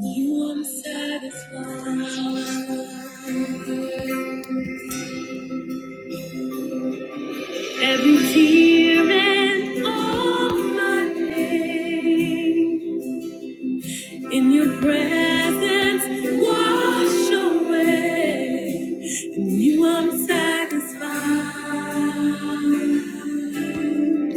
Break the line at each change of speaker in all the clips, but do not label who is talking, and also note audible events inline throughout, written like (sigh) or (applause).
You I'm satisfied. Every tear and all my pain in your presence wash away. In you I'm satisfied.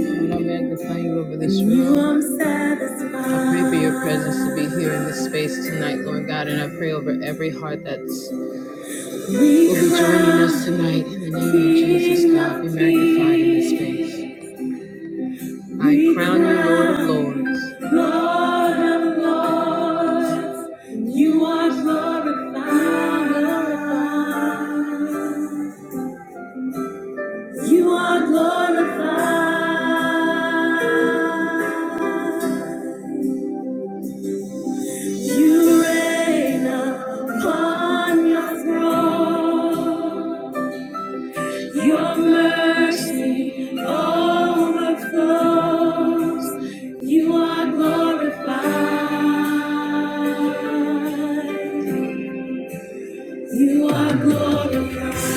Lord, I magnify you over this In room. You I'm satisfied. I pray for your presence to be here in this space tonight, Lord God, and I pray over every heart that's will be joining us tonight in the name of Jesus. God be magnified in this space. I crown you Lord of Lords. Lord of Lords, you are glorified. You are glorified. You reign upon your throne. Your mercy overflows. You are glorified. You are glorified.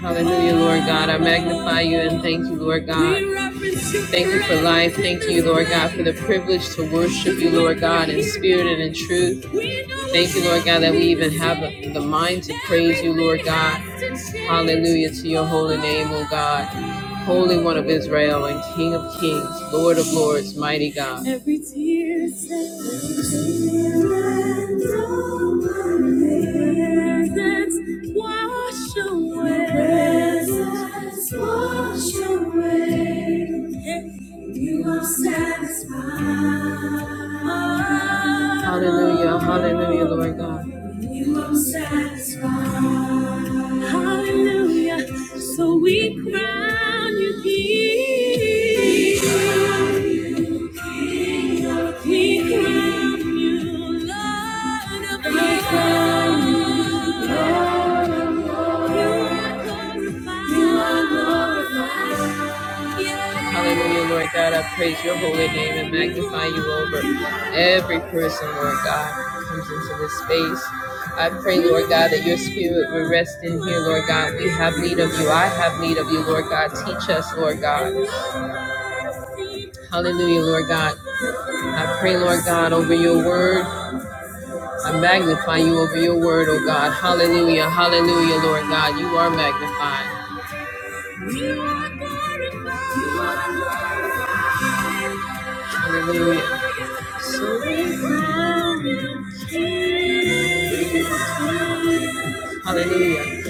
Hallelujah, Lord God. I magnify you and thank you, Lord God. Thank you for life. Thank you, Lord God, for the privilege to worship you, Lord God, in spirit and in truth. Thank you, Lord God, that we even have the the mind to praise you, Lord God. Hallelujah to your holy name, oh God. Holy One of Israel and King of Kings, Lord of Lords, mighty God. Every tear presence wash away. Presence wash away. You are satisfied. Hallelujah, hallelujah, Lord God. You are satisfied. Hallelujah. So we crown you King. We crown you Lord of Lords. You are glorified. You are glorified. Hallelujah, Lord God. I praise your holy name and magnify you over every person, Lord God, who comes into this space. I pray, Lord God, that your spirit will rest in here, Lord God. We have need of you. I have need of you, Lord God. Teach us, Lord God. Hallelujah, Lord God. I pray, Lord God, over your word. I magnify you over your word, oh God. Hallelujah, hallelujah, Lord God. You are magnified. Hallelujah. So we crown you King. Hallelujah.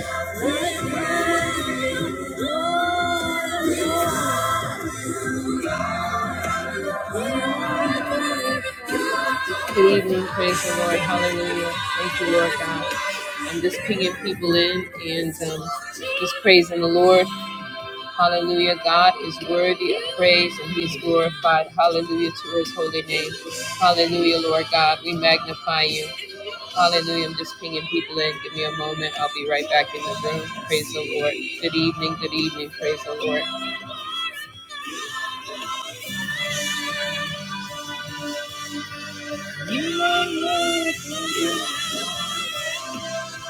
Good evening, praise the Lord. Hallelujah. Thank you, Lord God. I'm just pinging people in and um, just praising the Lord. Hallelujah. God is worthy of praise and He's glorified. Hallelujah to His holy name. Hallelujah, Lord God. We magnify you. Hallelujah. I'm just pinging people in. Give me a moment. I'll be right back in the room. Praise the Lord. Good evening. Good evening. Praise the Lord.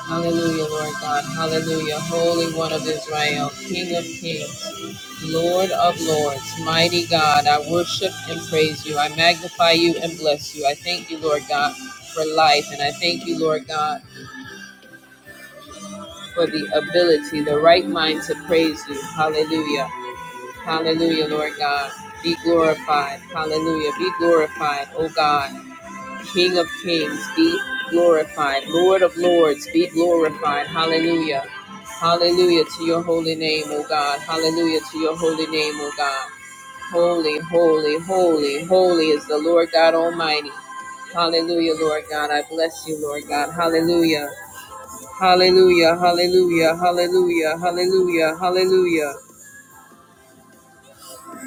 Hallelujah, Lord God. Hallelujah. Holy One of Israel, King of Kings, Lord of Lords, mighty God. I worship and praise you. I magnify you and bless you. I thank you, Lord God, for life. And I thank you, Lord God, for the ability, the right mind to praise you. Hallelujah. Hallelujah, Lord God. Be glorified. Hallelujah. Be glorified, O God. King of kings, be glorified. Lord of lords, be glorified. Hallelujah. Hallelujah to your holy name, O God. Hallelujah to your holy name, O God. Holy, holy, holy, holy is the Lord God Almighty. Hallelujah, Lord God. I bless you, Lord God. Hallelujah. Hallelujah. Hallelujah. Hallelujah. Hallelujah. Hallelujah.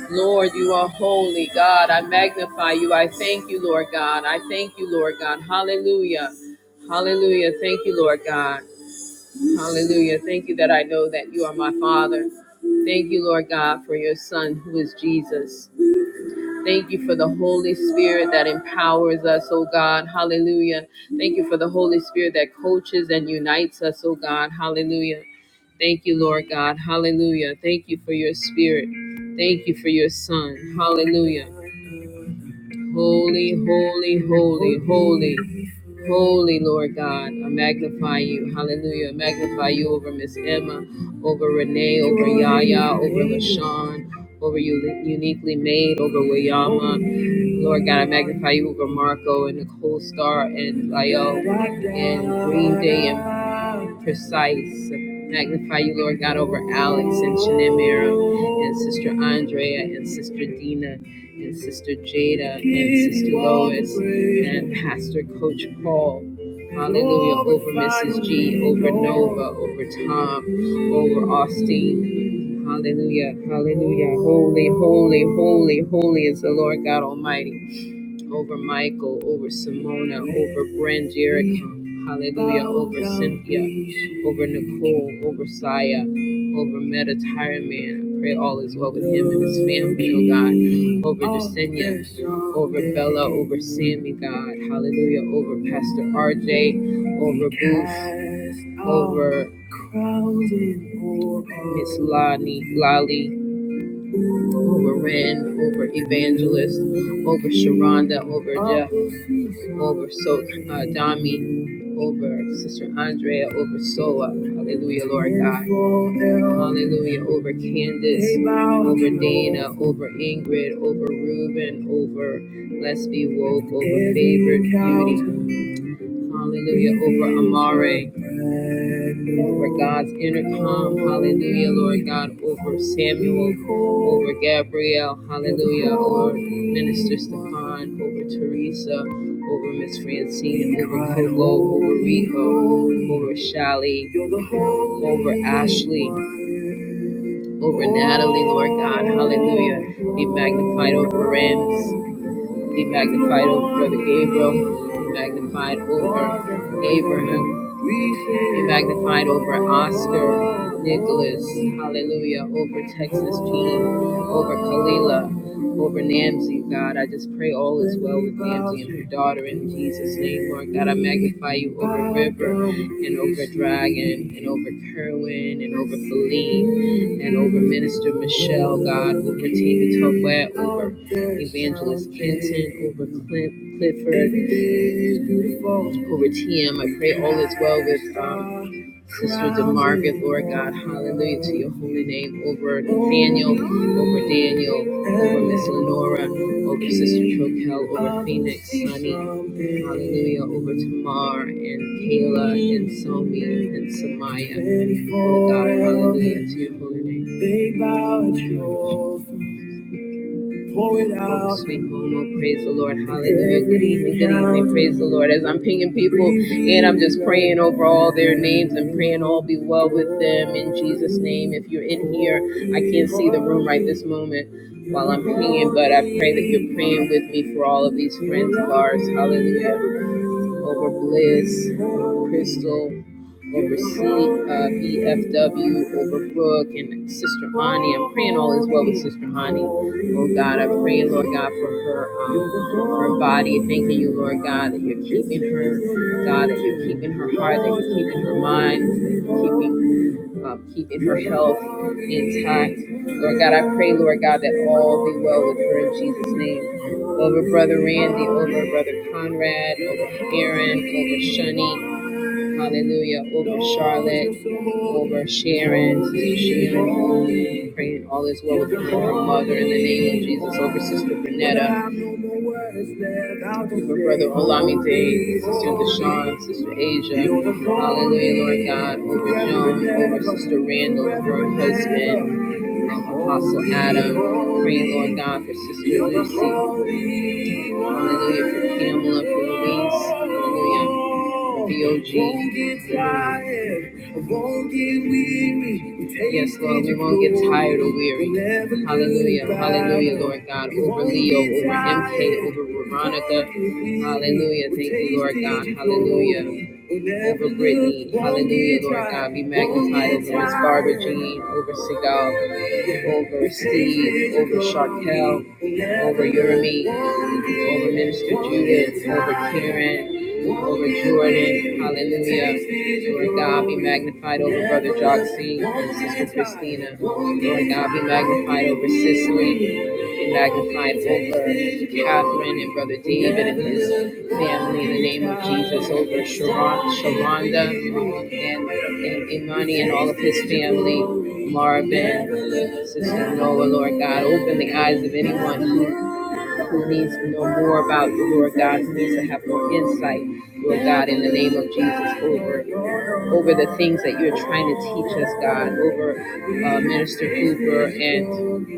Lord, you are holy, God. I magnify you. I thank you, Lord God. I thank you, Lord God. Hallelujah. Hallelujah. Thank you, Lord God. Hallelujah. Thank you that I know that you are my Father. Thank you, Lord God, for your Son who is Jesus. Thank you for the Holy Spirit that empowers us, oh God. Hallelujah. Thank you for the Holy Spirit that coaches and unites us, oh God. Hallelujah. Thank you, Lord God. Hallelujah. Thank you for your spirit. Thank you for your son. Hallelujah. Holy, holy, holy, holy. Holy Lord God, I magnify you. Hallelujah. I magnify you over Miss Emma, over Renee, over Yaya, over LaShawn, over you, uniquely made, over Wayama. Lord God, I magnify you over Marco and Nicole Star and Lyo and Green Day and Precise. Magnify you, Lord God, over Alex and Shanemira and Sister Andrea and Sister Dina and Sister Jada and Sister Lois and Pastor Coach Paul. Hallelujah. Over Mrs. G, over Nova, over Tom, over Austin. Hallelujah. Hallelujah. Holy, holy, holy, holy is the Lord God Almighty over Michael, over Simona, over Brand Jericho, hallelujah, over Cynthia, over Nicole, over Saya, over Meta Tire Man. I pray all is well with him and his family, oh God, over Desenia, over Bella, over Sammy, God, hallelujah, over Pastor RJ, over Booth, over Miss Lani, Lali over Rand, over Evangelist, over Sharonda, over Jeff, over so uh, Dami, over Sister Andrea, over Sola, Hallelujah, Lord God. Hallelujah, over Candace, over Dana, over Ingrid, over Reuben, over Let's Be Woke, over Favored Beauty. Hallelujah, over Amare over God's intercom, hallelujah, Lord God, over Samuel, over Gabrielle, hallelujah, over Minister Stefan, over Teresa, over Miss Francine, over Kolo, over Riho, over Shali, over Ashley, over Natalie, Lord God, hallelujah, be magnified over Rams, be magnified over Brother Gabriel, be magnified over Abraham, be magnified over Oscar, Nicholas, hallelujah, over Texas Jean, over Kalila, over Namzi, God. I just pray all is well with Namzi and her daughter in Jesus' name, Lord God. I magnify you over River and over Dragon and over Kerwin and over Feline and over Minister Michelle, God, over Tina Tobet, over Evangelist Kenton, over Cliff, Clifford with him. I pray all is well with um, Sister DeMargaret, Lord God. Hallelujah to your holy name over Nathaniel, over Daniel, over Miss Lenora, over Sister Troquel, over Phoenix, Sunny. Hallelujah over Tamar and Kayla and Somi and Samaya. Oh God, hallelujah to your holy name pouring out. Sweet home, oh, praise the Lord. Hallelujah. Good evening, good evening. Praise the Lord. As I'm pinging people and I'm just praying over all their names and praying all be well with them in Jesus' name. If you're in here, I can't see the room right this moment while I'm praying, but I pray that you're praying with me for all of these friends of ours. Hallelujah over Bliss, over Crystal, over C, uh, BFW, over Brooke, and Sister Hani. I'm praying all is well with Sister Hani. Oh God, I'm praying, Lord God, for her, um, her body. Thanking you, Lord God, that you're keeping her, God, that you're keeping her heart, that you're keeping her mind, that you're keeping um, keeping her health intact. Lord God, I pray, Lord God, that all be well with her in Jesus' name. Over Brother Randy, over Brother Conrad, over Aaron, over Shunny, hallelujah, over Charlotte, over Sharon, Sister Sharon, praying all is well with her mother in the name of Jesus, over Sister Bernetta. For Brother Olamide, Sister Deshawn, Sister Asia. Hallelujah, Lord God. Over Joan, over Sister Randall, over her husband. Apostle Adam. Pray, Lord God, for Sister Lucy. Hallelujah. For Pamela, for Elise. Hallelujah. For BOG. Yes, Lord, we won't get tired or weary. Hallelujah. Hallelujah, Lord God. Over Leo, over MK, over Veronica. Hallelujah. Thank you, Lord God. Hallelujah over Brittany. Hallelujah, Lord God. Be magnified over Miss Barbara Jean, over Seagal over Steve, over Sharkel, over Jeremy over Minister Judith, over Karen, over Jordan. Hallelujah. Lord God, be magnified over Brother Joxie and Sister Christina. Lord God, be magnified over Cicely. Be magnified over Catherine and Brother David and his family in the name of Jesus, over Sharon, Sharonda and, and Imani and all of his family. Marvin, Sister Noah, Lord God, open the eyes of anyone who who needs to know more about you, Lord God, who needs to have more insight, Lord God, in the name of Jesus, over over the things that you're trying to teach us, God, over uh, Minister Cooper and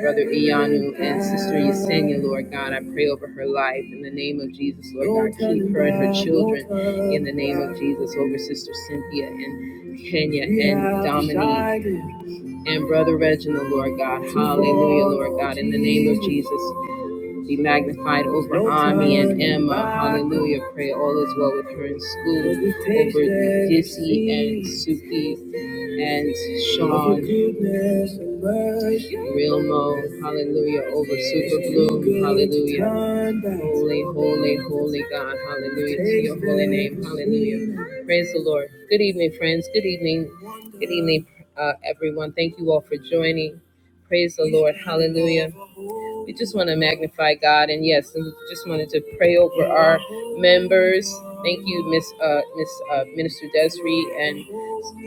Brother Iyanu and Sister Yesenia, Lord God. I pray over her life in the name of Jesus, Lord God. Keep her and her children in the name of Jesus, over Sister Cynthia and Kenya and Dominique and Brother Reginald, Lord God. Hallelujah, Lord God, in the name of Jesus be magnified over Ami and Emma. Hallelujah. Pray all is well with her in school, over Dizzy and Suki and Sean. Realmo. Hallelujah. Over Super Blue. Hallelujah. Holy, holy, holy God. Hallelujah. To your holy name. Hallelujah. Praise the Lord. Good evening, friends. Good evening. Good evening, uh, everyone. Thank you all for joining. Praise the Lord. Hallelujah. We just want to magnify God, and yes, we just wanted to pray over our members. Thank you, Miss uh, Miss uh, Minister Desiree and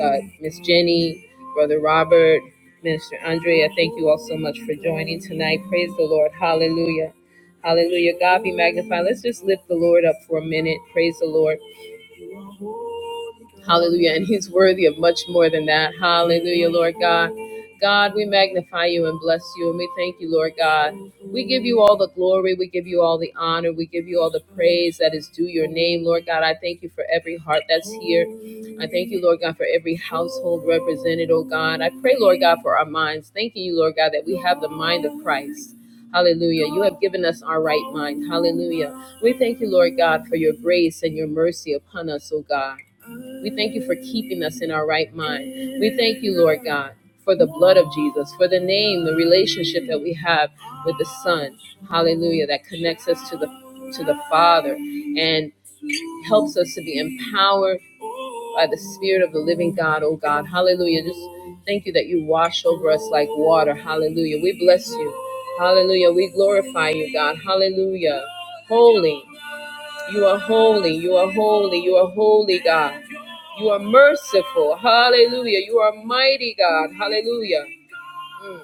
uh, Miss Jenny, Brother Robert, Minister Andrea. Thank you all so much for joining tonight. Praise the Lord. Hallelujah. Hallelujah. God be magnified. Let's just lift the Lord up for a minute. Praise the Lord. Hallelujah. And he's worthy of much more than that. Hallelujah, Lord God. God, we magnify you and bless you. And we thank you, Lord God. We give you all the glory. We give you all the honor. We give you all the praise that is due your name, Lord God. I thank you for every heart that's here. I thank you, Lord God, for every household represented, oh God. I pray, Lord God, for our minds. Thanking you, Lord God, that we have the mind of Christ. Hallelujah. You have given us our right mind. Hallelujah. We thank you, Lord God, for your grace and your mercy upon us, oh God. We thank you for keeping us in our right mind. We thank you, Lord God, for the blood of Jesus, for the name, the relationship that we have with the Son. Hallelujah. That connects us to the to the Father and helps us to be empowered by the Spirit of the living God, oh God. Hallelujah. Just thank you that you wash over us like water. Hallelujah. We bless you. Hallelujah. We glorify you, God. Hallelujah. Holy. You are holy. You are holy. You are holy, God. You are merciful. Hallelujah. You are mighty God. Hallelujah. Mm.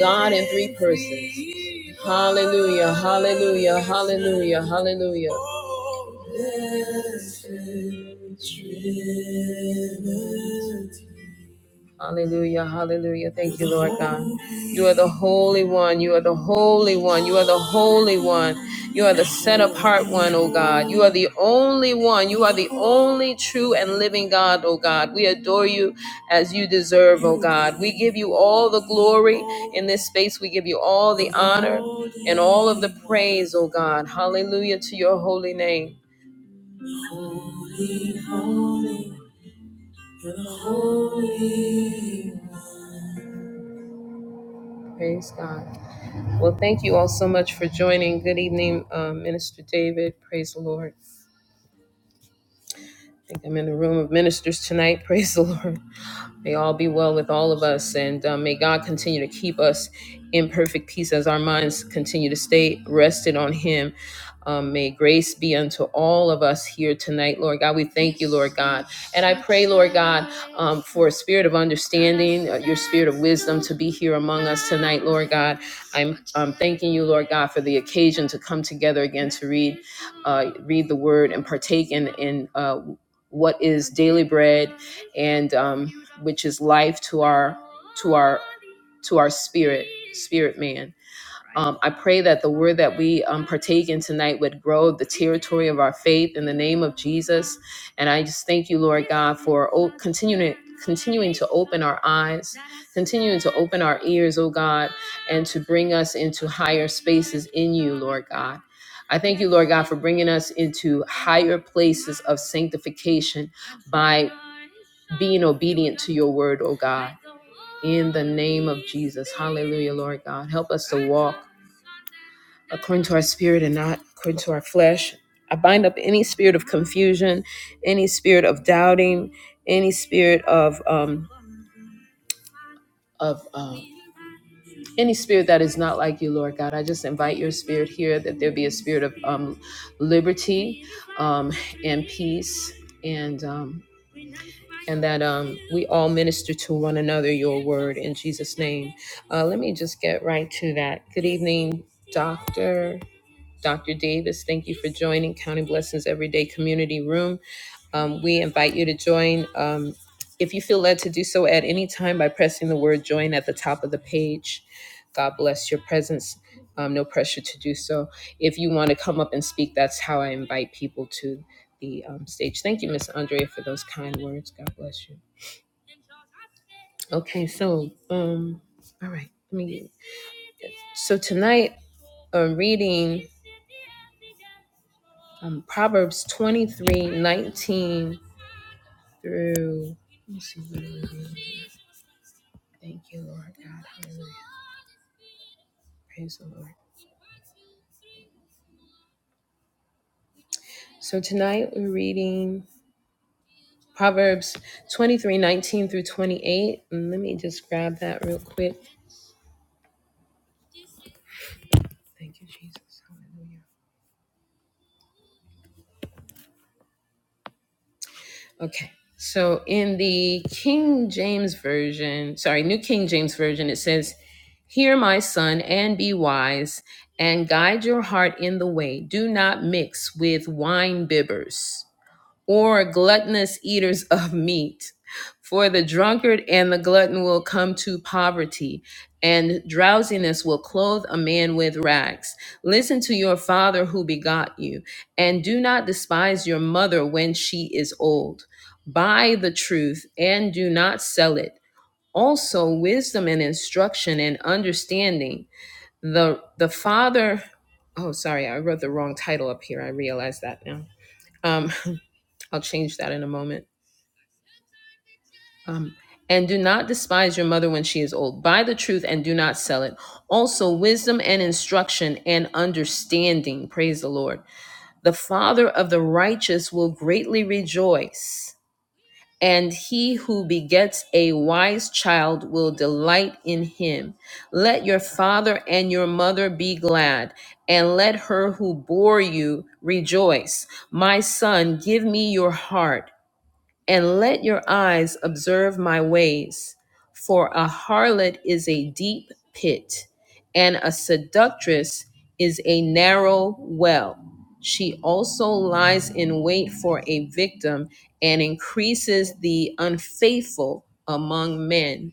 God in three persons. Hallelujah. Hallelujah. Hallelujah. Hallelujah. Hallelujah, hallelujah. Thank you, Lord God. You are the Holy One. You are the Holy One. You are the Holy One. You are the set apart one, oh God. You are the only one. You are the only true and living God, oh God. We adore you as you deserve, oh God. We give you all the glory in this space. We give you all the honor and all of the praise, oh God. Hallelujah to your holy name. Praise God. Well, thank you all so much for joining. Good evening, um, Minister David. Praise the Lord. think I'm in the room of ministers tonight. (laughs) Praise the Lord. May all be well with all of us, and um, may God continue to keep us in perfect peace as our minds continue to stay rested on Him. Um, may grace be unto all of us here tonight, Lord God. We thank you, Lord God. And I pray, Lord God, um, for a spirit of understanding, uh, your spirit of wisdom to be here among us tonight, Lord God. I'm, I'm thanking you, Lord God, for the occasion to come together again to read, uh, read the word and partake in, in uh, what is daily bread and. Um, which is life to our to our to our spirit spirit man um, i pray that the word that we um, partake in tonight would grow the territory of our faith in the name of jesus and i just thank you lord god for o- continuing continuing to open our eyes continuing to open our ears oh god and to bring us into higher spaces in you lord god I thank you, Lord God, for bringing us into higher places of sanctification by being obedient to your word, oh God. In the name of Jesus. Hallelujah, Lord God. Help us to walk according to our spirit and not according to our flesh. I bind up any spirit of confusion, any spirit of doubting, any spirit of um of um any spirit that is not like you, Lord God. I just invite your spirit here that there be a spirit of um liberty um and peace and um and that um, we all minister to one another your word in Jesus' name. Uh, let me just get right to that. Good evening, Doctor. Dr. Davis, thank you for joining County Blessings Everyday Community Room. Um, we invite you to join um, if you feel led to do so at any time by pressing the word join at the top of the page. God bless your presence. Um, no pressure to do so. If you want to come up and speak, that's how I invite people to the um, stage. Thank you, Miss Andrea, for those kind words. God bless you. Okay, so um, all right. Let me. So tonight, I'm reading. um, Proverbs 23:19 through. Let me see what are reading. Thank you, Lord God. Hallelujah. Praise the Lord. So tonight we're reading Proverbs 23:19 through 28. And let me just grab that real quick. Thank you, Jesus. Hallelujah. Okay. So in the King James Version, sorry, New King James Version, it says, Hear, my son, and be wise, and guide your heart in the way. Do not mix with wine bibbers or gluttonous eaters (laughs) of meat. For the drunkard and the glutton will come to poverty, and drowsiness will clothe a man with rags. Listen to your father who begot you, and do not despise your mother when she is old. Buy the truth and do not sell it. Also, wisdom and instruction and understanding. The, the father, oh, sorry, I wrote the wrong title up here. I realize that now. Um, (laughs) I'll change that in a moment Um, and do not despise your mother when she is old. Buy the truth and do not sell it. Also, wisdom and instruction and understanding. Praise the Lord. The father of the righteous will greatly rejoice, and he who begets a wise child will delight in him. Let your father and your mother be glad, and let her who bore you rejoice. My son, give me your heart and let your eyes observe my ways. For a harlot is a deep pit, and a seductress is a narrow well. She also lies in wait for a victim and increases the unfaithful among men.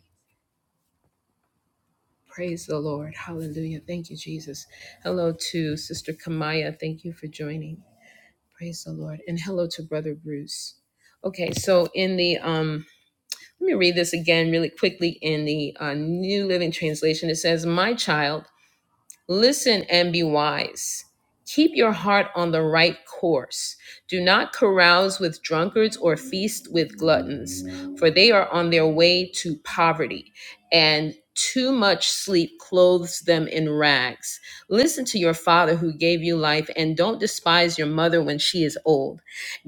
Praise the Lord. Hallelujah. Thank you, Jesus. Hello to Sister Kamaya. Thank you for joining. Praise the Lord. And hello to Brother Bruce. Okay, so in the um Let me read this again really quickly in the uh, New Living Translation. It says, My child, Listen and be wise. Keep your heart on the right course. Do not carouse with drunkards or feast with gluttons, for they are on their way to poverty, and too much sleep clothes them in rags. Listen to your father who gave you life, and don't despise your mother when she is old.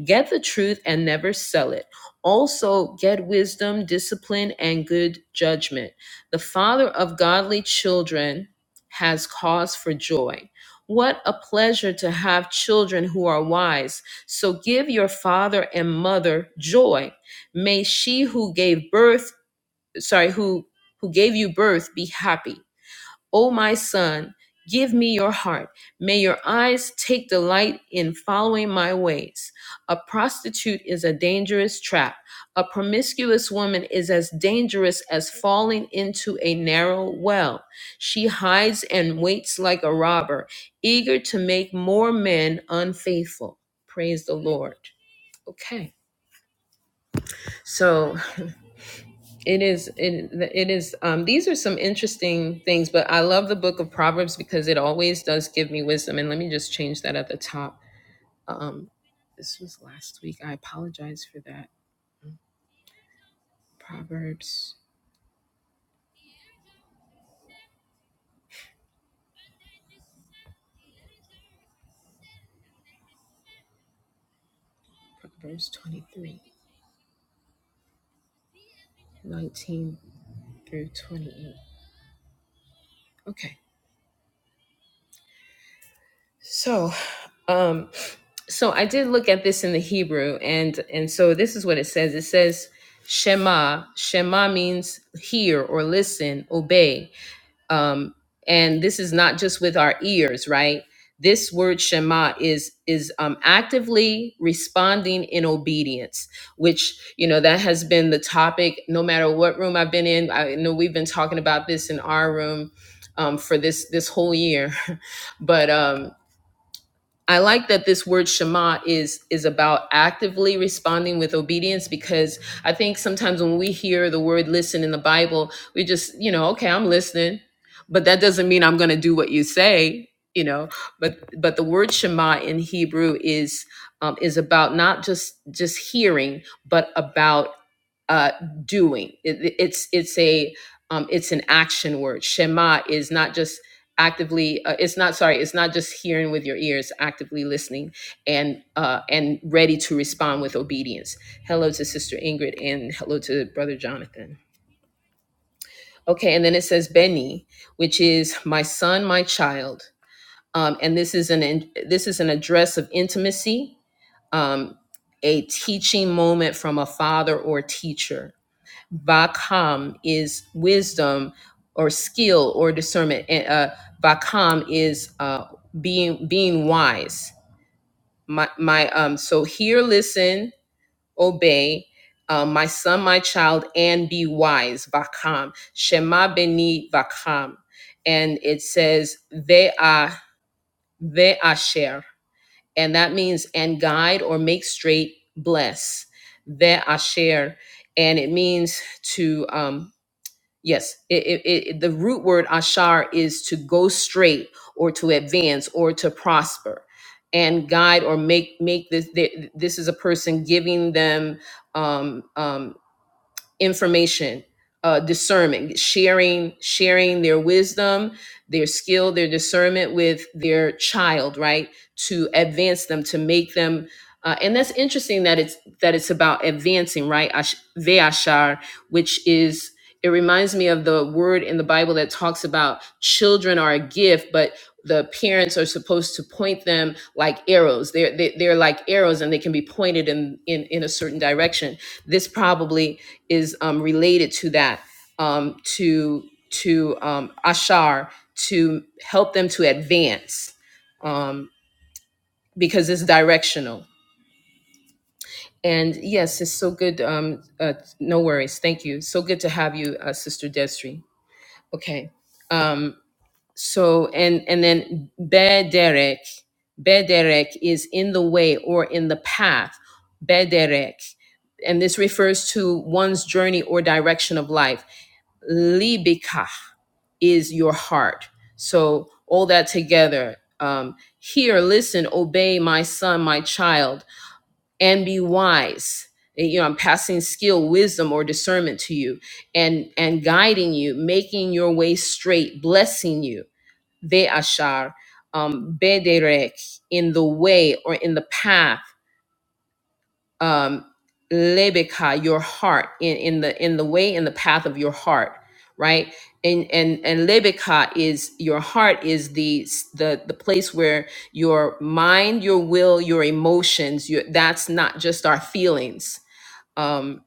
Get the truth and never sell it. Also, get wisdom, discipline, and good judgment. The father of godly children has cause for joy. What a pleasure to have children who are wise. So give your father and mother joy. May she who gave birth, sorry, who who gave you birth be happy. O my son, give me your heart. May your eyes take delight in following my ways. A prostitute is a dangerous trap. A promiscuous woman is as dangerous as falling into a narrow well. She hides and waits like a robber, eager to make more men unfaithful. Praise the Lord. Okay. so. It is. It, it is. Um, these are some interesting things, but I love the book of Proverbs because it always does give me wisdom. And let me just change that at the top. Um, this was last week. I apologize for that. Proverbs, Proverbs 23, 19 through 28. Okay. So, um, so I did look at this in the Hebrew, and and so this is what it says. It says Shema. Shema means hear or listen, obey. um, and this is not just with our ears right this word shema is is um, actively responding in obedience which you know that has been the topic no matter what room i've been in i know we've been talking about this in our room um, for this this whole year (laughs) but um I like that this word Shema is is about actively responding with obedience because I think sometimes when we hear the word listen in the Bible, we just, you know, okay, I'm listening, but that doesn't mean I'm going to do what you say, you know. But but the word Shema in Hebrew is um, is about not just just hearing, but about uh, doing. It, it's it's a um, it's an action word. Shema is not just actively. Uh, it's not sorry. It's not just hearing with your ears. Actively listening and uh, and ready to respond with obedience. Hello to Sister Ingrid and hello to Brother Jonathan. Okay, and then it says Benny, which is my son, my child. Um, and this is an in, this is an address of intimacy, um, a teaching moment from a father or teacher Vakam is wisdom or skill or discernment. And uh, Vakam is uh, being being wise. My my um. So hear, listen, obey. Uh, my son, my child, and be wise. Vakam. Shema beni vakam. And it says they ve'asher," and that means and guide or make straight, bless. ve'asher, and it means to um, Yes, it, it, it, the root word ashar is to go straight or to advance or to prosper and guide or make make this th- this is a person giving them um, um, information uh, discernment sharing sharing their wisdom their skill their discernment with their child right to advance them to make them uh, and that's interesting that it's that it's about advancing right Ash- veashar which is it reminds me of the word in the bible that talks about children are a gift but the parents are supposed to point them like arrows they're they, they're like arrows and they can be pointed in in, in a certain direction this probably is um, related to that um, to to um, ashar to help them to advance um, because it's directional and yes it's so good um, uh, no worries thank you so good to have you uh, sister desri okay um, so and and then bederek bederek is in the way or in the path bederek and this refers to one's journey or direction of life libika is your heart. So all that together. Um, Hear, listen, obey, my son, my child, and be wise. You know, I'm passing skill, wisdom, or discernment to you, and and guiding you, making your way straight, blessing you. They ashar, um, bederek in the way or in the path um lebeka your heart in in the in the way in the path of your heart right and and and lebeka is your heart is the the the place where your mind your will your emotions your that's not just our feelings um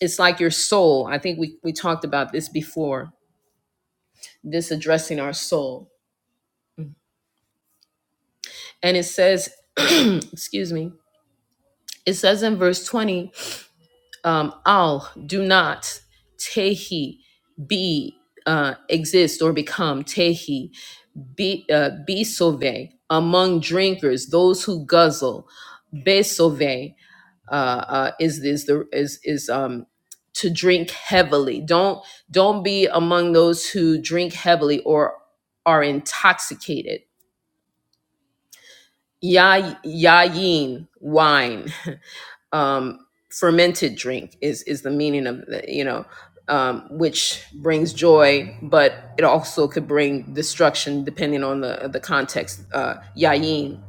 it's like your soul i think we we talked about this before this addressing our soul and it says (clears throat) excuse me it says in verse 20 um, al do not tehi be uh, exist or become tehi be uh, be sove among drinkers those who guzzle besove uh, uh, is is the is is um to drink heavily don't don't be among those who drink heavily or are intoxicated ya yayin wine um, fermented drink is is the meaning of the, you know um, which brings joy but it also could bring destruction depending on the the context uh yayin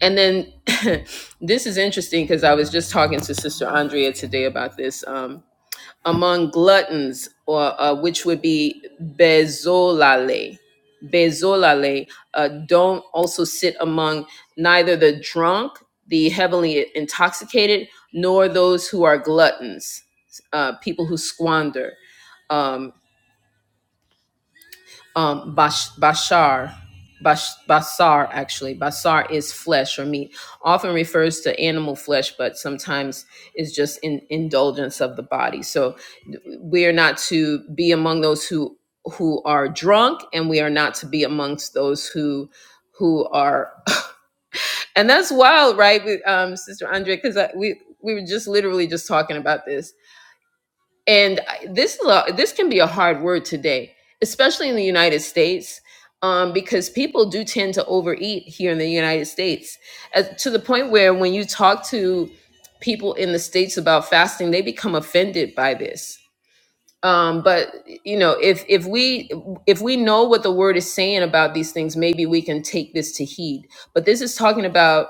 and then (laughs) this is interesting because i was just talking to sister andrea today about this Um, among gluttons, or uh, which would be bezolale. Bezolale, uh, don't also sit among neither the drunk, the heavily intoxicated, nor those who are gluttons, uh, people who squander. Um, um bash, bashar bash, basar actually basar is flesh or meat often refers to animal flesh but sometimes is just in indulgence of the body so we are not to be among those who who are drunk and we are not to be amongst those who who are (coughs) (laughs) and that's wild right We- um sister andre because we we were just literally just talking about this and I- this is a, this can be a hard word today, especially in the United States, um, because people do tend to overeat here in the United States, as, to the point where when you talk to people in the states about fasting, they become offended by this. Um, but you know, if if we if we know what the word is saying about these things, maybe we can take this to heed. But this is talking about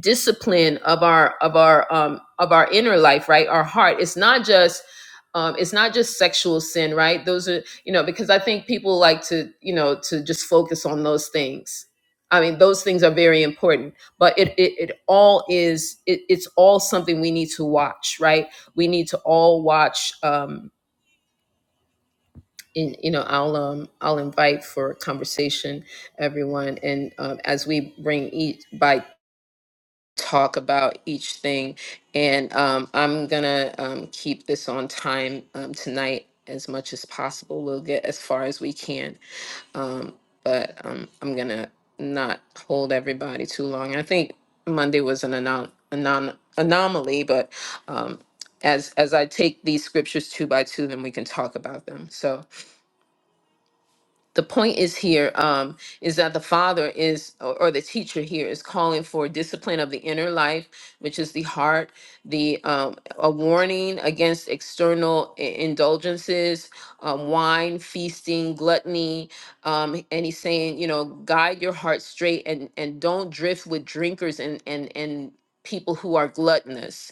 discipline of our of our um of our inner life right our heart it's not just um it's not just sexual sin right those are you know because i think people like to you know to just focus on those things i mean those things are very important but it it, it all is it, it's all something we need to watch right we need to all watch um in, you know i'll um i'll invite for a conversation everyone and um, as we bring each by talk about each thing. And um, I'm gonna um, keep this on time um, tonight as much as possible. We'll get as far as we can, um, but um, I'm gonna not hold everybody too long. I think Monday was an anom- anom- anomaly, but um, as as I take these scriptures two by two, then we can talk about them. So the point is here um, is that the father is or, or the teacher here is calling for discipline of the inner life which is the heart the um, a warning against external i- indulgences um, wine feasting gluttony um, and he's saying you know guide your heart straight and and don't drift with drinkers and and and people who are gluttonous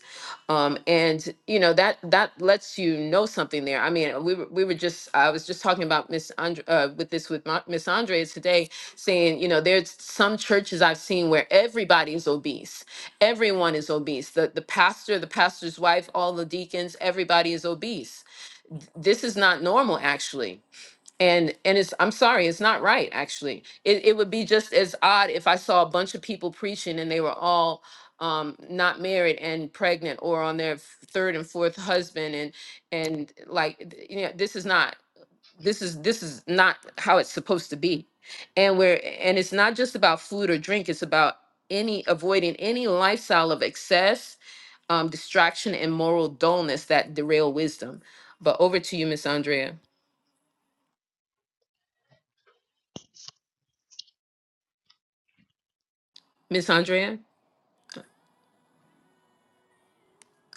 um and you know that that lets you know something there i mean we were, we were just i was just talking about miss andre uh, with this with Ma- miss andrea today saying you know there's some churches i've seen where everybody's obese everyone is obese the the pastor the pastor's wife all the deacons everybody is obese this is not normal actually and and it's i'm sorry it's not right actually it, it would be just as odd if i saw a bunch of people preaching and they were all um not married and pregnant or on their f- third and fourth husband and and like th- you know this is not this is this is not how it's supposed to be and we're and it's not just about food or drink it's about any avoiding any lifestyle of excess um distraction and moral dullness that derail wisdom but over to you miss andrea miss andrea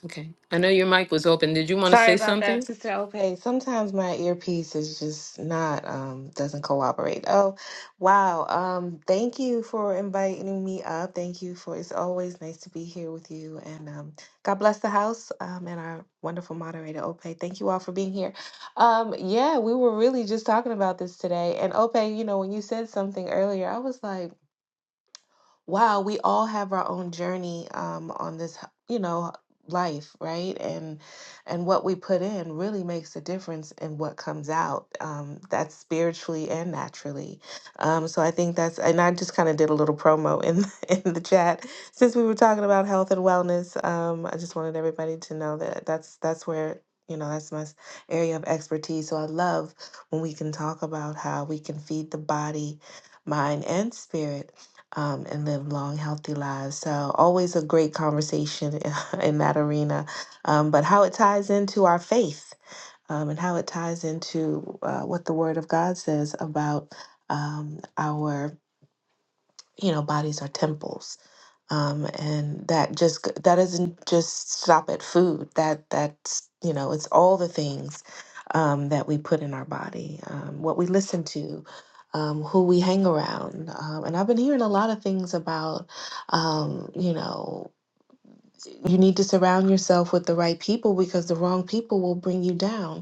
Okay. I know your mic was open. Did you want to
Sorry
say
about
something?
that, Sister Ope. Sometimes my earpiece is just not um doesn't cooperate. Oh, wow. Um thank you for inviting me up. Thank you for it's always nice to be here with you and um God bless the house um and our wonderful moderator Ope. Thank you all for being here. Um yeah, we were really just talking about this today and Ope, you know, when you said something earlier, I was like wow, we all have our own journey um, on this, h- you know, life, right? And and what we put in really makes a difference in what comes out. Um, that's spiritually and naturally. Um, so I think that's, and I just kind of did a little promo in (laughs) in the chat since we were talking about health and wellness. Um, I just wanted everybody to know that that's that's where. You know, that's my s- area of expertise. So I love when we can talk about how we can feed the body, mind, and spirit um, and live long, healthy lives. So, always a great conversation (laughs) in that arena. Um, but how it ties into our faith um, and how it ties into uh, what the Word of God says about um, our, you know, bodies are temples um, and that just g- that doesn't just stop at food that that's you know it's all the things um, that we put in our body um, what we listen to um, who we hang around um, and i've been hearing a lot of things about um, you know you need to surround yourself with the right people because the wrong people will bring you down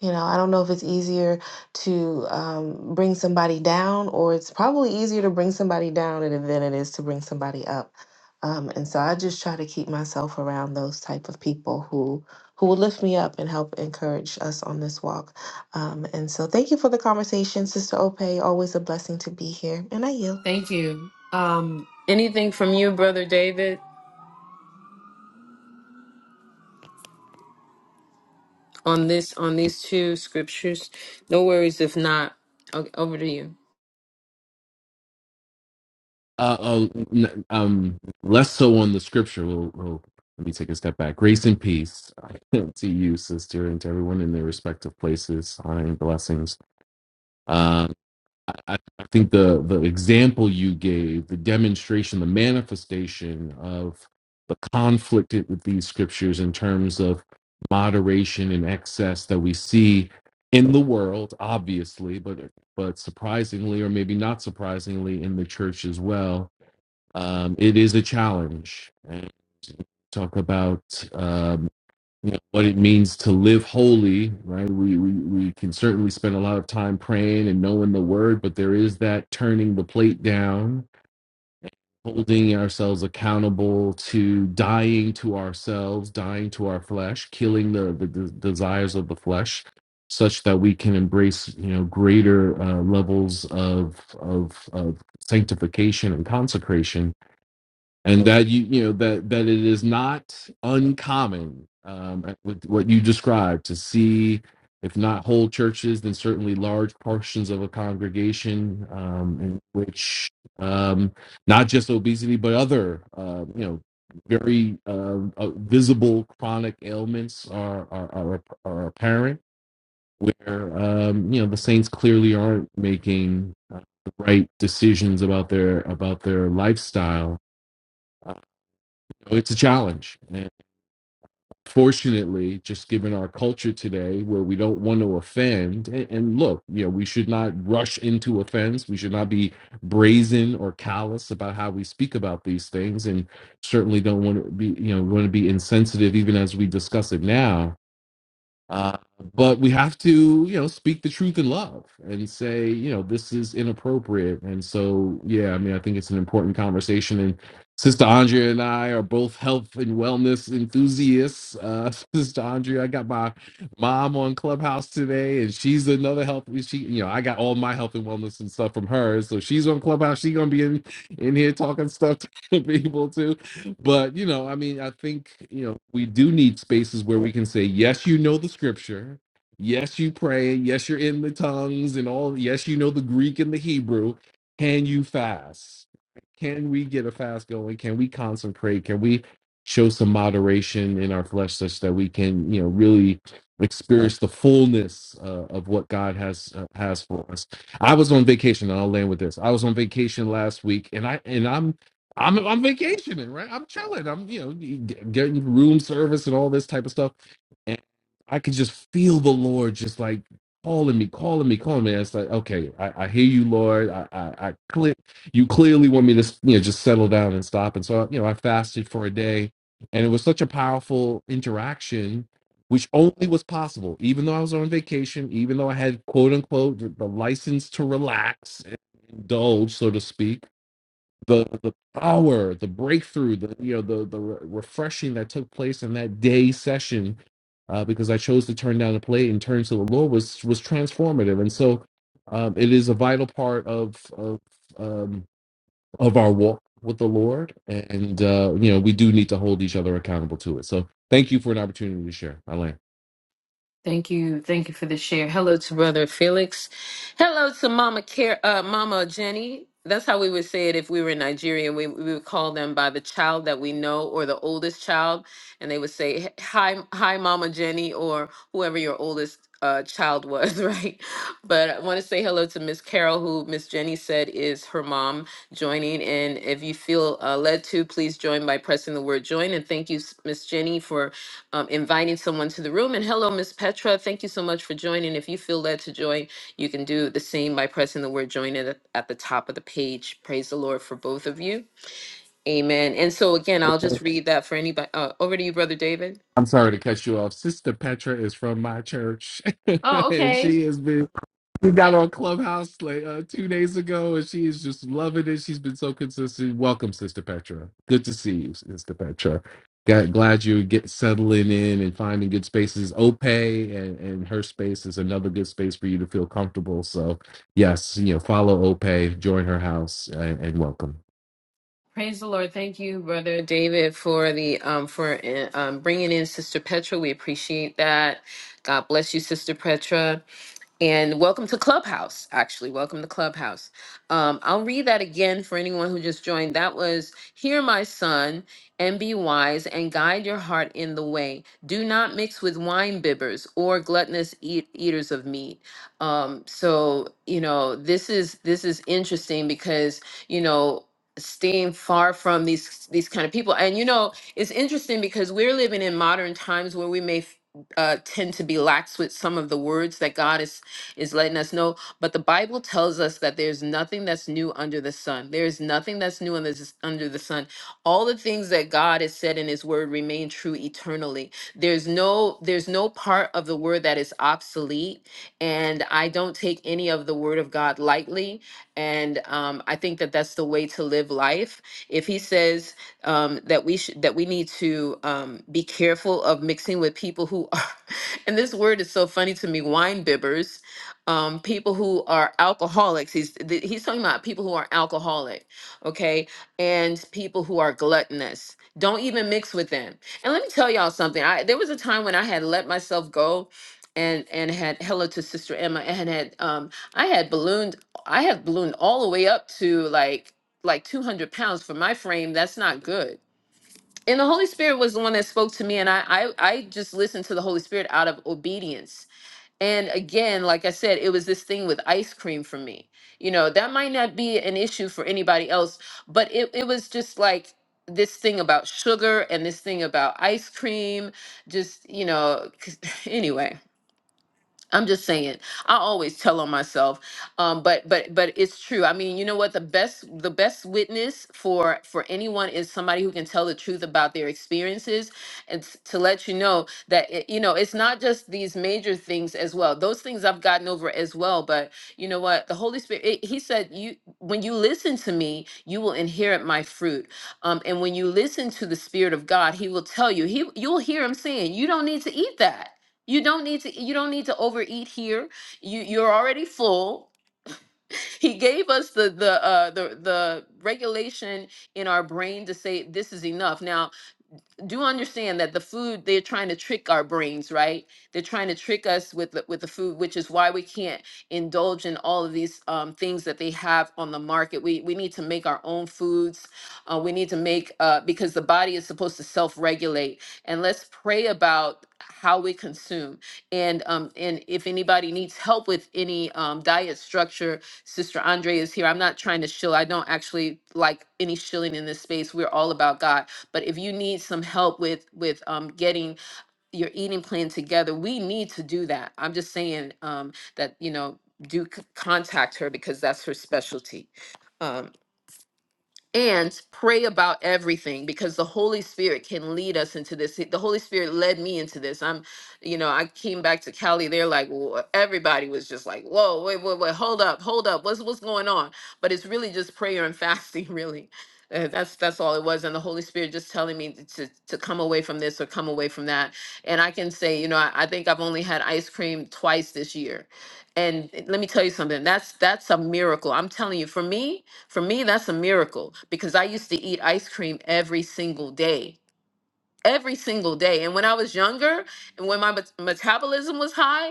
you know, I don't know if it's easier to um, bring somebody down, or it's probably easier to bring somebody down than than it is to bring somebody up. Um, and so I just try to keep myself around those type of people who who will lift me up and help encourage us on this walk. Um, and so thank you for the conversation, Sister Ope. Always a blessing to be here, and I yield.
Thank you. Um, Anything from you, brother David, on this on these two scriptures? No worries if not. O- Over to you.
uh, uh, um, less so on the scripture. Well, well, let me take a step back. Grace and peace (laughs) to you, sister, and to everyone in their respective places. Honor and blessings. Um, I, I I think the the example you gave, the demonstration, the manifestation of the conflict with these scriptures in terms of moderation and excess that we see in the world, obviously, but but surprisingly, or maybe not surprisingly, in the church as well um, it is a challenge. And talk about um, you know, what it means to live holy, right? We, we we can certainly spend a lot of time praying and knowing the word, but there is that turning the plate down, holding ourselves accountable to dying to ourselves, dying to our flesh, killing the the, the desires of the flesh. Such that we can embrace, you know, greater uh, levels of of of sanctification and consecration, and that you you know that that it is not uncommon um, with what you described to see if not whole churches then certainly large portions of a congregation um, in which um, not just obesity but other uh, you know very um, uh, visible chronic ailments are are, are, are apparent where um, you know the saints clearly aren't making uh, the right decisions about their about their lifestyle so It's a challenge. And fortunately, just given our culture today where we don't want to offend, and, and look, you know, we should not rush into offense. We should not be brazen or callous about how we speak about these things. And certainly don't want to be, you know, want to be insensitive even as we discuss it now uh, but we have to, you know, speak the truth in love and say, you know, this is inappropriate. And so, yeah, I mean, I think it's an important conversation. And Sister Andrea and I are both health and wellness enthusiasts. Uh, (laughs) Sister Andrea, I got my mom on Clubhouse today, and she's another health. She, you know, I got all my health and wellness and stuff from her. So she's on Clubhouse. She's gonna be in in here talking stuff (laughs) to people too but you know i mean i think you know we do need spaces where we can say yes you know the scripture yes you pray yes you're in the tongues and all yes you know the greek and the hebrew can you fast can we get a fast going can we consecrate can we show some moderation in our flesh such that we can you know really experience the fullness uh, of what god has uh, has for us i was on vacation and i'll land with this i was on vacation last week and i and i'm I'm I'm vacationing, right? I'm chilling. I'm you know g- getting room service and all this type of stuff, and I could just feel the Lord just like calling me, calling me, calling me. And it's like, okay, I, I hear you, Lord. I I, I clear, you clearly want me to s- you know just settle down and stop. And so you know I fasted for a day, and it was such a powerful interaction, which only was possible, even though I was on vacation, even though I had quote unquote the the license to relax, and indulge, so to speak the the power, the breakthrough, the you know the the re- refreshing that took place in that day session, uh, because I chose to turn down the plate and turn to the Lord was was transformative, and so um, it is a vital part of of um, of our walk with the Lord, and uh, you know we do need to hold each other accountable to it. So thank you for an opportunity to share, Elaine.
Thank you. Thank you for the share. Hello to Brother Felix. Hello to Mama Care uh Mama Jenny. That's how we would say it if we were in Nigeria. We, we would call them by the child that we know or the oldest child. And they would say, Hi, hi, Mama Jenny, or whoever your oldest uh, child was, (laughs) right? But I want to say hello to Miss Carol, who Miss Jenny said is her mom joining. And if you feel uh, led to, please join by pressing the word join. And thank you, Miss Jenny, for um, inviting someone to the room. And hello, Miss Petra. Thank you so much for joining. If you feel led to join, you can do the same by pressing the word join at, at the top of the page. Praise the Lord for both of you. Amen. And so, again, I'll just read that for anybody. Uh, over to you, Brother David.
I'm sorry to cut you off. Sister Petra is from my church, (laughs) and she has been We got on Clubhouse like uh, two days ago, and she is just loving it. She's been so consistent. Welcome, Sister Petra. Good to see you, Sister Petra. Got, glad you get settling in and finding good spaces. Ope and, and her space is another good space for you to feel comfortable. So, yes, you know, follow Ope, join her house, and, and welcome.
Praise the Lord. Thank you, Brother David, for the um for uh, um bringing in Sister Petra. We appreciate that. God bless you, Sister Petra. And welcome to Clubhouse, actually. Welcome to Clubhouse. Um, I'll read that again for anyone who just joined. That was, Hear my son, and be wise, and guide your heart in the way. Do not mix with wine bibbers or gluttonous eat- eaters of meat. Um, so, you know, this is this is interesting because, you know, staying far from these these kind of people and you know it's interesting because we're living in modern times where we may f- uh, tend to be lax with some of the words that god is is letting us know but the bible tells us that there's nothing that's new under the sun there's nothing that's new under the, under the sun all the things that god has said in his word remain true eternally there's no there's no part of the word that is obsolete and i don't take any of the word of god lightly and um, I think that that's the way to live life. If he says um, that we should that we need to um, be careful of mixing with people who are, (laughs) and this word is so funny to me, wine bibbers, um, people who are alcoholics. He's th- he's talking about people who are alcoholic, okay, and people who are gluttonous. Don't even mix with them. And let me tell y'all something. I there was a time when I had let myself go. And, and had hello to sister Emma and had um, I had ballooned I have ballooned all the way up to like like 200 pounds for my frame. That's not good. And the Holy Spirit was the one that spoke to me, and I, I I just listened to the Holy Spirit out of obedience. And again, like I said, it was this thing with ice cream for me. You know, that might not be an issue for anybody else, but it, it was just like this thing about sugar and this thing about ice cream. Just you know, (laughs) anyway. I'm just saying. I always tell on myself, um, but but but it's true. I mean, you know what? The best the best witness for for anyone is somebody who can tell the truth about their experiences, and s- to let you know that it, you know it's not just these major things as well. Those things I've gotten over as well. But you know what? The Holy Spirit. It, he said, "You when you listen to me, you will inherit my fruit." Um, and when you listen to the Spirit of God, He will tell you. He you'll hear Him saying, "You don't need to eat that." You don't need to you don't need to overeat here. You you're already full. He gave us the the uh the the regulation in our brain to say this is enough. Now do understand that the food they're trying to trick our brains right they're trying to trick us with the, with the food which is why we can't indulge in all of these um, things that they have on the market we we need to make our own foods uh, we need to make uh, because the body is supposed to self-regulate and let's pray about how we consume and um and if anybody needs help with any um diet structure sister andre is here i'm not trying to shill i don't actually like any shilling in this space we're all about god but if you need some help with with um, getting your eating plan together we need to do that i'm just saying um, that you know do c- contact her because that's her specialty Um, and pray about everything because the holy spirit can lead us into this the holy spirit led me into this i'm you know i came back to cali they're like "Wha- everybody was just like whoa wait wait wait hold up hold up what's what's going on but it's really just prayer and (laughs) fasting really Uh, that's that's all it was and the holy spirit just telling me to to to come away from this or come away from that and i can say you know i, I think i've only had ice cream twice this year and let me tell you something that's that's a miracle i'm telling you for me for me, that's a miracle because I used to eat ice cream every single day. Every single day. And when I was younger and when my met- metabolism was high,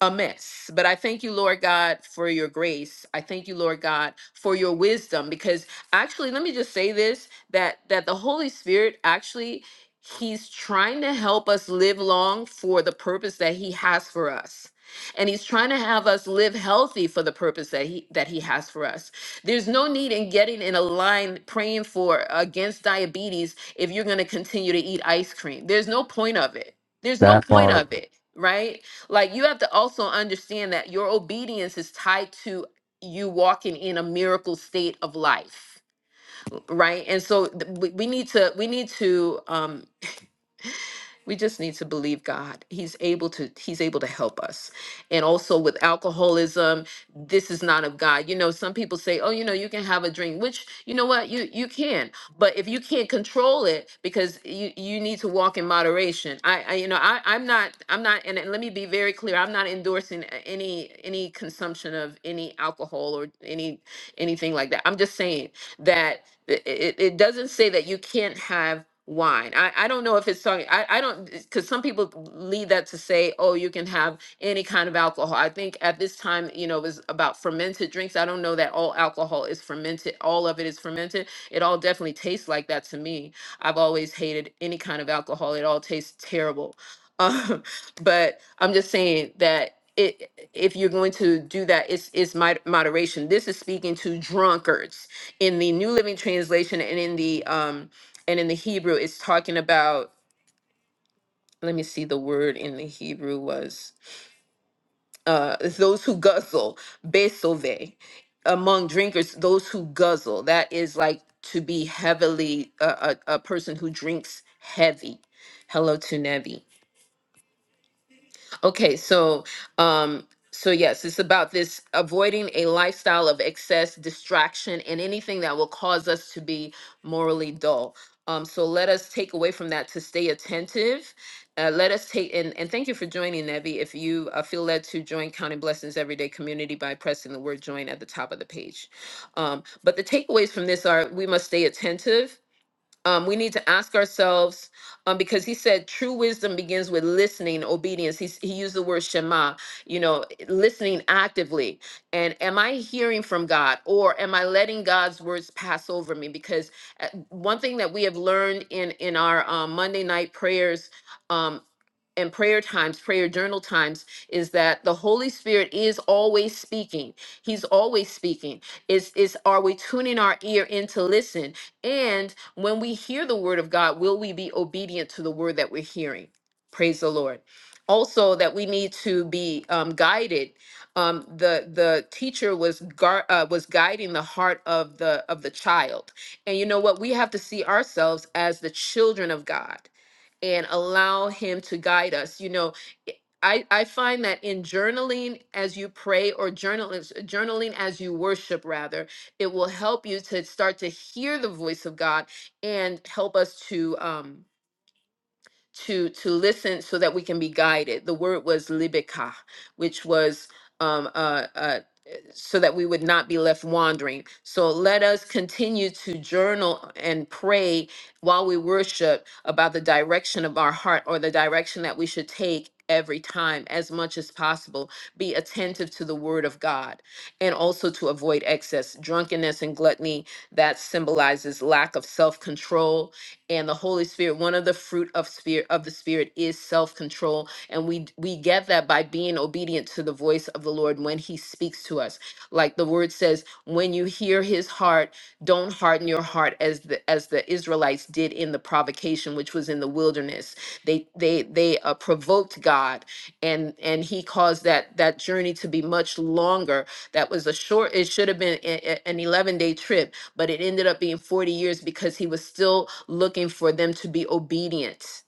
a mess. But I thank you, Lord God, for your grace. I thank you, Lord God, for your wisdom. Because actually, let me just say this: that that the Holy Spirit actually He's trying to help us live long for the purpose that He has for us. And he's trying to have us live healthy for the purpose that he that he has for us. There's no need in getting in a line praying for against diabetes if you're going to continue to eat ice cream. There's no point of it. There's no
That
point
part.
of it, right? Like you have to also understand that your obedience is tied to you walking in a miracle state of life, right? And so th- we we need to we need to um we just need to believe God. He's able to he's able to help us. And also with alcoholism, this is not of God. You know, some people say, "Oh, you know, you can have a drink," which you know what? You you can. But if you can't control it because you you need to walk in moderation. I, I you know, I I'm not I'm not and, and let me be very clear. I'm not endorsing a- any any consumption of any alcohol or any anything like that. I'm just saying that it, it it doesn't say that you can't have wine. I, I don't know if it's talking, I, I don't, because some people lead that to say, oh, you can have any kind of alcohol. I think at this time, you know, it was about fermented drinks. I don't know that all alcohol is fermented, all of it is fermented. It all definitely tastes like that to me. I've always hated any kind of alcohol, it all tastes terrible. Um, (laughs) but I'm just saying that. It, if you're going to do that, it's, it's mod- moderation. This is speaking to drunkards in the New Living Translation and in the um, and in the Hebrew, it's talking about. Let me see. The word in the Hebrew was uh, it's those who guzzle, besove, among drinkers. Those who guzzle. That is like to be heavily uh, a a person who drinks heavy. Hello to Nevi Okay, so um so yes, it's about this avoiding a lifestyle of excess distraction and anything that will cause us to be morally dull. Um so let us take away from that to stay attentive. Uh, let us take and, and thank you for joining Nevi. If you uh, feel led to join Counting Blessings Everyday Community by pressing the word join at the top of the page. Um, but the takeaways from this are we must stay attentive um, we need to ask ourselves um, because he said true wisdom begins with listening obedience He's, he used the word shema you know listening actively and am i hearing from god or am i letting god's words pass over me because uh, one thing that we have learned in in our um, monday night prayers um, and prayer times, prayer journal times, is that the Holy Spirit is always speaking. He's always speaking. Is is are we tuning our ear in to listen? And when we hear the word of God, will we be obedient to the word that we're hearing? Praise the Lord. Also, that we need to be um, guided. Um, the the teacher was gar- uh, was guiding the heart of the of the child, and you know what? We have to see ourselves as the children of God and allow him to guide us you know eh, i i find that in journaling as you pray or journaling journaling as you worship rather it will help you to start to hear the voice of god and help us to um to to listen so that we can be guided. The word was libika, which was um, uh, uh, so that we would not be left wandering. So let us continue to journal and pray while we worship about the direction of our heart or the direction that we should take every time as much as possible. Be attentive to the word of God and also to avoid excess. Drunkenness and gluttony that symbolizes lack of self control and the Holy Spirit. One of the fruit of spirit of the Spirit is self-control, and we we get that by being obedient to the voice of the Lord when He speaks to us. Like the Word says, when you hear His heart, don't harden your heart as the as the Israelites did in the provocation, which was in the wilderness. They they they uh, provoked God, and and He caused that that journey to be much longer. That was a short. It should have been a- a- an eleven day trip but it ended up being 40 years because he was still looking for them to be obedient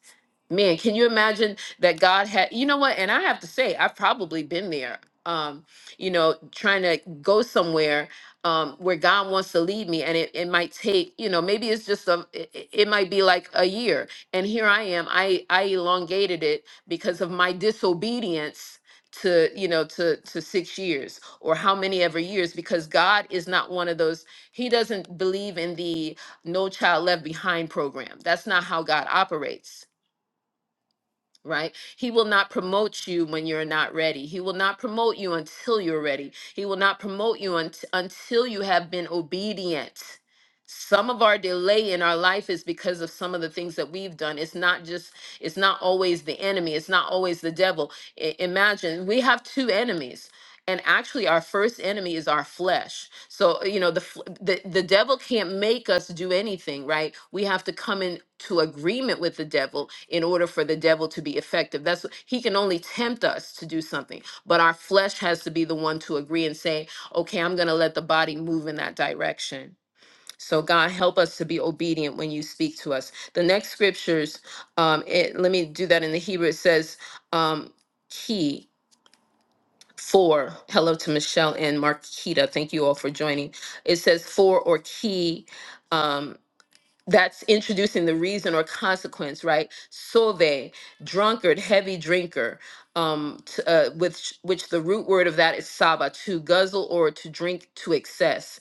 man can you imagine that god had you know what and i have to say i've probably been there um you know trying to go somewhere um where god wants to lead me and it, it might take you know maybe it's just a it, it it might be like a year and here i am i i elongated it because of my disobedience to you know to to six years or how many ever years because god is not one of those he doesn't believe in the no child left behind program that's not how god operates right? He will not promote you when you're not ready. He will not promote you until you're ready. He will not promote you unt- until you have been obedient. Some of our delay in our life is because of some of the things that we've done. It's not just, it's not always the enemy. It's not always the devil. I- imagine we have two enemies and actually our first enemy is our flesh so uh, you know the fl- the, the devil can't make us do anything right we have to come into agreement with the devil in order for the devil to be effective that's what- he can only tempt us to do something but our flesh has to be the one to agree and say okay i'm going to let the body move in that direction so god help us to be obedient when you speak to us the next scriptures um it, let me do that in the hebrew it says um key for hello to Michelle and Marquita. Thank you all for joining. It says for or key. Um, that's introducing the reason or consequence, right? Sove, drunkard, heavy drinker, um, t- uh, which which the root word of that is saba, to guzzle or to drink to excess.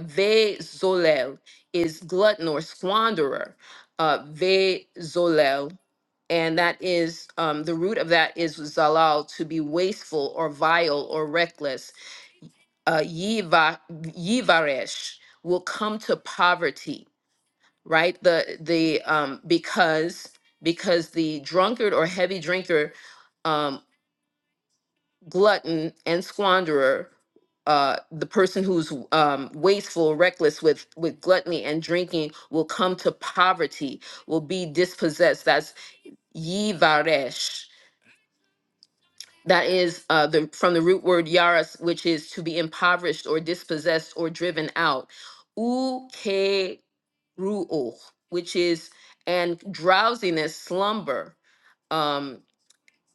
Ve zolel is glutton or squanderer. Uh, ve zolel and that is um, the root of that is zalal to be wasteful or vile or reckless. Uh, yiva, yivaresh will come to poverty, right? The the um, because because the drunkard or heavy drinker, um, glutton and squanderer. Uh, the person who's um, wasteful, reckless with with gluttony and drinking will come to poverty, will be dispossessed. That's yivaresh That is uh, the from the root word yaras, which is to be impoverished or dispossessed or driven out. Ukeruo, which is and drowsiness, slumber. Um,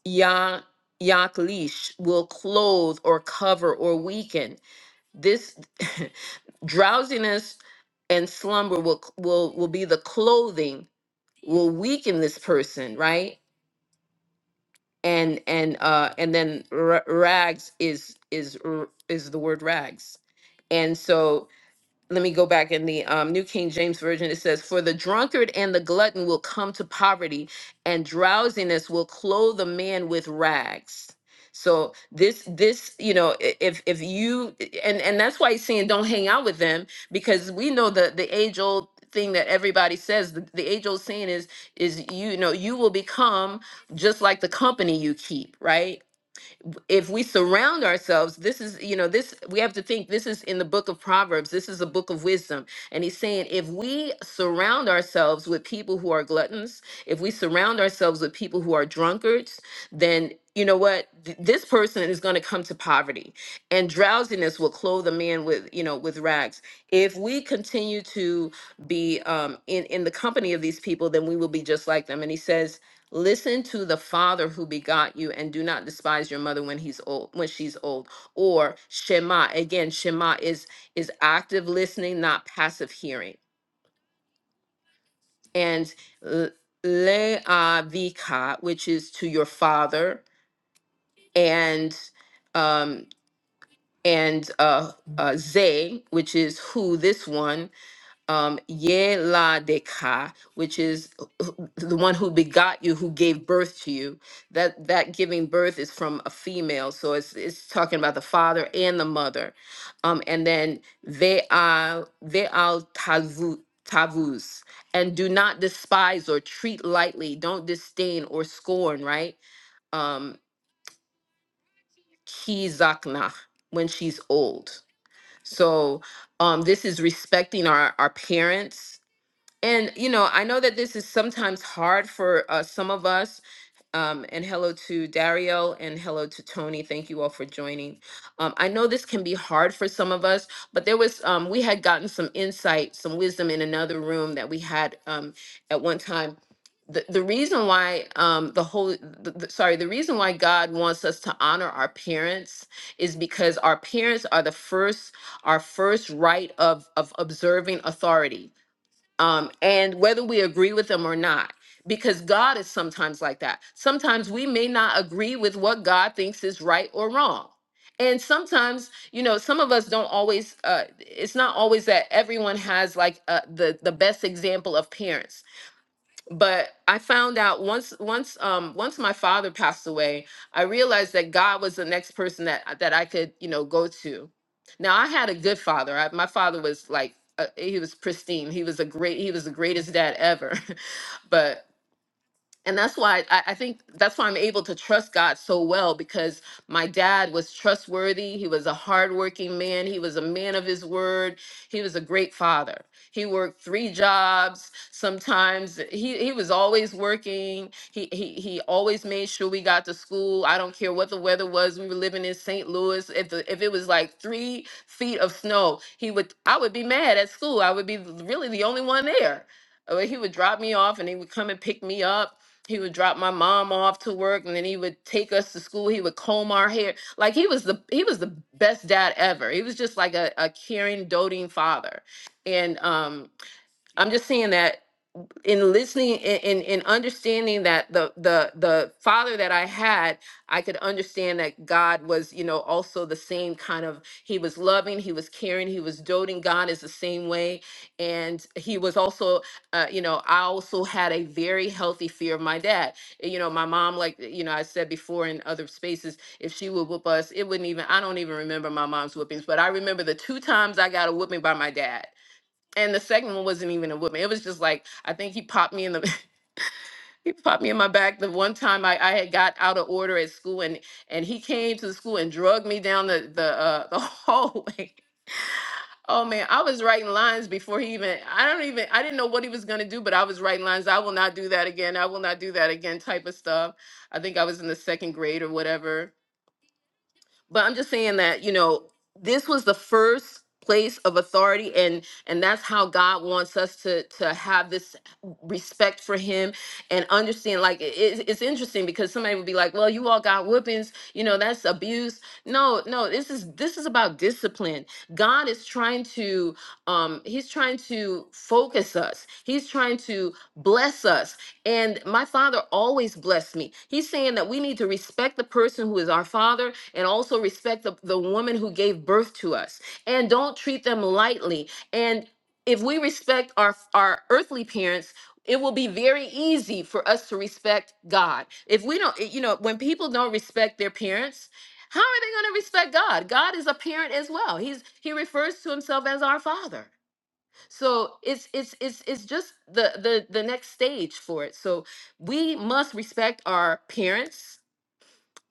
ya yaklish will clothe or cover or weaken. This (laughs) drowsiness and slumber will will will be the clothing will weaken this person, right? and and uh and then r- rags is is r- is the word rags and so let me go back in the um, New King James Version. It says, For the drunkard and the glutton will come to poverty, and drowsiness will clothe a man with rags. So this, this, you know, i- if if you and and that's why he's saying don't hang out with them because we know the the age old thing that everybody says the, the age old saying is is you know you will become just like the company you keep right if we surround ourselves this is you know this we have to think this is in the book of proverbs this is a book of wisdom and he's saying if we surround ourselves with people who are gluttons if we surround ourselves with people who are drunkards then you know what Th- this person is going to come to poverty and drowsiness will clothe a man with you know with rags if we continue to be um, in in the company of these people then we will be just like them and he says Listen to the father who begot you and do not despise your mother when he's old when she's old or shema again shema is is active listening not passive hearing and l- leavika which is to your father and um and uh, uh ze which is who this one um Yeladeka, which is uh, the one who begot you, who gave birth to you. That that giving birth is from a female, so it's it's talking about the father and the mother. Um, and then they are they are tavu tavus, and do not despise or treat lightly. Don't disdain or scorn. Right, um, kizakna when she's old. So um, this is respecting our our parents and you know, I know that this is sometimes hard for uh, some of us. Um, and hello to Dario and hello to Tony. Thank you all for joining. Um, I know this can be hard for some of us, but there was um, we had gotten some insight, some wisdom in another room that we had um, at one time. The, the reason why um, the whole the, the- sorry the reason why God wants us to honor our parents is because our parents are the first our first right of of observing authority um, and whether we agree with them or not. Because God is sometimes like that. Sometimes we may not agree with what God thinks is right or wrong. And sometimes, you know, some of us don't always. Uh, it's not always that everyone has like uh, the the best example of parents but I found out once once um once my father passed away, I realized that God was the next person that uh, that I could you know go to. Now I had a good father. I, my father was like uh, he was pristine. He was a great he was the greatest dad ever, (laughs) but and that's why I, I think that's why I'm able to trust God so well because my dad was trustworthy. He was a hardworking man. He was a man of his word. He was a great father. He worked three jobs. Sometimes he, he was always working. He, he he always made sure we got to school. I don't care what the weather was. We were living in St. Louis. If the, if it was like three feet of snow, he would I would be mad at school. I would be really the only one there. Uh, He would drop me off and he would come and pick me up he would drop my mom off to work and then he would take us to school he would comb our hair like he was the he was the best dad ever he was just like a, a caring doting father and um i'm just seeing that in listening and in, in understanding that the the the father that I had, I could understand that God was, you know, also the same kind of he was loving, he was caring, he was doting. God is the same way, and he was also, uh, you know, I also had a very healthy fear of my dad. You know, my mom, like you know, I said before in other spaces, if she would whoop us, it wouldn't even. I don't even remember my mom's whoopings, but I remember the two times I got a whooping by my dad and the second one wasn't even a woman. It was just like I think he popped me in the (laughs) he popped me in my back the one time I, I had got out of order at school and and he came to the school and drugged me down the the uh, the (laughs) hallway. Oh man, I was writing lines before he even I don't even I didn't know what he was gonna do, but I was writing lines. I will not do that again. I will not do that again type of stuff. I think I was in the second grade or whatever but i'm just saying that you know this was the first place of authority and and that's how god wants us to to have this respect for him and understand like it, it's it's interesting because somebody would be like well you all got whoopings you know that's abuse no no this is this is about discipline god is trying to um he's trying to focus us he's trying to bless us and my father always blessed me he's saying that we need to respect the person who is our father and also respect the, the woman who gave birth to us and don't treat them lightly and if we respect our our earthly parents it will be very easy for us to respect god if we don't you know when people don't respect their parents how are they going to respect god god is a parent as well he's he refers to himself as our father so it's it's it's it's just the the the next stage for it so we must respect our parents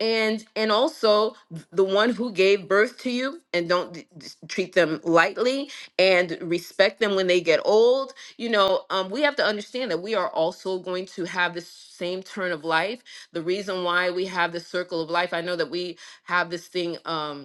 and and also the one who gave birth to you and don't d- d- treat them lightly and respect them when they get old you know um, we have to understand that we are also going to have this same turn of life the reason why we have the circle of life i know that we have this thing um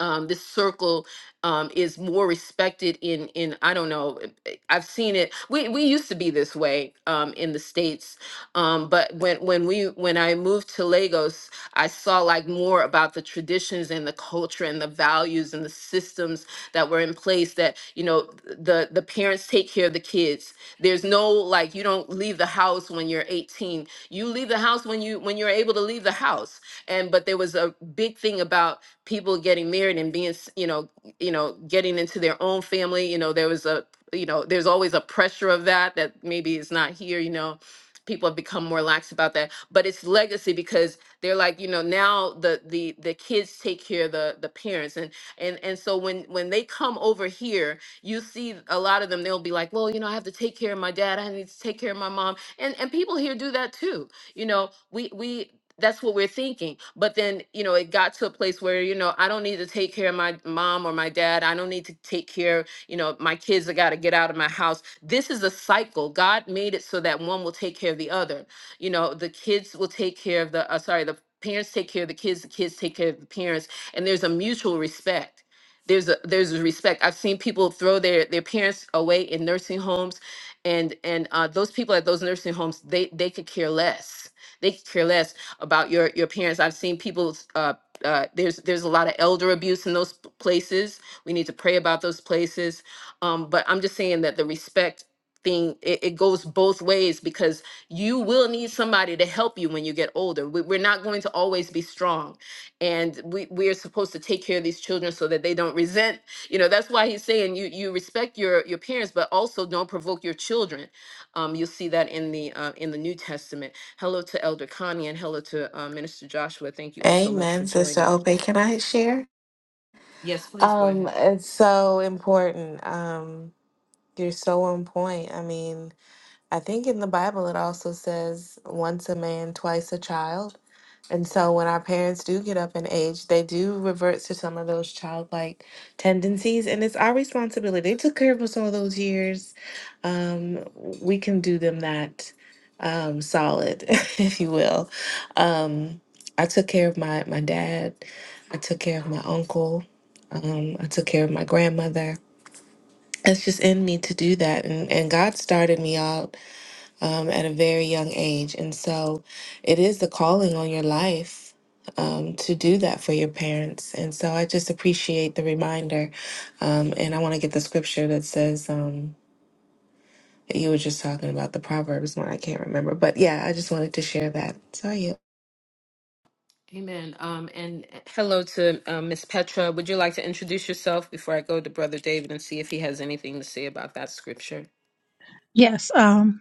um, this circle um, is more respected in in I don't know. eh, eh, I've seen it. We we used to be this way um, in the states, um, but when when we when I moved to Lagos, I saw like more about the traditions and the culture and the values and the systems that were in place. That you know the the parents take care of the kids. There's no like you don't leave the house when you're 18. You leave the house when you when you're able to leave the house. And but there was a big thing about people getting married and being, s- you know, you know, getting into their own family. You know, there was a, you know, there's always a pressure of that that maybe is not here. You know, people have become more lax about that, but it's legacy because they're like, you know, now the the the kids take care of the the parents, and and and so when when they come over here, you see a lot of them. They'll be like, well, you know, I have to take care of my dad. I need to take care of my mom, and and people here do that too you know we we that's what we're thinking but then you know it got to a place where you know i don't need to take care of my mom or my dad i don't need to take care you know my kids have got to get out of my house this is a cycle god made it so that one will take care of the other you know the kids will take care of the uh, sorry the parents take care of the kids the kids take care of the parents and there's a mutual respect there's a there's a respect i've seen people throw their their parents away in nursing homes and and uh, those people at those nursing homes they they could care less they could care less about your your parents. I've seen people. uh, uh, there's there's a lot of elder abuse in those p- places. We need to pray about those places. Um, but I'm just saying that the respect thing it, it goes both ways because you will need somebody to help you when you get older. We, we're not going to always be strong, and we we are supposed to take care of these children so that they don't resent. You know that's why he's saying you you respect your your parents, but also don't provoke your children. Um, you'll see that in the uh, in the New Testament. Hello to Elder Connie and hello to uh, Minister Joshua. Thank you all so much for
Amen, Sister
joining.
Ope. Can I share?
Yes, please go
Um,
ahead.
it's so important. Um, you're so on point. I mean. I think in the Bible it also says once a man, twice a child. And so when our parents do get up in age, they do revert to some of those childlike tendencies. And it's our responsibility. They took care of us all those years. Um, we can do them that um, solid, (laughs) if you will. Um, I took care of my, my dad, I took care of my uncle, um, I took care of my grandmother. It's just in me to do that. And, and God started me out um, at a very young age. And so it is the calling on your life um, to do that for your parents. And so I just appreciate the reminder. Um, and I want to get the scripture that says, um, that you were just talking about the Proverbs one, I can't remember. But yeah, I just wanted to share that. So you.
Amen. Um, and hello to um, Miss Petra. Would you like to introduce yourself before I go to Brother David and see if he has anything to say about that scripture?
Yes, um,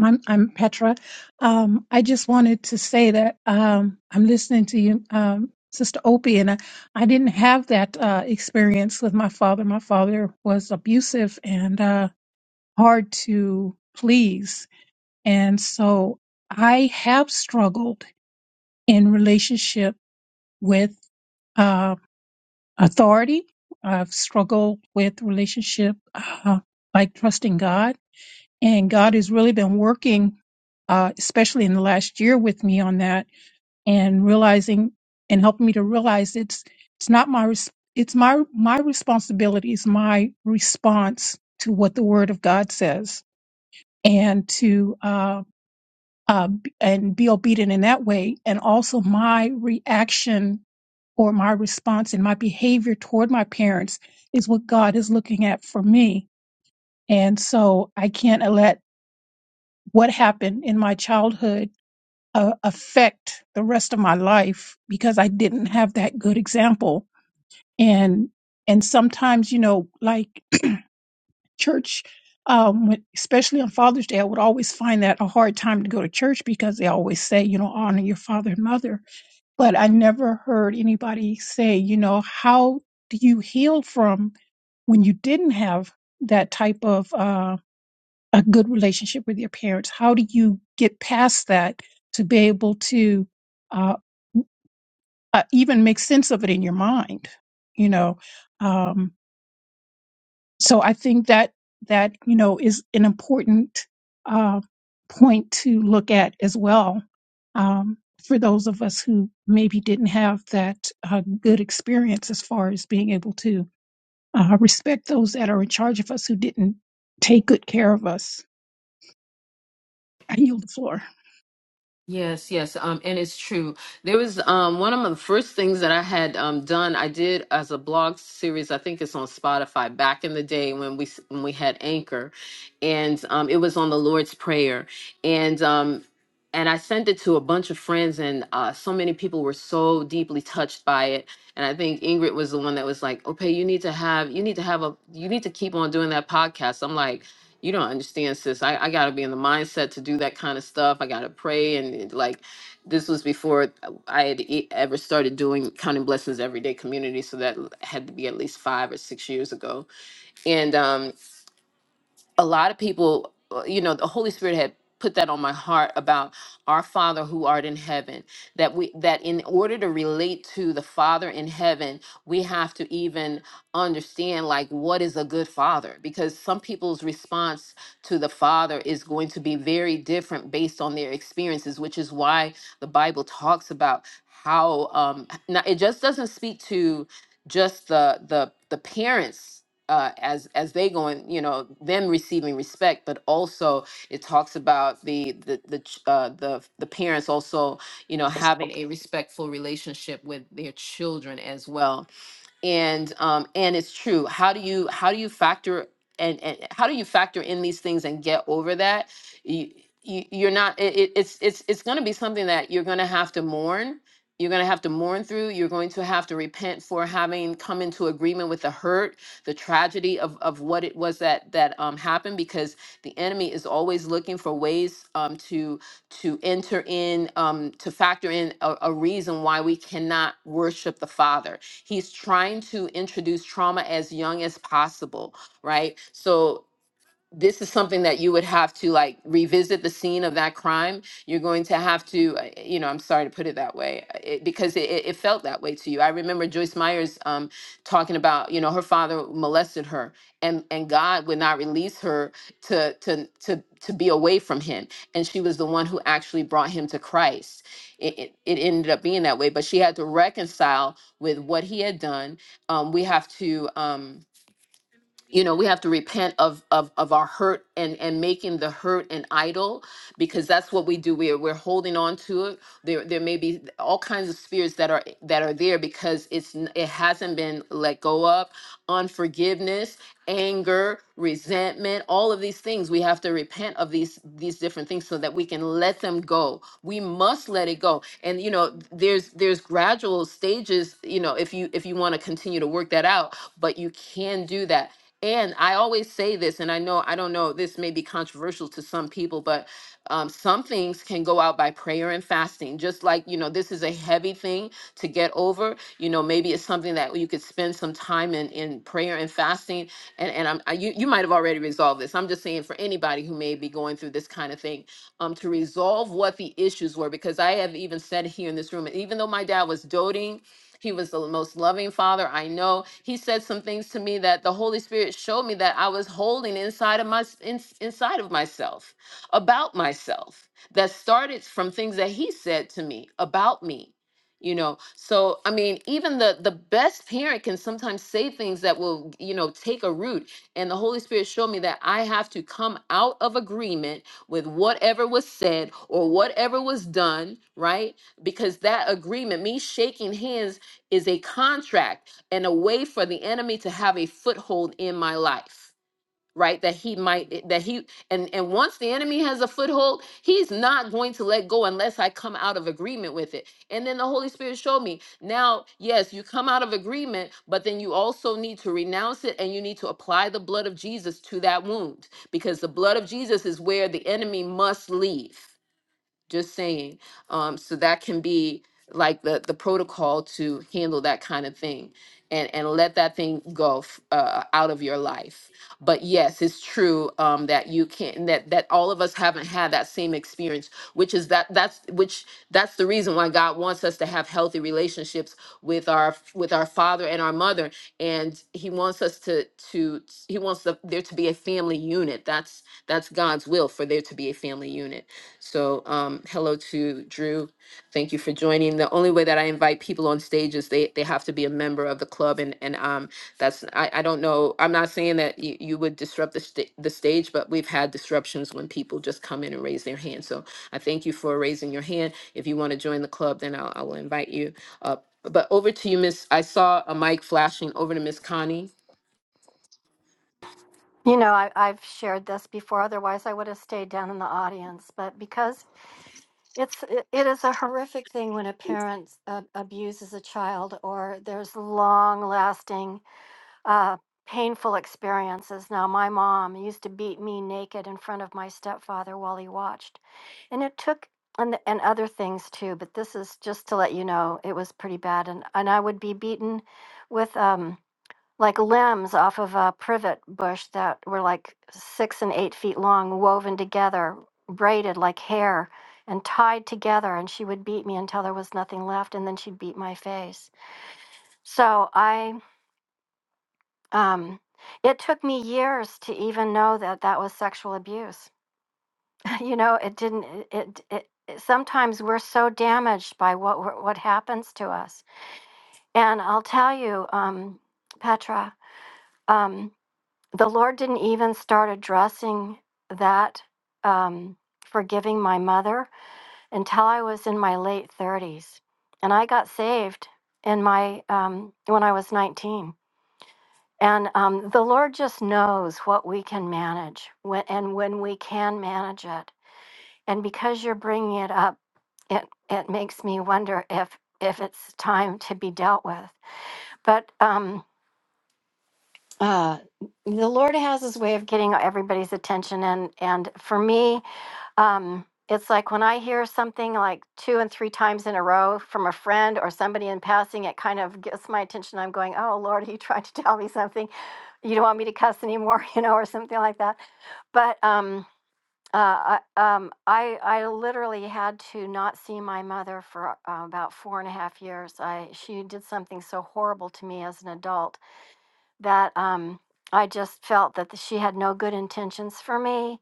I'm, I'm Petra. Um, I just wanted to say that um, I'm listening to you, um, Sister Opie, and I, I didn't have that uh, experience with my father. My father was abusive and uh, hard to please, and so I have struggled in relationship with uh, authority. I've struggled with relationship uh, like trusting God And God has really been working, uh, especially in the last year with me on that and realizing and helping me to realize it's, it's not my, res- it's my, my responsibility. It's my response to what the word of God says and to, uh, uh, b- and be obedient in that way. And also my reaction or my response and my behavior toward my parents is what God is looking at for me. And so I can't let what happened in my childhood uh, affect the rest of my life because I didn't have that good example. And and sometimes, you know, like church, um, when- especially on Father's Day, I would always find that a hard time to go to church because they always say, you know, honor your father and mother. But I never heard anybody say, you know, how do you heal from when you didn't have that type of uh, a good relationship with your parents how do you get past that to be able to uh, uh, even make sense of it in your mind you know um, so i think that that you know is an important uh, point to look at as well um, for those of us who maybe didn't have that uh, good experience as far as being able to uh, respect those that are in charge of us who didn't take good care of us i yield the floor
Yes, yes, um, and it's true. There was um, one of the first things that I had um, done. I did as a blog series. I think it's on Spotify. Back in the day when we s- when we had Anchor, and um, it was on the Lord's Prayer, and um, and I sent it to a bunch of friends, and uh, so many people were so deeply touched by it. And I think Ingrid was the one that was like, "Okay, you need to have you need to have a you need to keep on doing that podcast." I'm like you don't understand sis i, I gotta be in the mindset to do that kind of stuff i gotta pray and it- like this was before i had e- ever started doing counting blessings everyday community so that l- had to be at least five or six years ago and um, a lot of people, uh, you know, the Holy Spirit had put that on my heart about our Father who art in heaven. That we that in order to relate to the Father in heaven, we have to even understand like what is a good father because some people's response to the Father is going to be very different based on their experiences, which is why the Bible talks about how um now it just doesn't speak to just the the the parents uh, as as they going, you know, them receiving respect, but also it talks about the the the ch- uh, the the parents also, you know, having a respectful relationship with their children as well and um and it's true how do you how do you factor and, and how do you factor in these things and get over that you, you you're not it, it- it's it's it's going to be something that you're going to have to mourn you're going to have to mourn through you're going to have to repent for having come into agreement with the hurt the tragedy of of what it was that that um happened because the enemy is always looking for ways um to to enter in um to factor in a, a reason why we cannot worship the father He's trying to introduce trauma as young as possible, right? So this is something that you would have to like revisit the scene of that crime. You're going to have to, uh, you know, I'm sorry to put it that way, uh, it, because it, it it felt that way to you. I remember Joyce Myers um, talking about, you know, her father molested her, and and God would not release her to to to to be away from him, and she was the one who actually brought him to Christ. It it, it ended up being that way, but she had to reconcile with what he had done. Um, we have to. Um, you know we have to repent of of of our hurt and and making the hurt an idol because that's what we do we're we're holding on to it there there may be all kinds of spirits that are that are there because it's n- it hasn't been let go of unforgiveness anger resentment all of these things we have to repent of these these different things so that we can let them go we must let it go and you know there's there's gradual stages you know if you if you want to continue to work that out but you can do that and I always say this, and I know, I don't know, this may be controversial to some people, but um, some things can go out by prayer and fasting. Just like, you know, this is a heavy thing to get over. You know, maybe it's something that you could spend some time in, in prayer and fasting. And, and I'm, I, you, you might have already resolved this. I'm just saying for anybody who may be going through this kind of thing, um, to resolve what the issues were, because I have even said here in this room, even though my dad was doting he was the most loving father I know. He said some things to me that the Holy Spirit showed me that I was holding inside of my in, inside of myself about myself that started from things that he said to me about me you know so i mean even the the best parent can sometimes say things that will you know take a root and the holy spirit showed me that i have to come out of agreement with whatever was said or whatever was done right because that agreement me shaking hands is a contract and a way for the enemy to have a foothold in my life right that he might eh, that he and and once the enemy has a foothold he's not going to let go unless i come out of agreement with it and then the holy spirit showed me now yes you come out of agreement but then you also need to renounce it and you need to apply the blood of jesus to that wound because the blood of jesus is where the enemy must leave just saying. Um, so that can be like the the protocol to handle that kind of thing, and and let that thing go f- uh, out of your life. But yes, it's true um, that you can that that all of us haven't had that same experience, which is that that's which that's the reason why God wants us to have healthy relationships with our with our father and our mother, and He wants us to to He wants the, there to be a family unit. That's that's God's will for there to be a family unit. So, um, hello to Drew. Thank you for joining. The only way that I invite people on stage is they, they have to be a member of the club. And, and um, that's, I, I don't know, I'm not saying that you, you would disrupt the, sta the stage, but we've had disruptions when people just come in and raise their hand. So I thank you for raising your hand. If you want to join the club, then I'll, I will invite you up. But over to you, Miss, I saw a mic flashing over to Miss Connie.
You know, I, I've shared this before. Otherwise, I would have stayed down in the audience. But because it's it, it is a horrific thing when a parent uh, abuses a child, or there's long-lasting, uh, painful experiences. Now, my mom used to beat me naked in front of my stepfather while he watched, and it took. And, the- and other things too, but this is just to let you know it was pretty bad, and and I would be beaten with um, like limbs off of a privet bush that were like six and eight feet long, woven together, braided like hair, and tied together. And she would beat me until there was nothing left, and then she'd beat my face. So I, um, it took me years to even know that that was sexual abuse. (laughs) you know, it didn't. It, it, it it- sometimes we're so damaged by what we're- what happens to us. And I'll tell you, um, Petra. Um, the Lord didn't even start addressing that um, forgiving my mother until I was in my late 30s, and I got saved in my um, when I was 19. And um, the Lord just knows what we can manage when, and when we can manage it. And because you're bringing it up, it it makes me wonder if if it's time to be dealt with. But um, uh, the Lord has His way of getting everybody's attention, and and for me, um, it's like when I hear something like two and three times in a row from a friend or somebody in passing, it kind of gets my attention. I'm going, "Oh Lord, are you trying to tell me something? You don't want me to cuss anymore, (laughs) you know, or something like that." But um, uh, I, um, I I literally had to not see my mother for uh, about four and a half years. I she did something so horrible to me as an adult that um, I just felt that the- she had no good intentions for me,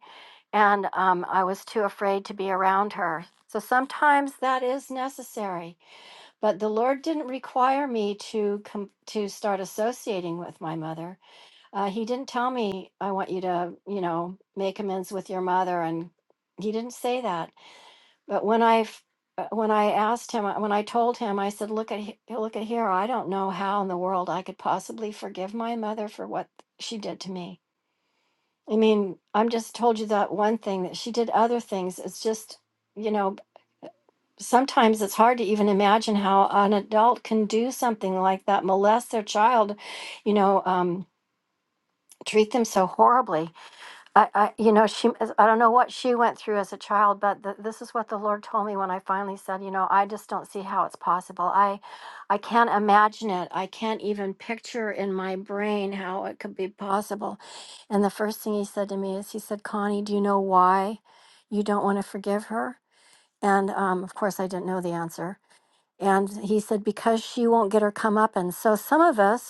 and um, I was too afraid to be around her. So sometimes that is necessary, but the Lord didn't require me to com- to start associating with my mother. Uh, he didn't tell me I want you to, you know, make amends with your mother, and he didn't say that. But when I f- uh, when I asked him, uh, when I told him, I said, "Look at he- look at here. I don't know how in the world I could possibly forgive my mother for what she did to me. I mean, I'm just told you that one thing that she did other things. It's just, you know, sometimes it's hard to even imagine how an adult can do something like that, molest their child, you know, um, treat them so horribly. I, I, you know, she, I don't know what she went through as a child, but th this is what the Lord told me when I finally said, you know, I just don't see how it's possible. I, I can't imagine it. I can't even picture in my brain how it could be possible. And the first thing he said to me is, he said, Connie, do you know why you don't want to forgive her? And um, of course, I didn't know the answer. And he said, because she won't get her comeuppance. So some of us,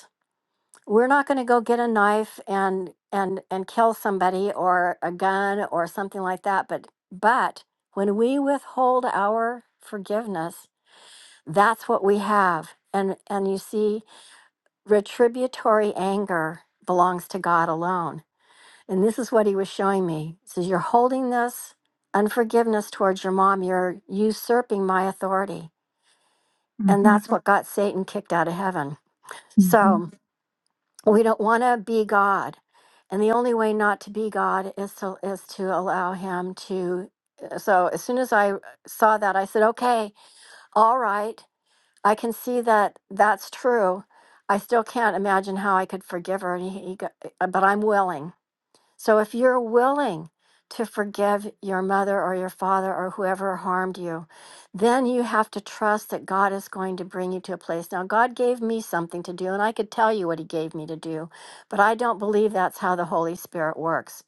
we're not going to go get a knife and and and kill somebody or a gun or something like that but but when we withhold our forgiveness that's what we have and and you see retributory anger belongs to god alone and this is what he was showing me He says, you're holding this unforgiveness towards your mom you're usurping my authority and that's Mhm. what got satan kicked out of heaven
hmm
so we don't want to be God. And the only way not to be God is to is to allow him to uh, so as soon as I saw that I said, "Okay, all right. I can see that that's true. I still can't imagine how I could forgive her." And he, he go- but I'm willing. So if you're willing to forgive your mother or your father or whoever harmed you, then you have to trust that God is going to bring you to a place. Now, God gave me something to do, and I could tell you what He gave me to do, but I don't believe that's how the Holy Spirit works.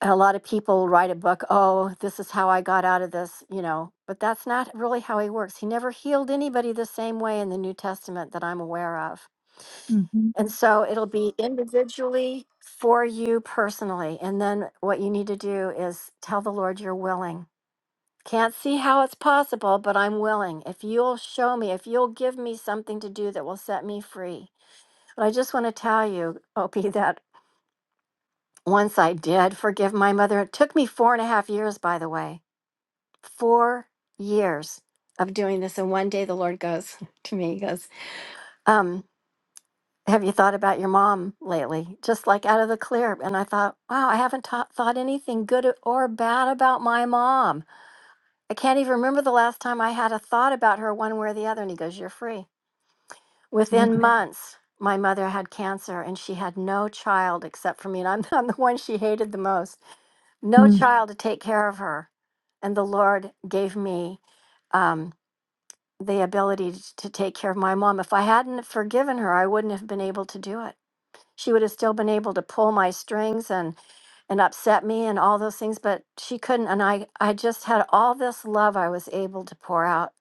And a lot of people write a book, oh, this is how I got out of this, you know, but that's not really how He works. He never healed anybody the same way in the New Testament that I'm aware of.
hmm
And so it'll be individually for you personally. And then what you need to do is tell the Lord you're willing. Can't see how it's possible, but I'm willing. If you'll show me, if you'll give me something to do that will set me free. But I just want to tell you, (laughs) Opie, that once I did forgive my mother, it took me four and a half years, by the way, four years of doing this. And one day the Lord goes (laughs) to me, he goes, um. have you thought about your mom lately? Just like out of the clear. And I thought, wow, I haven't ta- thought anything good or bad about my mom. I can't even remember the last time I had a thought about her one way or the other. And he goes, You're free.
Yeah.
Within Mhm. months, my mother had cancer and she had no child except for me. And I'm, (laughs) I'm the one she hated the most. No Mhm.
Mm,
child to take care of her. And the Lord gave me um, the ability to to take care of my mom. If I hadn't forgiven her, I wouldn't have been able to do it she would have still been able to pull my strings and and upset me and all those things but she couldn't and i i just had all this love i was able to pour out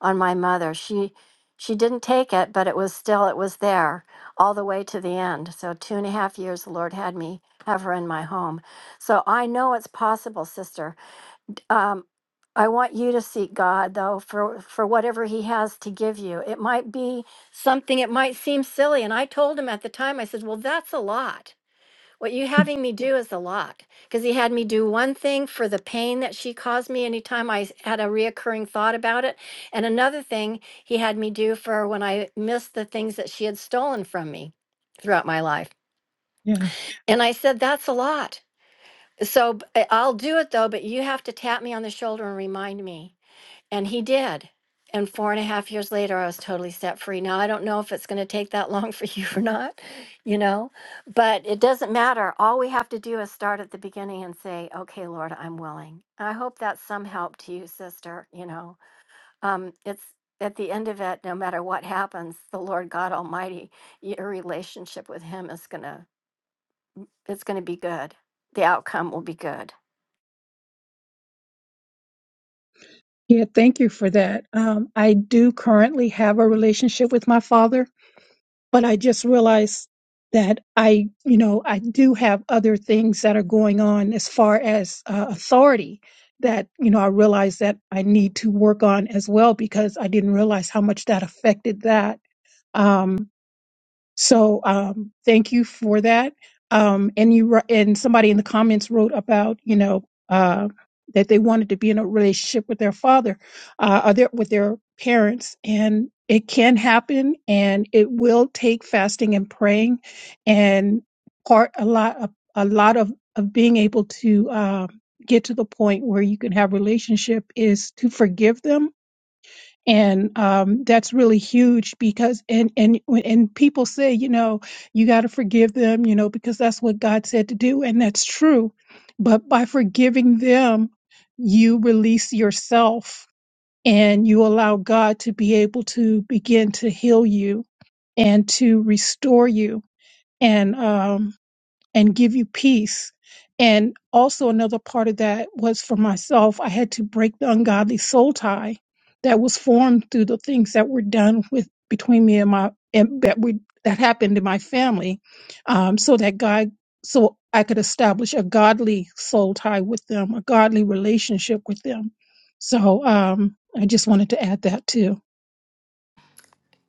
on my mother she she didn't take it but it was still it was there all the way to the end so two and a half years the lord had me have her in my home so i know it's possible sister um, I want you to seek God though for for whatever He has to give you. It might be something. It might seem silly. And I told him at the time. I said, "Well, that's a lot. What you having me do is a lot." Because he had me do one thing for the pain that she caused me anytime I s- had a reoccurring thought about it, and another thing he had me do for when I missed the things that she had stolen from me throughout my life.
yeah.
And I said, "That's a lot." So b- I'll do it though, but you have to tap me on the shoulder and remind me and he did. And four and a half years later, I was totally set free. Now, I don't know if it's going to take that long (laughs) for you or not, you know, but it doesn't matter. All we have to do is start at the beginning and say, okay, Lord, I'm willing. I hope that's some help to you, sister. You know, um, it's at the end of it, no matter what happens, the Lord God Almighty, your relationship with Him is going to, it's going to be good. The outcome will be good.
Yeah. Thank you for that. Um, I do currently have a relationship with my father, but I just realized that I, you know, I do have other things that are going on as far as uh, authority that, you know, I realize that I need to work on as well because I didn't realize how much that affected that. Um, So um, thank you for that. Um, and you wr- and somebody in the comments wrote about you know uh, that they wanted to be in a relationship with their father, uh, or their, with their parents, and it can happen, and it will take fasting and praying, and part a lot of a lot of of being able to um, get to the point where you can have relationship is to forgive them and um, that's really huge because and and when- and people say you know you got to forgive them you know because that's what god said to do and that's true but by forgiving them you release yourself and you allow god to be able to begin to heal you and to restore you and um, and give you peace. And also, another part of that was for myself, I had to break the ungodly soul tie that was formed through the things that were done with between me and my and that we that happened in my family, um, so that God, so I could establish a godly soul tie with them, a godly relationship with them. So um, I just wanted to add that too.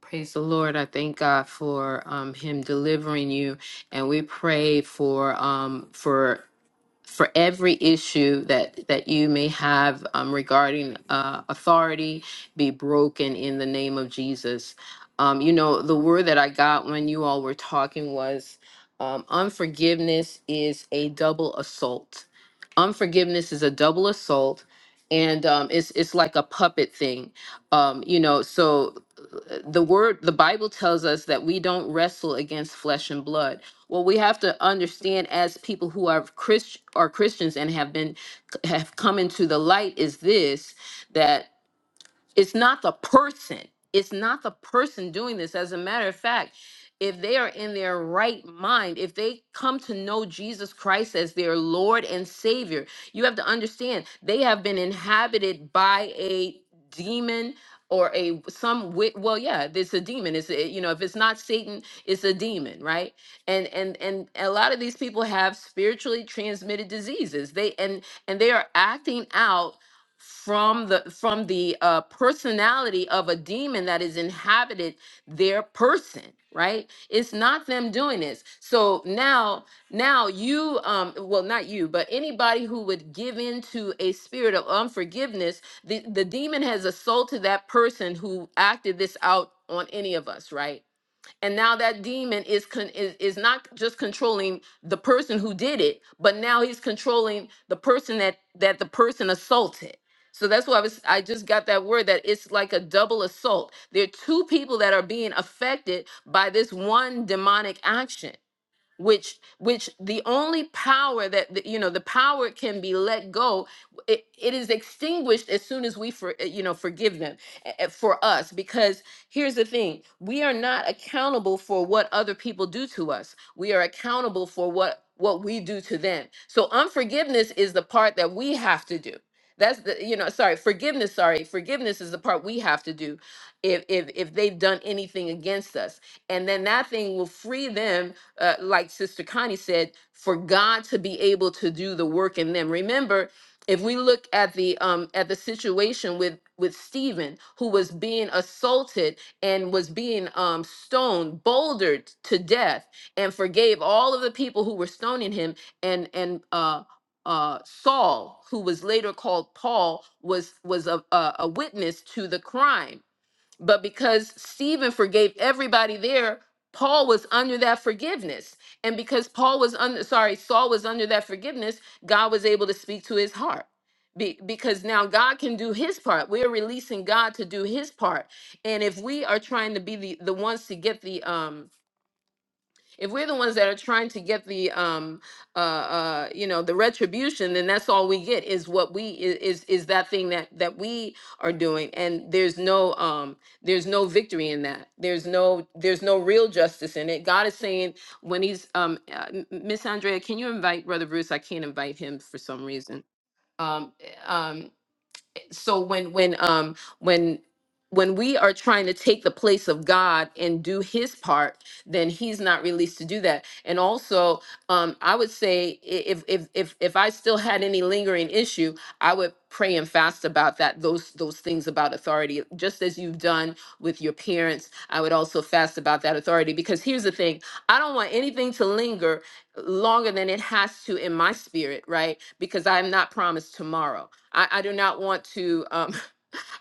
Praise the Lord. I thank God for um, him delivering you. And we pray for um, for for every issue that that you may have um, regarding uh, authority be broken in the name of jesus um, you know the word that i got when you all were talking was um, unforgiveness is a double assault unforgiveness is a double assault and um, it's it's like a puppet thing um, you know so uh, the word the bible tells us that we don't wrestle against flesh and blood well, we have to understand as people who are Christ are Christians and have been have come into the light is this that it's not the person it's not the person doing this as a matter of fact if they are in their right mind if they come to know jesus christ as their lord and savior you have to understand they have been inhabited by a demon or a some wi- well yeah it's a demon it's a, you know if it's not satan it's a demon right and and and a lot of these people have spiritually transmitted diseases they and and they are acting out from the from the uh, personality of a demon that is inhabited their person right it's not them doing this so now now you um well not you but anybody who would give in to a spirit of unforgiveness the the demon has assaulted that person who acted this out on any of us right and now that demon is con- is, is not just controlling the person who did it but now he's controlling the person that that the person assaulted so that's why I was I just got that word that it's like a double assault. There are two people that are being affected by this one demonic action which which the only power that the- you know the power can be let go it, it is extinguished as soon as we for you know forgive them eh, eh, for us because here's the thing we are not accountable for what other people do to us we are accountable for what what we do to them so unforgiveness is the part that we have to do that's the you know sorry forgiveness sorry forgiveness is the part we have to do if if if they've done anything against us and then that thing will free them uh, like Sister Connie said, for God to be able to do the work in them. Remember, if we look at the um, at the situation with with Stephen, who was being assaulted and was being um, stoned, bouldered to death, and forgave all of the people who were stoning him, and and uh, uh, Saul, who was later called Paul, was was a, a, a witness to the crime but because Stephen forgave everybody there, Paul was under that forgiveness. And because Paul was under, sorry, Saul was under that forgiveness, God was able to speak to his heart. Be, because now God can do his part. We're releasing God to do his part. And if we are trying to be the, the ones to get the um if we're the ones that are trying to get the um uh uh you know the retribution then that's all we get is what we i- is is that thing that that we are doing and there's no um there's no victory in that there's no there's no real justice in it god is saying when he's um uh, M- miss andrea can you invite brother bruce i can't invite him for some reason um eh, um so when when um when when we are trying to take the place of God and do his part, then he's not released to do that. And also, um, I would say i- if if if if I still had any lingering issue, I would pray and fast about that, those those things about authority, just as you've done with your parents. I would also fast about that authority because here's the thing, I don't want anything to linger longer than it has to in my spirit, right? Because I am not promised tomorrow. I, I do not want to uh,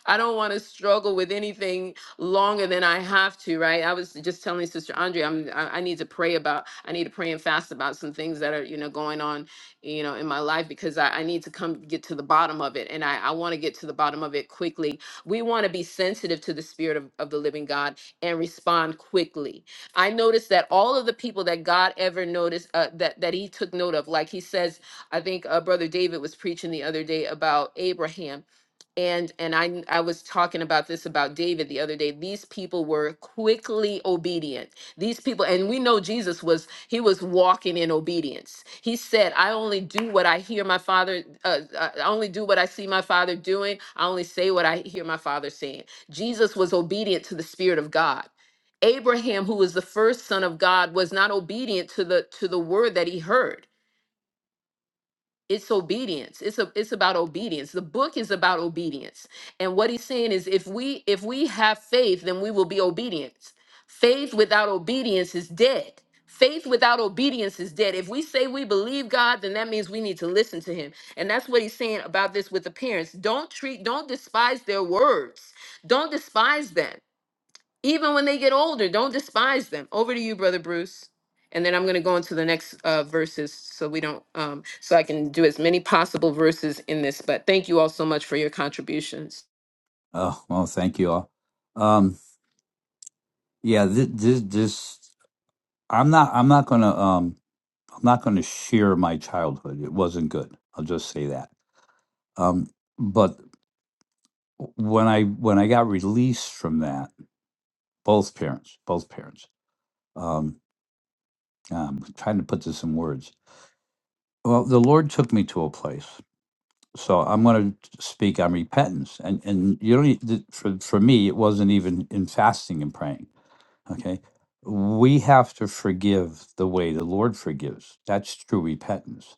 I don't want to struggle with anything longer than I have to, right? I was just telling Sister Andrea, I'm, I, I need to pray about, I need to pray and fast about some things that are, you know, going on, you know, in my life because I, I need to come get to the bottom of it. And I, I want to get to the bottom of it quickly. We want to be sensitive to the spirit of, of the living God and respond quickly. I noticed that all of the people that God ever noticed, uh, that, that he took note of, like he says, I think uh, Brother David was preaching the other day about Abraham and and I I was talking about this about David the other day. These people were quickly obedient. These people, and we know Jesus was he was walking in obedience. He said, "I only do what I hear my Father. Uh, uh, I only do what I see my Father doing. I only say what I hear my Father saying." Jesus was obedient to the Spirit of God. Abraham, who was the first son of God, was not obedient to the to the word that he heard it's obedience it's a, it's about obedience the book is about obedience and what he's saying is if we if we have faith then we will be obedient faith without obedience is dead faith without obedience is dead if we say we believe god then that means we need to listen to him and that's what he's saying about this with the parents don't treat don't despise their words don't despise them even when they get older. Don't despise them. Over to you, brother Bruce. And then I'm going to go into the next uh, verses so we don't, um, so I can do as many possible verses in this. But thank you all so much for your contributions.
Oh well, thank you all. Um, yeah, this, this, this I'm not. I'm not gonna. Um, I'm not gonna share my childhood. It wasn't good. I'll just say that. Um, but when I when I got released from that, both parents, both parents. Um, I'm trying to put this in words. Well, the Lord took me to a place. So I'm going to speak on repentance, and and you don't e- th- for for me it wasn't even in fasting and praying Okay. We have to forgive the way the Lord forgives. That's true repentance.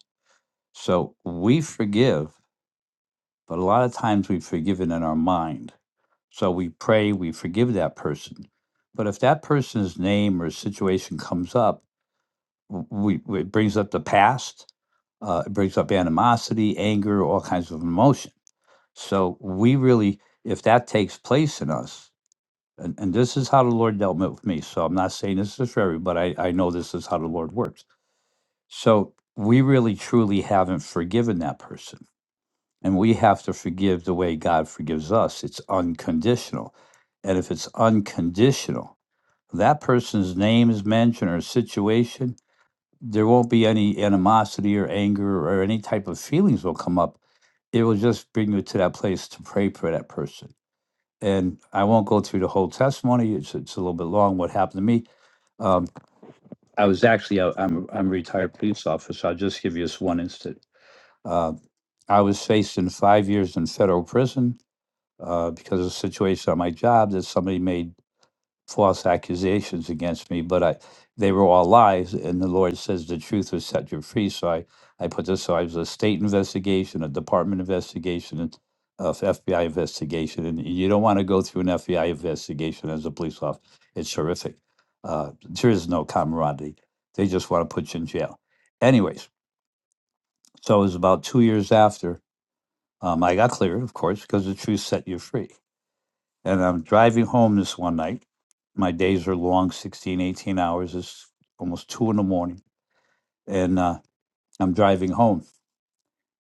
So we forgive, but a lot of times we've forgiven in our mind. So we pray, we forgive that person. But if that person's name or situation comes up, w- we, we- it brings up the past, uh, it brings up animosity, anger, all kinds of emotion. So we really, if that takes place in us, and, and this is how the Lord dealt with me. So I'm not saying this is for everybody. but I, I know this is how the Lord works. So we really truly haven't forgiven that person. And we have to forgive the way God forgives us. It's unconditional. And if it's unconditional, that person's name is mentioned or situation, there won't be any animosity or anger or any type of feelings will come up. It will just bring you to that place to pray for that person. And I won't go through the whole testimony. It's, it's a little bit long what happened to me um, I was actually, I- I'm, I'm a retired police officer. I'll just give you this one instant. Uh, I was facing five years in federal prison uh, because of a situation on my job that somebody made false accusations against me, but I they were all lies, and the Lord says the truth will set you free. So I, I put this, so I was a state investigation, a department investigation, and uh, FBI investigation, and you don't want to go through an FBI investigation as a police officer. It's horrific. Uh, there is no camaraderie. They just want to put you in jail. Anyways, so it was about two years after um, I got clear, of course, because the truth set you free and I'm driving home this one night. My days are long sixteen, eighteen hours. It's almost two in the morning. And uh, I'm driving home.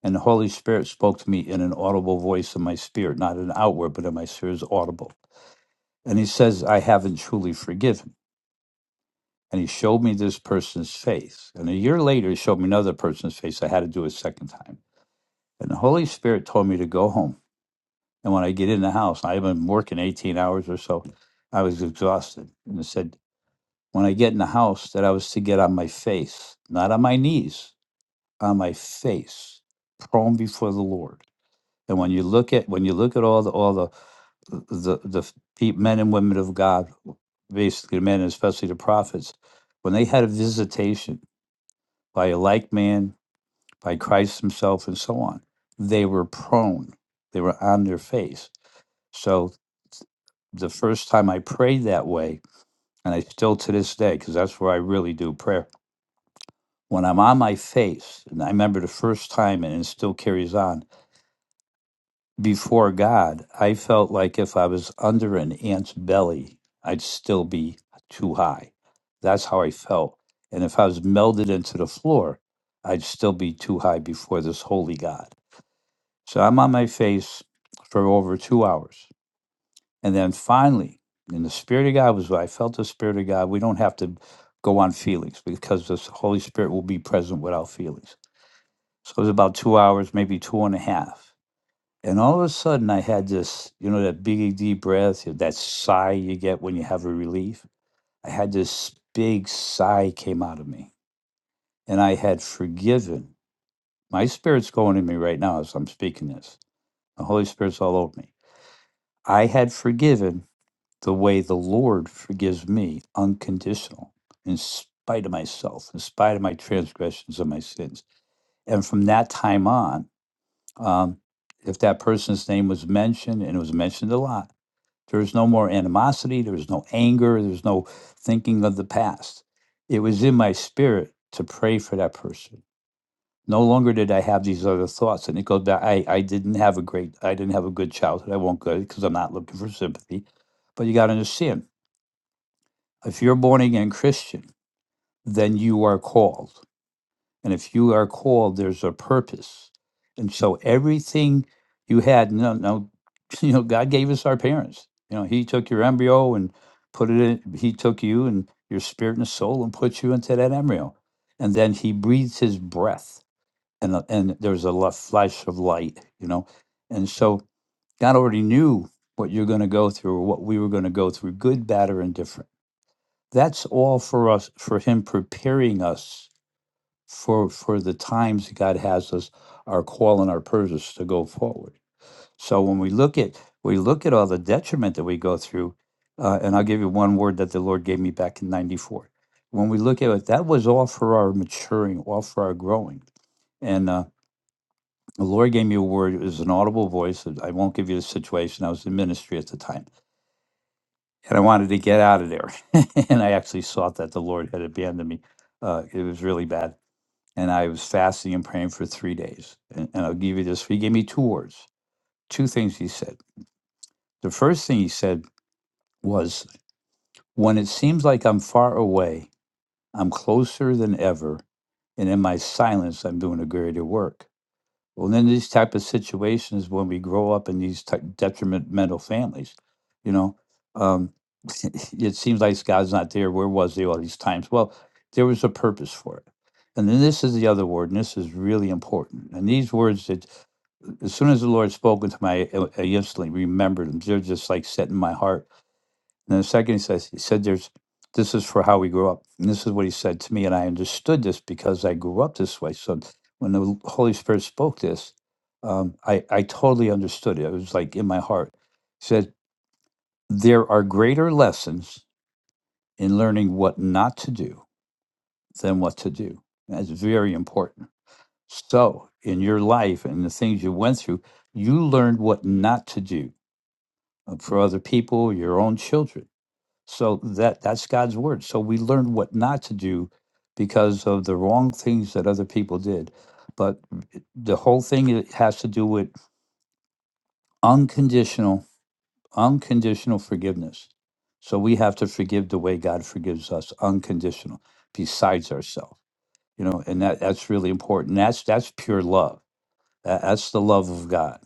And the Holy Spirit spoke to me in an audible voice in my spirit, not an outward, but in my spirit is audible. And he says, I haven't truly forgiven. And he showed me this person's face. And a year later, he showed me another person's face. I had to do it a second time. And the Holy Spirit told me to go home. And when I get in the house, I've been working 18 hours or so. I was exhausted. And it said, when I get in the house that I was to get on my face, not on my knees, on my face, prone before the Lord. And when you look at when you look at all the all the the the pe- men and women of God, basically men and especially the prophets, when they had a visitation by a like man, by Christ Himself, and so on, they were prone. They were on their face. So the first time I prayed that way, and I still to this day, because that's where I really do prayer. when I'm on my face, and I remember the first time, and it still carries on, before God, I felt like if I was under an ant's belly, I'd still be too high. That's how I felt. And if I was melded into the floor, I'd still be too high before this holy God. So I'm on my face for over two hours. And then finally, and the Spirit of God was, I felt the Spirit of God. We don't have to go on feelings because the Holy Spirit will be present without feelings So it was about two hours, maybe two and a half. And all of a sudden, I had this, you know, that big deep breath, you know, that sigh you get when you have a relief. I had this big sigh came out of me, and I had forgiven. My spirit's going in me right now as I'm speaking this. The Holy Spirit's all over me. I had forgiven the way the Lord forgives me, unconditional, in spite of myself, in spite of my transgressions and my sins. And from that time on, um, if that person's name was mentioned, and it was mentioned a lot, there's no more animosity, there's no anger, there's no thinking of the past. It was in my spirit to pray for that person. No longer did I have these other thoughts, and it goes back. I, I didn't have a great, I didn't have a good childhood. I won't go because I'm not looking for sympathy, but you got to understand if you're born again Christian, then you are called. And if you are called, there's a purpose. And so everything you had, no, no, (laughs) you know, God gave us our parents. You know, He took your embryo and put it in, He took you and your spirit and soul and put you into that embryo. And then He breathed His breath and, a- and there was a lo- flash of light, you know. And so God already knew what you're going to go through or what we were going to go through, good, bad, or indifferent. That's all for us, for Him preparing us for for the times God has us, our call and our purpose to go forward. So when we look at we look at all the detriment that we go through, uh, and I'll give you one word that the Lord gave me back in '94. When we look at it, that was all for our maturing, all for our growing. And uh, the Lord gave me a word. It was an audible voice. and I won't give you the situation. I was in ministry at the time, and I wanted to get out of there. (laughs) and I actually thought that the Lord had abandoned me. Uh, it was really bad and I was fasting and praying for three days. And, and I'll give you this. He gave me two words, two things he said. The first thing he said was, When it seems like I'm far away, I'm closer than ever. And in my silence, I'm doing a greater work. Well, in these type of situations, when we grow up in these type detrimental families, you know, um, (laughs) it seems like God's not there. Where was he all these times? Well, there was a purpose for it. And then this is the other word, and this is really important. And these words that, as soon as the Lord spoke into my, I I instantly remembered them. They're just like set in my heart and the second he says, he said, there's, this is for how we grew up. And this is what he said to me. And I understood this because I grew up this way. So when the Holy Spirit spoke this, um, I, I totally understood it. It was like in my heart. He said, there are greater lessons in learning what not to do than what to do. That's very important. So in your life and the things you went through, you learned what not to do uh, for other people, your own children So that that's God's word. So we learn what not to do because of the wrong things that other people did. But the whole thing i- has to do with unconditional unconditional forgiveness. So we have to forgive the way God forgives us, unconditional, besides ourselves. You know, and that that's really important. That's that's pure love. Tha- That's the love of God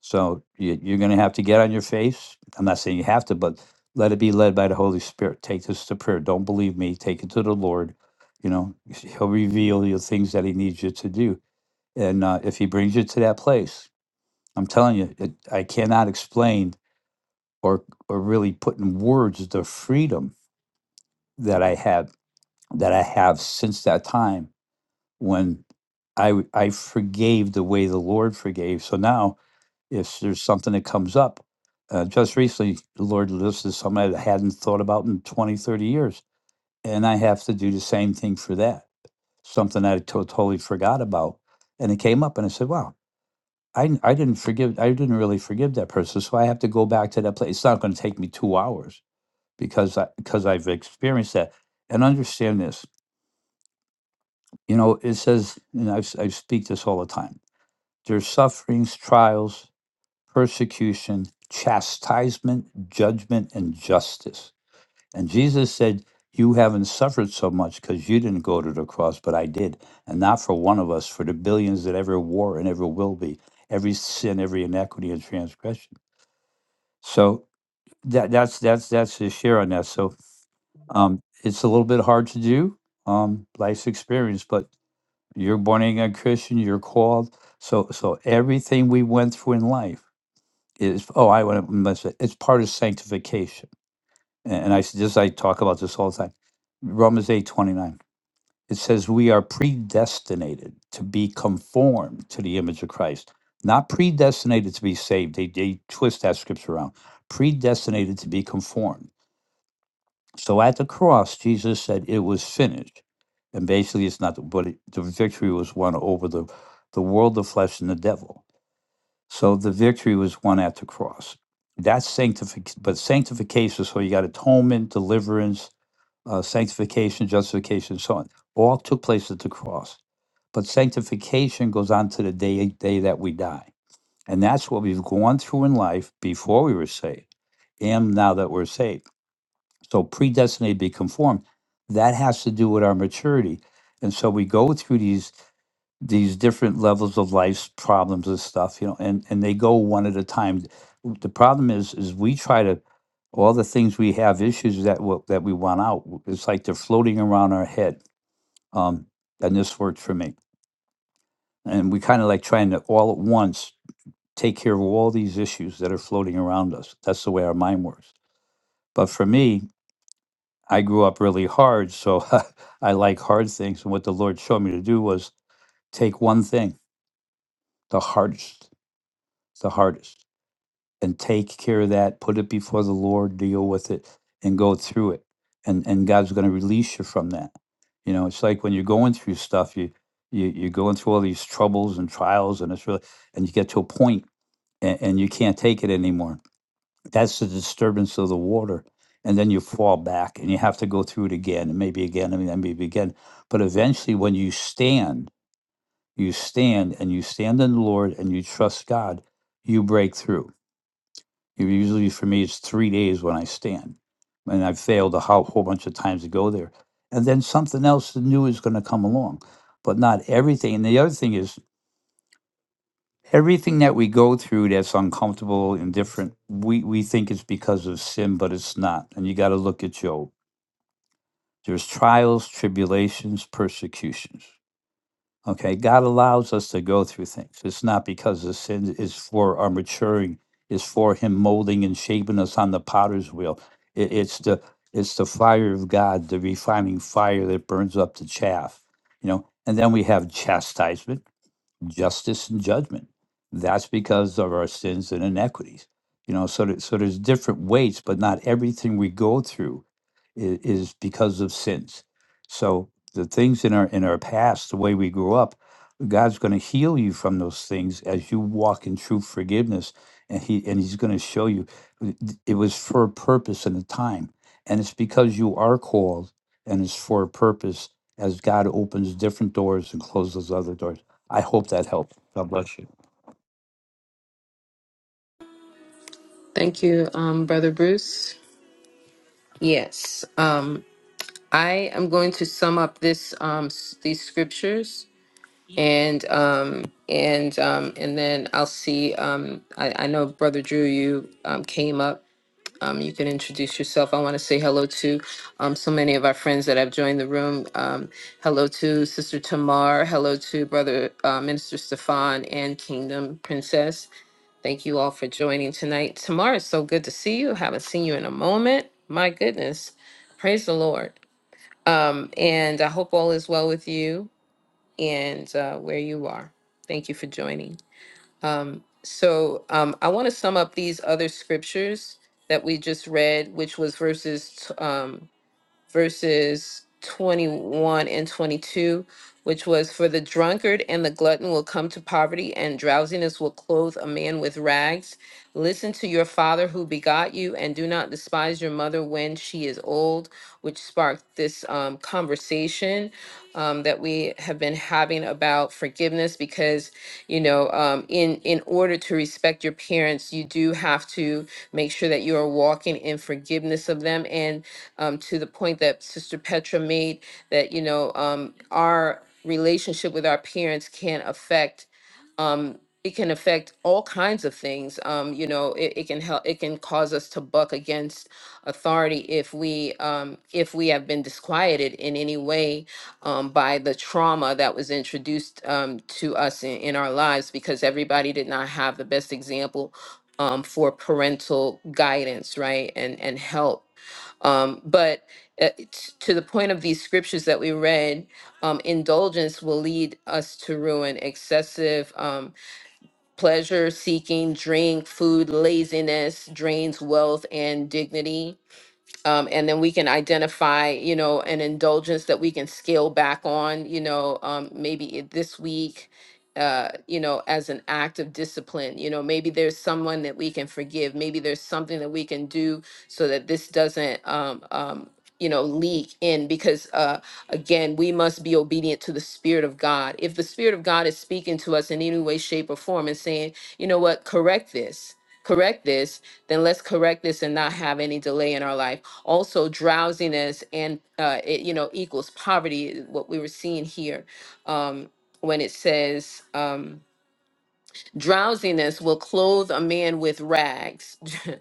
So you, you're going to have to get on your face. I'm not saying you have to, but let it be led by the Holy Spirit. Take this to prayer. Don't believe me. Take it to the Lord. You know, He'll reveal you things that He needs you to do. And uh, if He brings you to that place, I'm telling you, it, I cannot explain or or really put in words the freedom that I have that I have since that time when I w- I forgave the way the Lord forgave. So now if there's something that comes up. Uh, just recently, the Lord listed something I hadn't thought about in 20, 30 years. And I have to do the same thing for that, something I to- totally forgot about. And it came up and I said, wow, I I n- I didn't forgive, I didn't really forgive that person. So I have to go back to that place. It's not going to take me two hours because I, because I've experienced that. And understand this, you know, it says, and I've, s- I speak this all the time, there's sufferings, trials, persecution, chastisement, judgment, and justice. And Jesus said, You haven't suffered so much because you didn't go to the cross, but I did. And not for one of us, for the billions that ever were and ever will be, every sin, every inequity and transgression. So that that's that's that's his share on that. So um it's a little bit hard to do, um, life's experience, but you're born again Christian, you're called. So so everything we went through in life is oh I want to it's part of sanctification, and, and I s- just I talk about this all the time. Romans eight twenty nine it says we are predestinated to be conformed to the image of Christ, not predestinated to be saved. They they twist that scripture around. Predestinated to be conformed. So at the cross, Jesus said it was finished, and basically it's not, but it, the victory was won over the the world, the flesh, and the devil so the victory was won at the cross. That's sanctification, but sanctification. So you got atonement, deliverance, uh, sanctification, justification, and so on. All took place at the cross. But sanctification goes on to the day day that we die, and that's what we've gone through in life before we were saved, and now that we're saved. So predestinated to be conformed. That has to do with our maturity, and so we go through these these different levels of life's problems and stuff you know and and they go one at a time the problem is is we try to all the things we have issues that w- that we want out w- it's like they're floating around our head um and this worked for me and we kind of like trying to all at once take care of all these issues that are floating around us that's the way our mind works but for me i grew up really hard so (laughs) i like hard things and what the lord showed me to do was take one thing the hardest the hardest and take care of that, put it before the Lord, deal with it, and go through it. And and God's going to release you from that. You know, it's like when you're going through stuff, you, you you're going through all these troubles and trials, and it's really and you get to a point and, and you can't take it anymore. That's the disturbance of the water. And then you fall back and you have to go through it again and maybe again and then maybe again. But eventually when you stand, you stand and you stand in the Lord and you trust God, you break through Usually for me, it's three days when I stand. And I've failed a whole, whole bunch of times to go there. And then something else new is going to come along, but not everything. And the other thing is, everything that we go through that's uncomfortable and different, we, we think it's because of sin, but it's not. And you got to look at Job. There's trials, tribulations, persecutions. Okay, God allows us to go through things. It's not because the sin is for our maturing, it's for Him molding and shaping us on the potter's wheel. It, it's the it's the fire of God, the refining fire that burns up the chaff, you know. And then we have chastisement, justice, and judgment. That's because of our sins and inequities, you know. So, there, so there's different weights, but not everything we go through i- is because of sins. So the things in our in our past, the way we grew up, God's going to heal you from those things as you walk in true forgiveness, and he and he's going to show you th- th- it was for a purpose and a time, and it's because you are called and it's for a purpose as God opens different doors and closes other doors. I hope that helped. God bless you.
Thank you, um, brother Bruce. Yes, um, I am going to sum up this um, s- these scriptures, and um, and um, and then I'll see. Um, I, I know, brother Drew, you um, came up Um, you can introduce yourself. I want to say hello to um, so many of our friends that have joined the room. Um, hello to Sister Tamar. Hello to Brother uh, Minister Stefan and Kingdom Princess. Thank you all for joining tonight. Tamar, it's so good to see you. Haven't seen you in a moment. My goodness. Praise the Lord. Um, and I hope all is well with you and uh, where you are. Thank you for joining. Um, so um, I want to sum up these other scriptures that we just read, which was verses t- um, verses 21 and 22, which was For the drunkard and the glutton will come to poverty, and drowsiness will clothe a man with rags. Listen to your father who begot you, and do not despise your mother when she is old, which sparked this um, conversation um, that we have been having about forgiveness because you know um, in in order to respect your parents you do have to make sure that you are walking in forgiveness of them and um, to the point that Sister Petra made that, you know, um, our relationship with our parents can affect. Um, it can affect all kinds of things. Um, you know, it, it can help. It can cause us to buck against authority if we um, if we have been disquieted in any way um, by the trauma that was introduced um, to us in, in our lives because everybody did not have the best example um, for parental guidance, right? And and help. Um, but uh, it's- to the point of these scriptures that we read, um, indulgence will lead us to ruin, excessive um, pleasure seeking, drink, food, laziness drains wealth and dignity um, and then we can identify you know an indulgence that we can scale back on you know um, maybe it- this week uh, you know as an act of discipline you know maybe there's someone that we can forgive maybe there's something that we can do so that this doesn't um, um, you know leak in because uh, again we must be obedient to the spirit of god if the spirit of god is speaking to us in any way shape or form and saying you know what correct this correct this then let's correct this and not have any delay in our life also drowsiness and uh, it, you know equals poverty what we were seeing here um, when it says. Um, Drowsiness will clothe a man with rags. (laughs)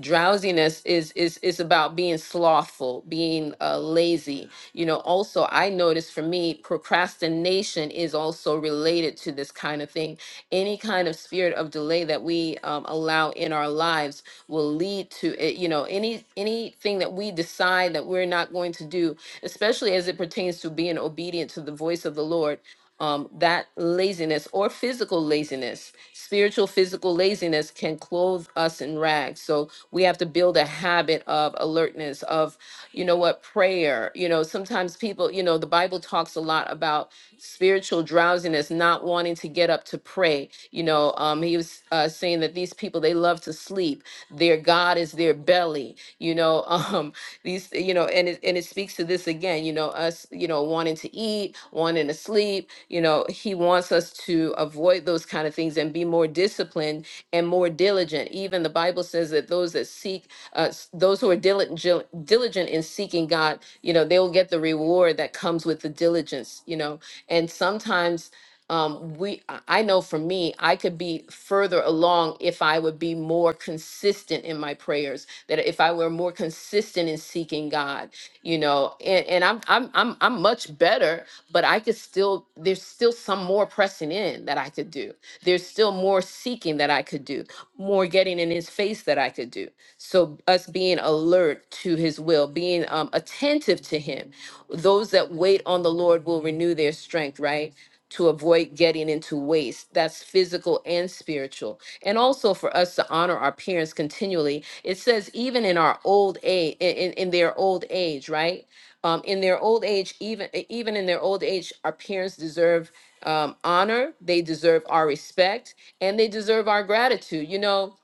Drowsiness is is is about being slothful, being uh, lazy. You know, also I noticed for me, procrastination is also related to this kind of thing. Any kind of spirit of delay that we um, allow in our lives will lead to it. You know, any anything that we decide that we're not going to do, especially as it pertains to being obedient to the voice of the Lord um, that laziness or physical laziness. Spiritual, physical laziness can clothe us in rags. So we have to build a habit of alertness, of, you know what, prayer. You know, sometimes people, you know, the Bible talks a lot about spiritual drowsiness, not wanting to get up to pray. You know, um, he was uh, saying that these people, they love to sleep. Their God is their belly. You know, (laughs) um, these you know and it, and it speaks to this again you know us you know wanting to eat wanting to sleep you know he wants us to avoid those kind of things and be more disciplined and more diligent even the bible says that those that seek uh, s- those who are diligent diligent in seeking god you know they will get the reward that comes with the diligence you know and sometimes um, we i I know for me i could be further along if i would be more consistent in my prayers that if i were more consistent in seeking god you know and, and i'm i'm i'm, I'm much better but I could still, there's still some more pressing in that I could do. There's still more seeking that I could do, more getting in his face that I could do. So, us being alert to his will, being um, attentive to him. Those that wait on the Lord will renew their strength, right? To avoid getting into waste. That's physical and spiritual. And also for us to honor our parents continually. It says, even in our old age, in, in in their old age, right? um, in their old age, even e, even in their old age, our parents deserve um, honor. They deserve our respect, and they deserve our gratitude. You know,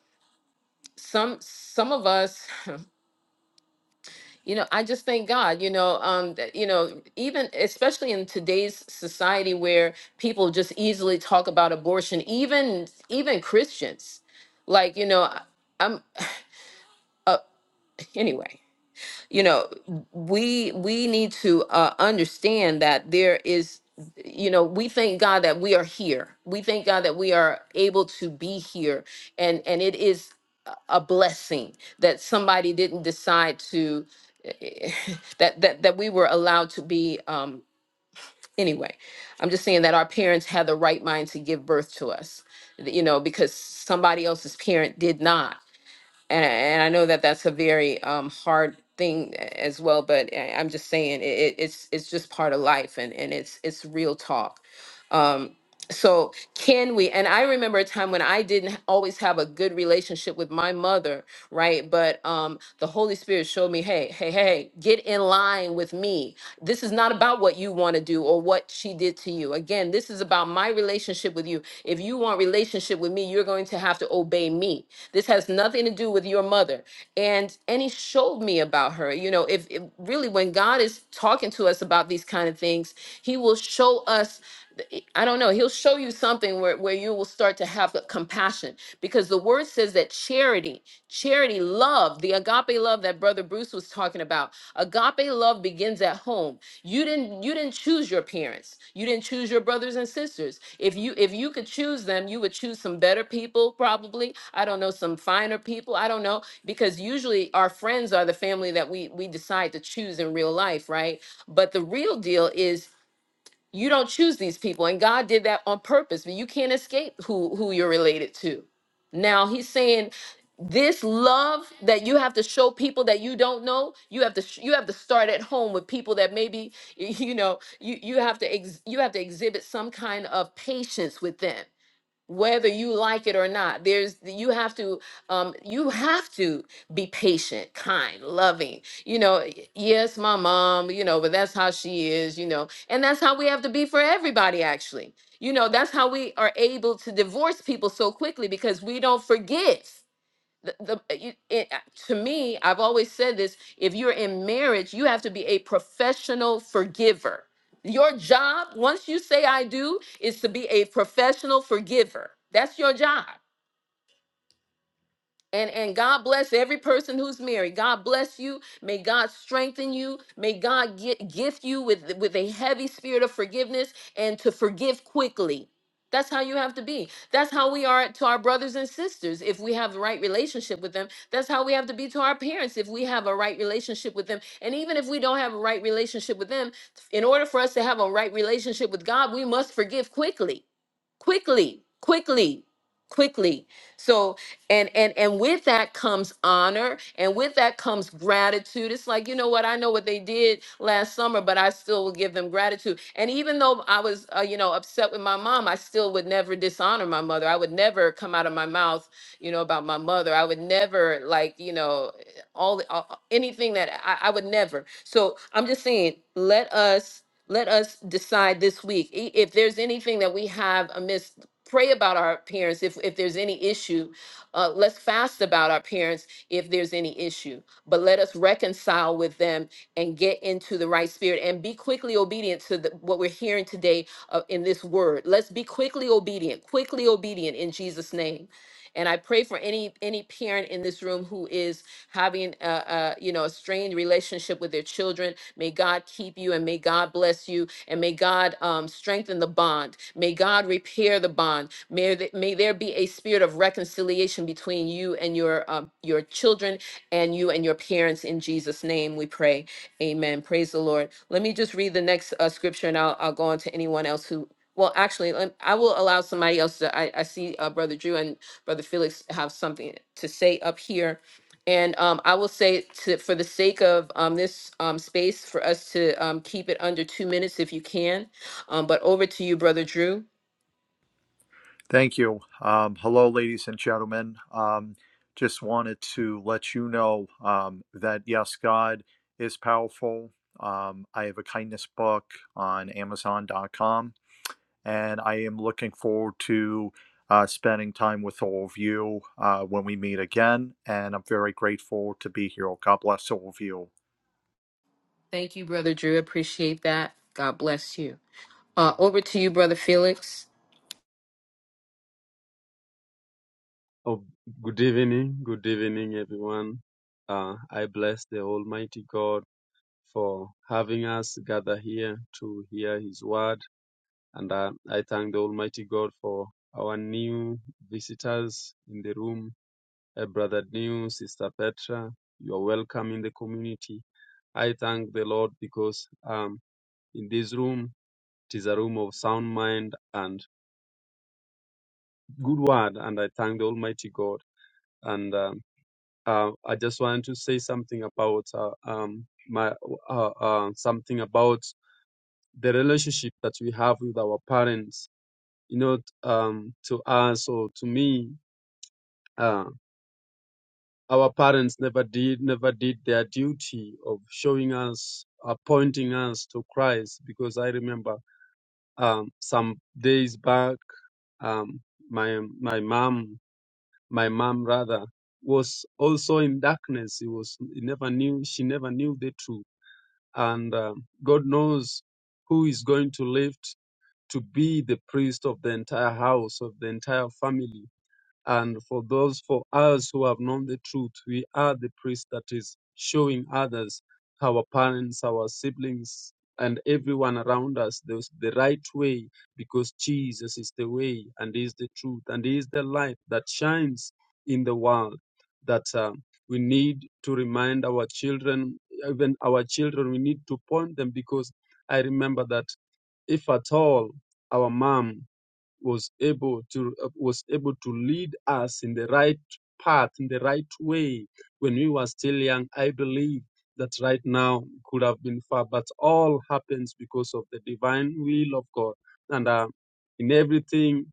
some some of us, (laughs) you know, I just thank God. You know, um, that, you know, even especially in today's society where people just easily talk about abortion, even even Christians, like you know, I- I'm uh, (laughs) anyway. you know we we need to uh, understand that there is you know we thank god that we are here we thank god that we are able to be here and and it is a a blessing that somebody didn't decide to (laughs) that that that we were allowed to be um anyway i'm just saying that our parents had the right mind to give birth to us you know because somebody else's parent did not and and I know that that's a very um, hard thing a- as well. But I- I'm just saying it, it- it's it's just part of life, and and it's it's real talk. Um, so can we? And I remember a time when I didn't always have a good relationship with my mother, right? But um, the Holy Spirit showed me, hey, hey, hey, hey, get in line with me. This is not about what you want to do or what she did to you. Again, this is about my relationship with you. If you want relationship with me, you're going to have to obey me this has nothing to do with your mother. And and he showed me about her. You know, if, if really when God is talking to us about these kind of things, he will show us th- I don't know, he'll show you something where, where you will start to have the compassion because the word says that charity, charity, love, the agape love that Brother Bruce was talking about, agape love begins at home you didn't you didn't choose your parents you didn't choose your brothers and sisters if you if you could choose them you would choose some better people probably i don't know some finer people i don't know because usually our friends are the family that we we decide to choose in real life right but the real deal is you don't choose these people, and God did that on purpose. But you can't escape who who you're related to. Now He's saying this love that you have to show people that you don't know you have to sh- you have to start at home with people that maybe (laughs) you know you you have to ex- you have to exhibit some kind of patience with them whether you like it or not there's you have to um you have to be patient kind loving you know y- yes my mom you know but that's how she is you know and that's how we have to be for everybody actually you know that's how we are able to divorce people so quickly because we don't forget the, the uh, you, it, uh, to me i've always said this if you're in marriage you have to be a professional forgiver your job once you say i do is to be a professional forgiver that's your job and and God bless every person who's married. God bless you. May God strengthen you. May God get, gift you with with a heavy spirit of forgiveness and to forgive quickly. That's how you have to be. That's how we are to our brothers and sisters if we have the right relationship with them. That's how we have to be to our parents if we have a right relationship with them. And even if we don't have a right relationship with them, in order for us to have a right relationship with God, we must forgive quickly quickly quickly quickly so and and and with that comes honor and with that comes gratitude it's like you know what i know what they did last summer but i still will give them gratitude and even though i was uh, you know upset with my mom i still would never dishonor my mother i would never come out of my mouth you know about my mother i would never like you know all, the- all anything that I, I would never so i'm just saying let us let us decide this week. I- If there's anything that we have amiss, pray about our parents. If, if there's any issue, uh, let's fast about our parents if there's any issue. But let us reconcile with them and get into the right spirit and be quickly obedient to the, what we're hearing today uh, in this word. Let's be quickly obedient, quickly obedient in Jesus' name. And I pray for any any parent in this room who is having a, a you know a strained relationship with their children. May God keep you and may God bless you and may God um, strengthen the bond. May God repair the bond. May th- may there be a spirit of reconciliation between you and your um, your children and you and your parents. In Jesus' name, we pray. Amen. Praise the Lord. Let me just read the next uh, scripture, and I'll I'll go on to anyone else who. Well, actually, lem- I will allow somebody else to. I, I see uh, Brother Drew and Brother Felix have something to say up here and um, I will say to, for the sake of um, this um, space, for us to um, keep it under two minutes if you can. Um, but over to you, Brother Drew.
Thank you. Um, hello, ladies and gentlemen. Um, just wanted to let you know um, that yes, God is powerful. Um, I have a kindness book on Amazon.com, and I am looking forward to uh, spending time with all of you uh, when we meet again. And I'm very grateful to be here. God bless all of you.
Thank you, Brother Drew. Appreciate that. God bless you. Uh, over to you, Brother Felix.
Oh, good evening, good evening, everyone. Uh, I bless the Almighty God for having us gather here to hear His word, and uh, I thank the Almighty God for our new visitors in the room, uh, Brother New, Sister Petra. You are welcome in the community. I thank the Lord because um, in this room it is a room of sound mind and good word, and I thank the Almighty God. And uh, Uh, I just want to say something about uh, um, my uh, uh, something about the relationship that we have with our parents. You know, um, to us or to me, uh, our parents never did never did their duty of showing us, uh, pointing us to Christ. Because I remember um, some days back, um, my my mom, my mom rather was also in darkness. It was he never knew she never knew the truth and um, God knows who is going to lift to be the priest of the entire house, of the entire family. And for those, for us who have known the truth, we are the priest that is showing others, our parents, our siblings, and everyone around us the, the right way because Jesus is the way and He is the truth and He is the light that shines in the world. That uh, we need to remind our children, even our children, we need to point them because I remember that if at all our mom was able to uh, was able to lead us in the right path in the right way when we were still young i believe that right now could have been far but all happens because of the divine will of god and uh, in everything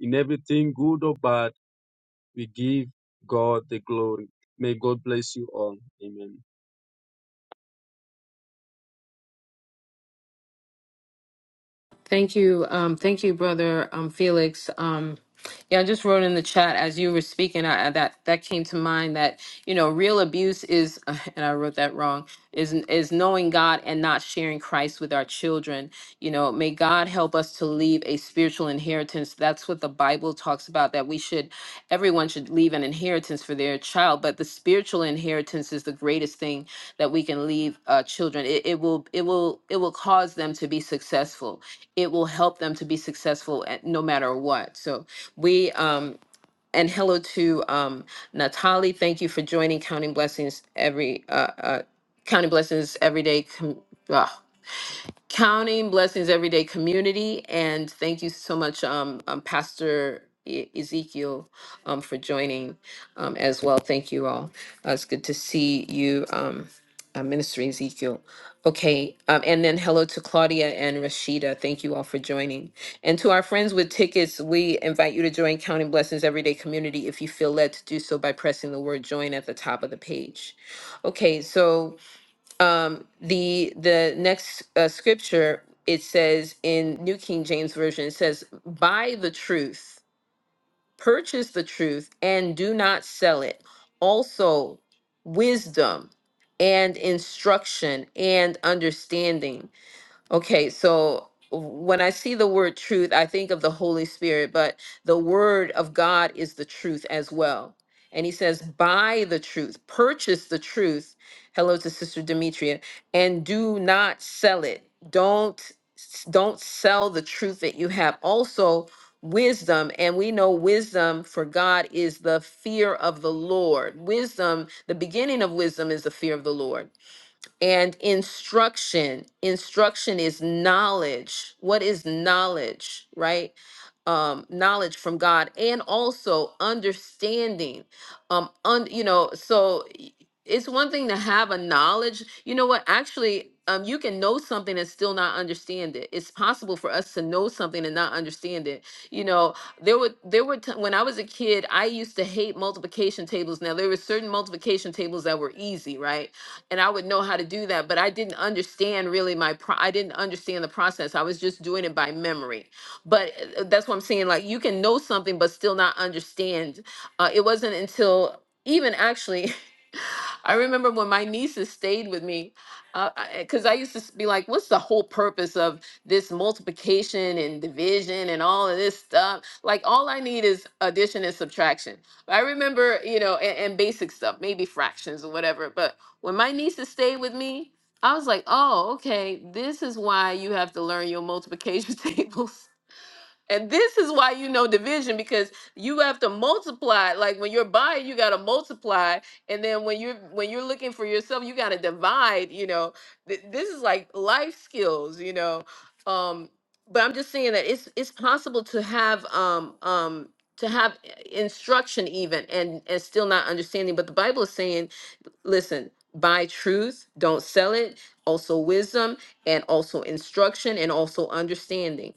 in everything good or bad we give god the glory may god bless you all amen
Thank you. Um, thank you, brother um, Felix. Um, yeah, I just wrote in the chat as you were speaking I, I- that that came to mind that you know real abuse is (laughs) and I wrote that wrong is is knowing God and not sharing Christ with our children. You know, may God help us to leave a spiritual inheritance. That's what the Bible talks about that we should everyone should leave an inheritance for their child, but the spiritual inheritance is the greatest thing that we can leave uh, children. It, it will it will it will cause them to be successful it will help them to be successful at no matter what. So we um and hello to um Natali. Thank you for joining Counting Blessings every uh, uh Counting Blessings everyday com- Counting Blessings Everyday Community. And thank you so much, um, um, Pastor E- Ezekiel, um, for joining um, as well. Thank you all. Uh, it's good to see you, um, uh, Minister Ezekiel. Okay, um, and then hello to Claudia and Rashida. Thank you all for joining. And to our friends with tickets, we invite you to join Counting Blessings Everyday Community if you feel led to do so by pressing the word join at the top of the page. Okay, so um the the next uh, scripture it says in new king james version it says buy the truth purchase the truth and do not sell it also wisdom and instruction and understanding Okay, so when I see the word truth, I think of the Holy Spirit, but the word of God is the truth as well. And he says, buy the truth, purchase the truth. Hello to Sister Demetria, and do not sell it. Don't don't sell the truth that you have. Also, wisdom, and we know wisdom for God is the fear of the Lord. Wisdom, the beginning of wisdom is the fear of the Lord. And instruction, instruction is knowledge. What is knowledge, right? Um, knowledge from God and also understanding. Um, un, you know, so y- it's one thing to have a knowledge. You know what? Actually, um, you can know something and still not understand it. It's possible for us to know something and not understand it. You know, there were there were t- when I was a kid, I used to hate multiplication tables. Now there were certain multiplication tables that were easy, right? and I would know how to do that. But I didn't understand really my pro- I didn't understand the process. I was just doing it by memory. But uh, that's what I'm saying. Like you can know something but still not understand. Uh, it wasn't until even actually. (laughs) I remember when my nieces stayed with me, because I, 'cause I used to s- be like, "What's the whole purpose of this multiplication and division and all of this stuff? Like, all I need is addition and subtraction." I remember, you know, and, and basic stuff, maybe fractions or whatever. But when my nieces stayed with me, I was like, oh, okay, this is why you have to learn your multiplication (laughs) tables. And this is why you know division because you have to multiply. Like when you're buying, you gotta multiply, and then when you're when you're looking for yourself, you gotta divide. You know, Th- this is like life skills. You know, um, but I'm just saying that it's it's possible to have um um to have eh, instruction even and and still not understanding. But the Bible is saying Listen, buy truth, don't sell it, also wisdom, and also instruction, and also understanding.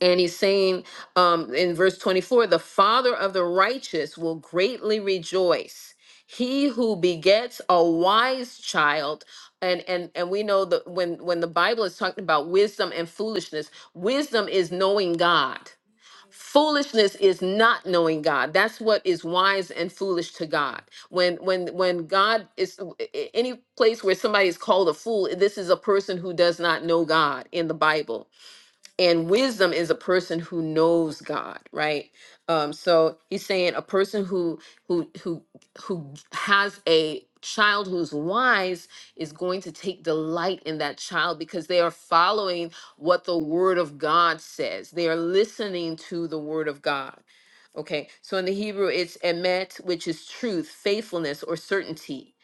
And he's saying um, in verse 24, the father of the righteous will greatly rejoice. He who begets a wise child, and and and we know that when when the Bible is talking about wisdom and foolishness, wisdom is knowing God foolishness is not knowing god that's what is wise and foolish to god when when when god is a- any place where somebody is called a fool this is a person who does not know god in the bible and wisdom is a person who knows god right um so he's saying a person who who who who has a child who's wise is going to take delight in that child because they are following what the word of god says they are listening to the word of god okay so in the hebrew it's emet which is truth faithfulness or certainty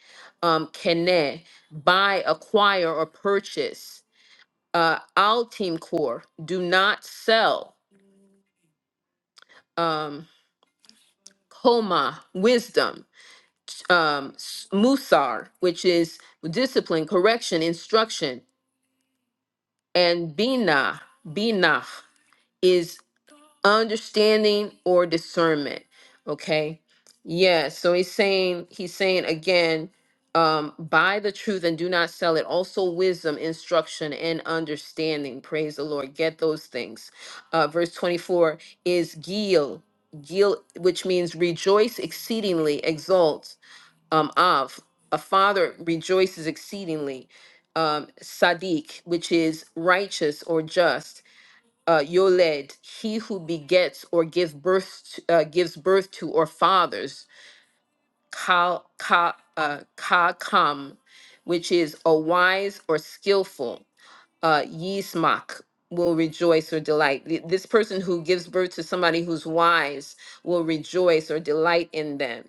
um kene buy acquire or purchase uh, Our team core Do not sell um, Koma, wisdom, um, s- Musar, which is discipline, correction, instruction, and Bina, Bina. is. understanding or discernment okay yeah so he's saying he's saying again um buy the truth and do not sell it also wisdom instruction and understanding praise the lord get those things uh verse 24 is gil gil which means rejoice exceedingly exult um av, a father rejoices exceedingly um sadiq which is righteous or just uh, Yoled, he who begets or give birth to, uh, gives birth to or fathers, ka, ka, uh, ka kam, which is a wise or skillful uh, Yismach will rejoice or delight. Th- This person who gives birth to somebody who's wise will rejoice or delight in them.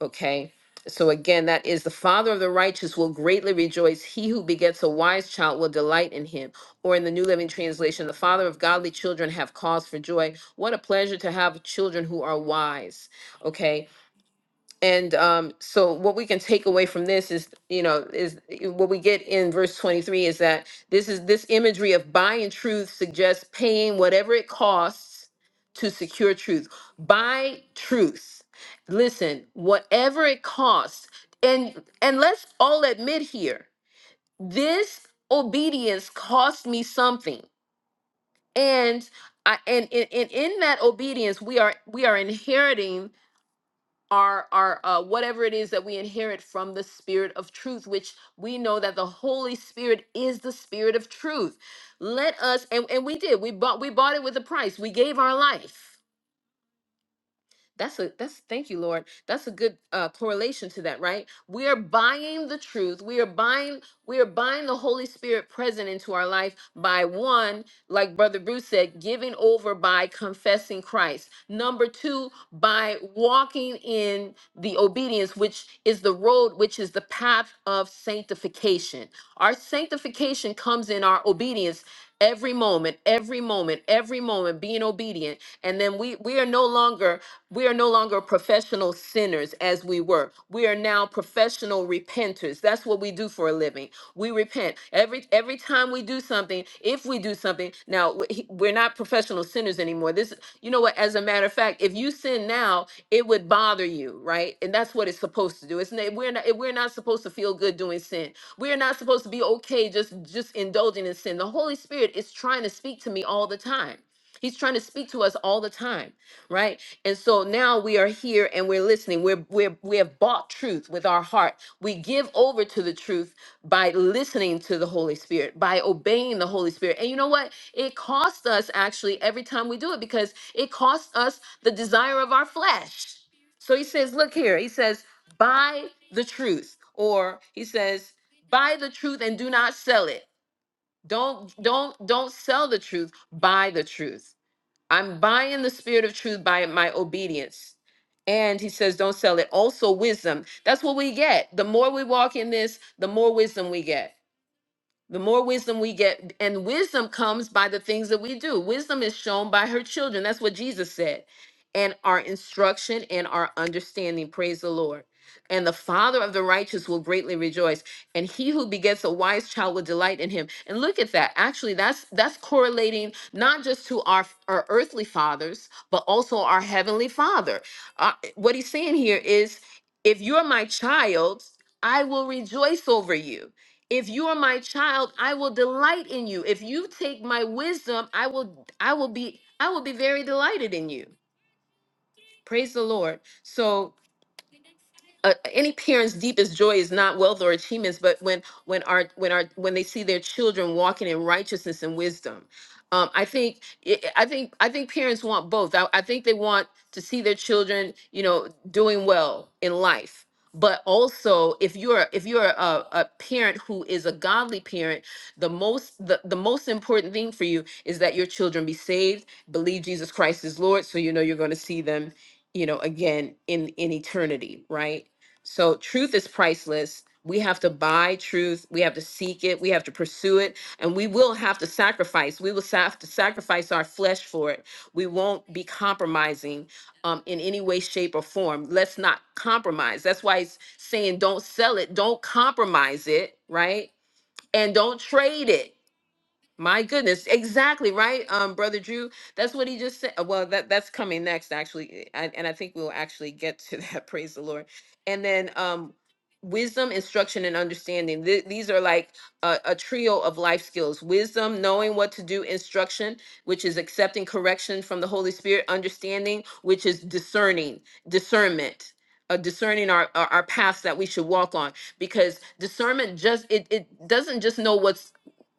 Okay. So again, that is the father of the righteous will greatly rejoice. He who begets a wise child will delight in him. Or in the New Living Translation, the father of godly children have cause for joy. What a pleasure to have children who are wise. Okay and um, so what we can take away from this is, you know, is eh, what we get in verse 23 is that this is this imagery of buying truth suggests paying whatever it costs to secure truth. Buy truth. Listen, whatever it costs. And and let's all admit here, this obedience cost me something. And I and, in in in that obedience, we are we are inheriting our our uh, whatever it is that we inherit from the spirit of truth which we know that the holy spirit is the spirit of truth let us and, and we did we bought we bought it with a price we gave our life that's a that's thank you, Lord. That's a good uh, correlation to that, right? We are buying the truth. We are buying we are buying the Holy Spirit present into our life by one, like Brother Bruce said, giving over by confessing Christ. Number two, by walking in the obedience, which is the road, which is the path of sanctification. Our sanctification comes in our obedience every moment every moment every moment being obedient and then we we are no longer we are no longer professional sinners as we were. We are now professional repenters. That's what we do for a living. We repent every every time we do something. If we do something now, w- he- we're not professional sinners anymore. This, you know what? As a matter of fact, if you sin now, it would bother you, right? And that's what it's supposed to do. It's not, we're not we're not supposed to feel good doing sin. We're not supposed to be okay just just indulging in sin. The Holy Spirit is trying to speak to me all the time. He's trying to speak to us all the time right? And so now we are here and we're listening. We're we're we have bought truth with our heart. We give over to the truth by listening to the Holy Spirit, by obeying the Holy Spirit. And you know what? It costs us actually every time we do it because it costs us the desire of our flesh. So he says, look here. He says, buy the truth. Or he says, buy the truth and do not sell it. Don't don't don't sell the truth, buy the truth. I'm buying the spirit of truth by my obedience. And he says, don't sell it. Also, wisdom. That's what we get. The more we walk in this, the more wisdom we get. The more wisdom we get, and wisdom comes by the things that we do. Wisdom is shown by her children. That's what Jesus said. And our instruction and our understanding. Praise the Lord. And the father of the righteous will greatly rejoice. And he who begets a wise child will delight in him. And look at that. Actually, that's that's correlating not just to our, our earthly fathers, but also our heavenly father. Uh, what he's saying here is if you're my child, I will rejoice over you if you are my child i will delight in you if you take my wisdom i will i will be i will be very delighted in you praise the lord so uh, any parent's deepest joy is not wealth or achievements, but when when our when our when they see their children walking in righteousness and wisdom. Um, I think I I think I think parents want both. I, I think they want to see their children, you know, doing well in life. But also, if you're if you're a, a parent who is a godly parent, the most the, the most important thing for you is that your children be saved, believe Jesus Christ is Lord, so you know you're going to see them you know again in in eternity right so truth is priceless. We have to buy truth. We have to seek it. We have to pursue it. And we will have to sacrifice. We will sa- have to sacrifice our flesh for it. We won't be compromising um, in any way, shape, or form. Let's not compromise. That's why it's saying don't sell it, don't compromise it, right? And don't trade it my goodness, exactly right, um, brother Drew. That's what he just said. uh, Well, that that's coming next, actually, I, and I think we'll actually get to that. (laughs) Praise the Lord. And then, um, wisdom, instruction, and understanding. Th- these are like a, a trio of life skills: wisdom, knowing what to do; instruction, which is accepting correction from the Holy Spirit; understanding, which is discerning, discernment. Uh, discerning our, our our paths that we should walk on because discernment just it, it doesn't just know what's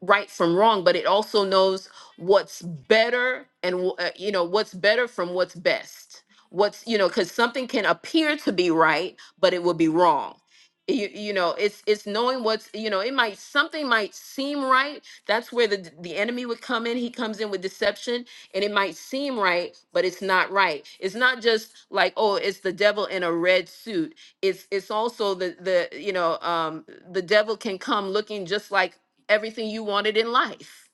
right from wrong, but it also knows what's better and wh- uh, you know what's better from what's best. What's you know because something can appear to be right, but it will be wrong. You, you know it's it's knowing what's you know it might something might seem right that's where the d- the enemy would come in he comes in with deception and it might seem right but it's not right it's not just like oh it's the devil in a red suit it's it's also the the you know um the devil can come looking just like everything you wanted in life.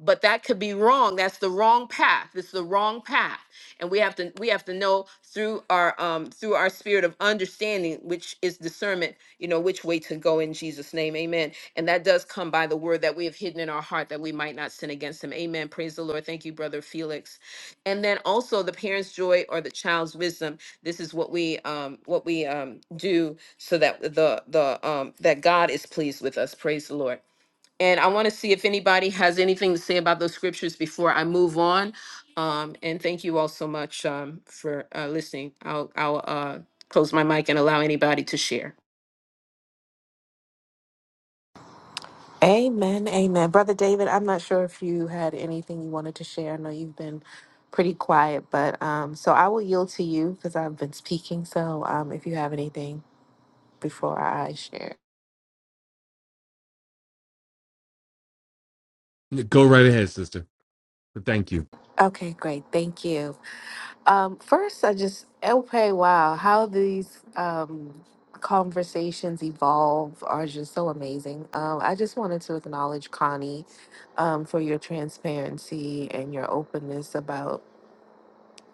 But that could be wrong. That's the wrong path. It's the wrong path. And we have to we have to know through our um through our spirit of understanding, which is discernment, you know, which way to go in Jesus' name. Amen. And that does come by the word that we have hidden in our heart that we might not sin against him. Amen. Praise the Lord. Thank you, brother Felix. And then also the parent's joy or the child's wisdom. This is what we um what we um do so that the the um that God is pleased with us. Praise the Lord. And I want to see if anybody has anything to say about those scriptures before I move on. Um, and thank you all so much um, for uh, listening. I'll, I'll uh, close my mic and allow anybody to share.
Amen. Amen. Brother David, I'm not sure if you had anything you wanted to share. I know you've been pretty quiet, but um, so I will yield to you because I've been speaking. So um, if you have anything before I share.
Go right ahead, Sister. Thank you.
Okay, great. Thank you. Um, first, I just, okay, wow, how these um, conversations evolve are just so amazing. Um, I just wanted to acknowledge Connie um, for your transparency and your openness about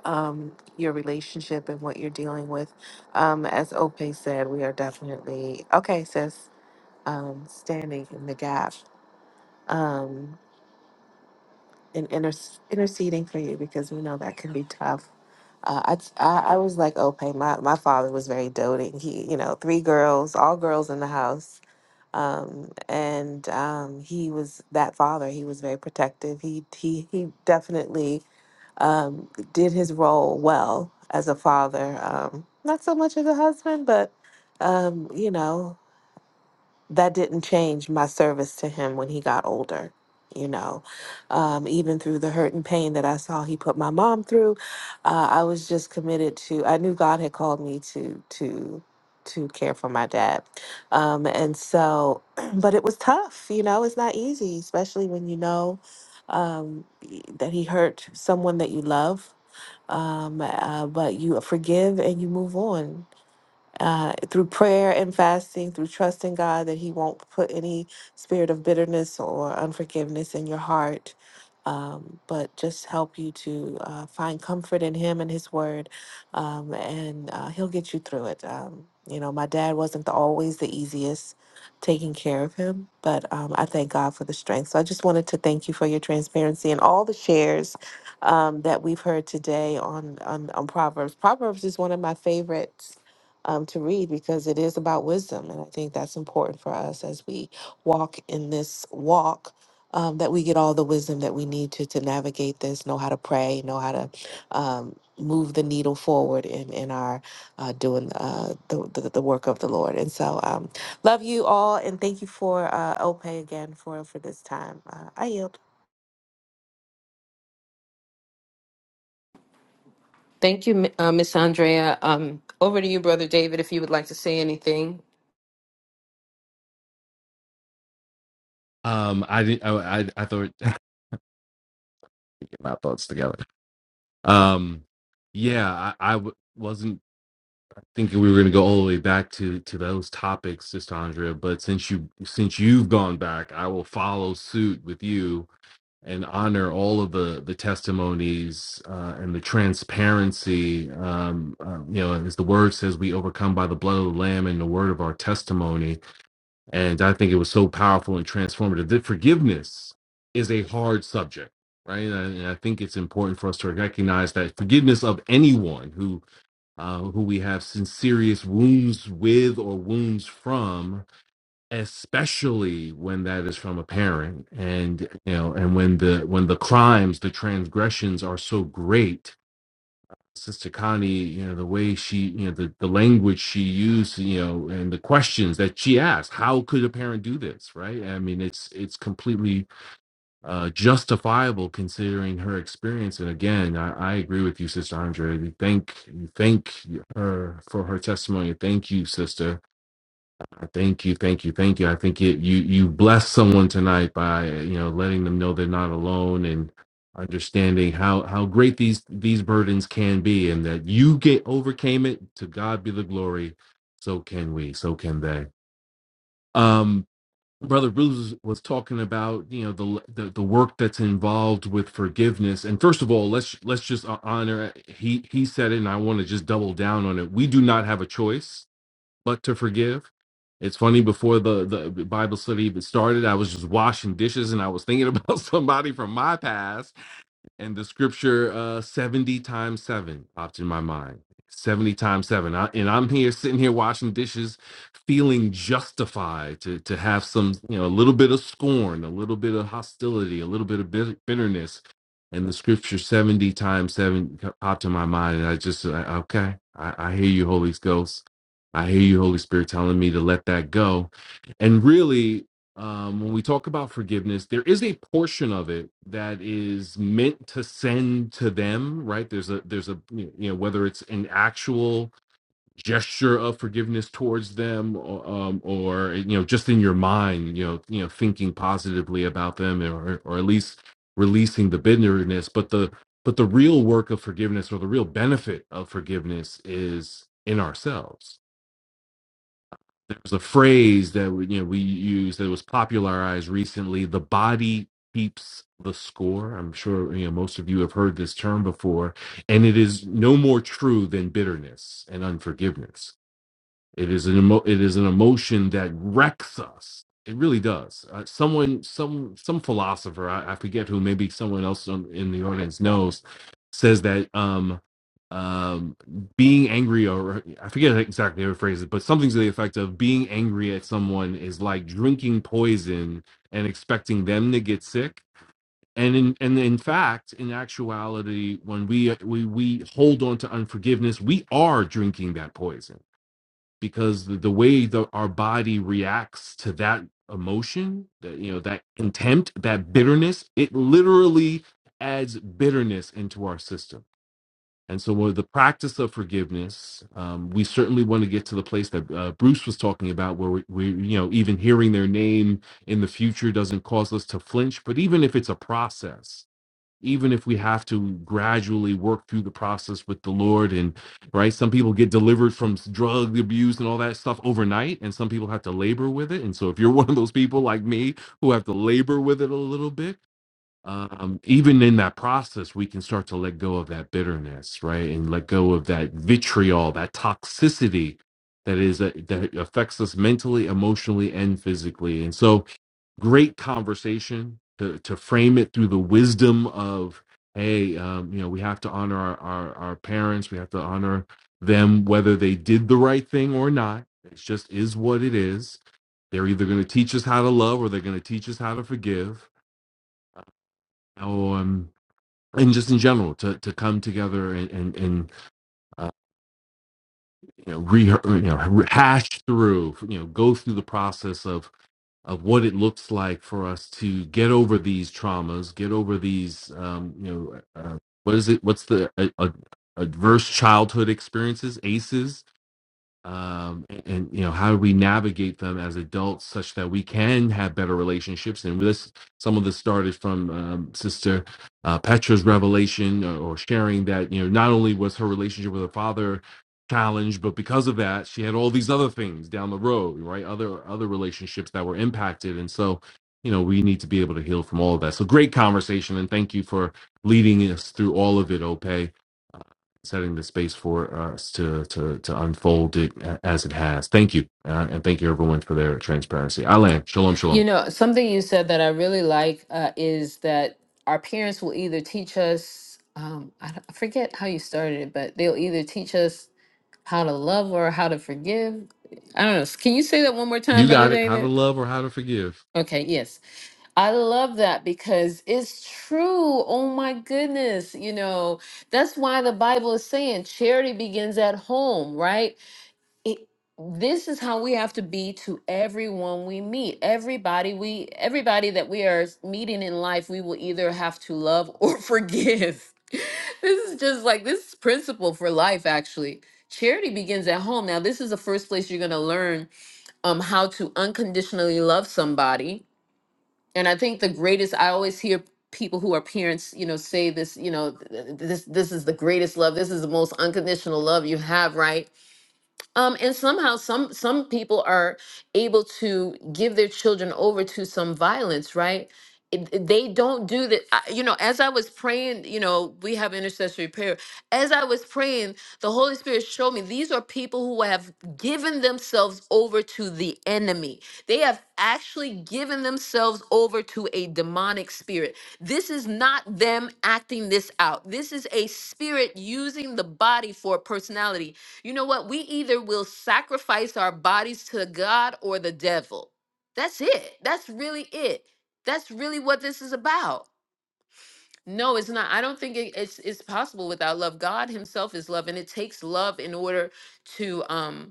um, your relationship and what you're dealing with. Um, as Ope said, we are definitely, okay, sis, um, standing in the gap um, and inter- interceding for you because we know that can be tough Uh, I, t- I I was like, okay, my, my father was very doting. He, you know, three girls, all girls in the house. Um, and um, he was that father. He was very protective. He he he definitely um, did his role well as a father. Um, not so much as a husband, but um, you know that didn't change my service to him when he got older. You know, um, even through the hurt and pain that I saw he put my mom through, uh, I was just committed to. I knew God had called me to to to care for my dad, um, and so. (clears throat) But it was tough. You know, it's not easy, especially when you know um, that he hurt someone that you love. Um, uh, but you forgive and you move on uh, through prayer and fasting, through trusting God that He won't put any spirit of bitterness or unforgiveness in your heart, um, but just help you to uh, find comfort in Him and His Word, um, and uh, He'll get you through it. Um, you know, my dad wasn't the, always the easiest taking care of him, but um, I thank God for the strength. So I just wanted to thank you for your transparency and all the shares um, that we've heard today on, on on Proverbs. Proverbs is one of my favorites um, to read because it is about wisdom. And I think that's important for us as we walk in this walk. Um, that we get all the wisdom that we need to to navigate this, know how to pray, know how to um, move the needle forward in in our uh, doing uh, the, the the work of the Lord. And so, um, love you all, and thank you for uh, Ope again for for this time. Uh, I yield.
Thank you, Mi- uh, Miss Andrea. Um, over to you, Brother David, if you would like to say anything.
Um, I didn't. I I, I thought (laughs) get my thoughts together. Um, yeah, I I w- wasn't. thinking we were going to go all the way back to to those topics, Sister Andrea. But since you since you've gone back, I will follow suit with you and honor all of the the testimonies uh, and the transparency. Um, uh, you know, as the word says, we overcome by the blood of the lamb and the word of our testimony. And I think it was so powerful and transformative. That forgiveness is a hard subject. Right, and I, and I think it's important for us to recognize that forgiveness of anyone who uh, who we have some serious wounds with or wounds from, especially when that is from a parent, and you know, and when the when the crimes, the transgressions are so great. Sister Connie, you know, the way she, you know, the, the language she used, you know, and the questions that she asked, how could a parent do this? Right. I mean, it's, it's completely uh, justifiable considering her experience. And again, I, I agree with you, Sister Andrea. We Thank you, thank her for her testimony. Thank you, Sister. I Thank you, thank you, thank you. I think it, you you bless someone tonight by you know letting them know they're not alone and understanding how how great these these burdens can be and that you get overcame it. To God be the glory. So can we. So can they. Um, brother bruce was, talking about you know the, the the work that's involved with forgiveness and first of all let's let's just honor he he said it and i want to just double down on it we do not have a choice but to forgive it's funny before the the bible study even started i was just washing dishes and i was thinking about (laughs) somebody from my past and the scripture uh 70 times 7 popped in my mind 70 times 7 I, and i'm here sitting here washing dishes feeling justified to to have some you know a little bit of scorn a little bit of hostility a little bit of bit- bitterness and the scripture 70 times 7 co- popped in my mind and i just I, okay I, I hear you holy ghost i hear you holy spirit telling me to let that go and really um, when we talk about forgiveness, there is a portion of it that is meant to send to them, right? There's a there's a you know whether it's an actual gesture of forgiveness towards them, or, um, or you know just in your mind, you know you know thinking positively about them, or or at least releasing the bitterness. But the but the real work of forgiveness, or the real benefit of forgiveness, is in ourselves there's a phrase that we, you know we use that was popularized recently the body keeps the score i'm sure you know most of you have heard this term before and it is no more true than bitterness and unforgiveness it is an emo- it is an emotion that wrecks us. It really does. Uh, someone, some some philosopher, I, I forget who, maybe someone else on, in the audience knows, says that um, um, being angry or I forget exactly how to phrase it, but something to the effect of being angry at someone is like drinking poison and expecting them to get sick. And in and in fact, in actuality, when we we we hold on to unforgiveness, we are drinking that poison because the, the way that our body reacts to that emotion that you know that contempt that bitterness it literally adds bitterness into our system and so with the practice of forgiveness um, we certainly want to get to the place that uh, bruce was talking about where we, we you know even hearing their name in the future doesn't cause us to flinch but even if it's a process even if we have to gradually work through the process with the Lord. And right, some people get delivered from drug abuse and all that stuff overnight, and some people have to labor with it. And so, if you're (laughs) one of those people like me who have to labor with it a little bit, um, even in that process, we can start to let go of that bitterness, right, and let go of that vitriol, that toxicity that is uh, that affects us mentally, emotionally, and physically. And so, great conversation to, to frame it through the wisdom of hey um, you know we have to honor our, our our parents we have to honor them whether they did the right thing or not it just is what it is they're either going to teach us how to love or they're going to teach us how to forgive um, and just in general to, to come together and and, and uh, you know, re- you know hash through you know go through the process of of what it looks like for us to get over these traumas, get over these, um, you know, uh, what is it? What's the uh, uh, adverse childhood experiences? ACEs um, and, and, you know how do we navigate them as adults such that we can have better relationships and this some of this started from um, sister uh, petra's revelation or, or sharing that you know not only was her relationship with her father challenged but because of that she had all these other things down the road right other other relationships that were impacted and so you know we need to be able to heal from all of that so great conversation and thank you for leading us through all of it ope setting the space for us to to to unfold it a- as it has. Thank you, uh, and thank you everyone for their transparency. Alan, shalom,
You
shalom.
know, something you said that I really like uh, is that our parents will either teach us, um, I, don't- I forget how you started it, but they'll either teach us how to love or how to forgive. I don't know. Can you say that one more time,
You
Brother
got it. How to
David?
love or how to forgive.
Okay, yes. I love that because it's true. Oh my goodness. You know, that's why the Bible is saying charity begins at home, right? It, this is how we have to be to everyone we meet. Everybody we everybody that we are meeting in life, we will either have to love or (laughs) forgive. this is just like this is principle for life actually. Charity begins at home. Now, this is the first place you're going to learn um how to unconditionally love somebody and I think the greatest I always hear people who are parents, you know, say this, you know, th- th- this this is the greatest love. This is the most unconditional love you have, right? um, and somehow some some people are able to give their children over to some violence right It- it- they don't do that I- you know as i was praying you know we have intercessory prayer as i was praying the holy spirit showed me these are people who have given themselves over to the enemy they have actually given themselves over to a demonic spirit this is not them acting this out this is a spirit using the body for personality you know what? We either will sacrifice our bodies to God or the devil. That's it. That's really it. That's really what this is about. No, it's not. I don't think it- it's it's possible without love. God Himself is love, and it takes love in order to um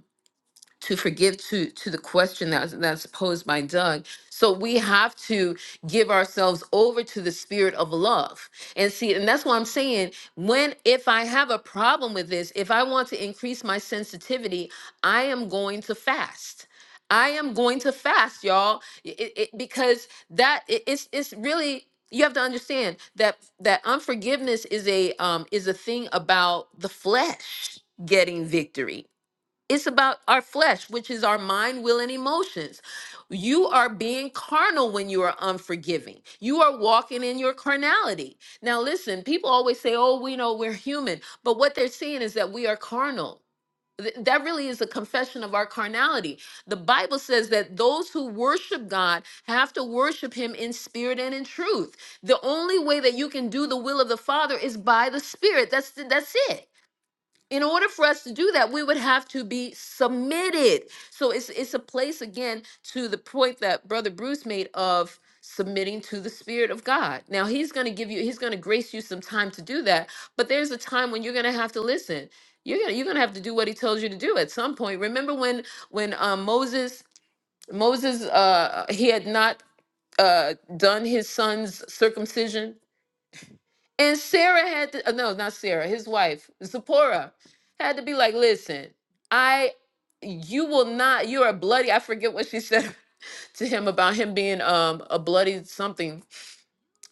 to forgive to to the question that's that's posed by Doug. So we have to give ourselves over to the spirit of love. And see, and that's why I'm saying when if I have a problem with this, if I want to increase my sensitivity, I am going to fast. I am going to fast, y'all, I- I- I- because that i- it's it's really you have to understand that that unforgiveness is a um is a thing about the flesh getting victory it's about our flesh, which is our mind, will, and emotions. You are being carnal when you are unforgiving. You are walking in your carnality. Now, listen, people always say, oh, we know we're human. But what they're seeing is that we are carnal. Th- That really is a confession of our carnality. The Bible says that those who worship God have to worship Him in spirit and in truth. The only way that you can do the will of the Father is by the Spirit. That's that's it in order for us to do that we would have to be submitted so it's it's a place again to the point that brother bruce made of submitting to the spirit of god now he's going to give you he's going to grace you some time to do that but there's a time when you're going to have to listen you're going to you're going to have to do what he tells you to do at some point remember when when um, moses moses uh he had not uh done his son's circumcision and Sarah had to, uh, no, not Sarah, his wife, Zipporah, had to be like, listen, I, you will not, you are bloody. I forget what she said (laughs) to him about him being um a bloody something.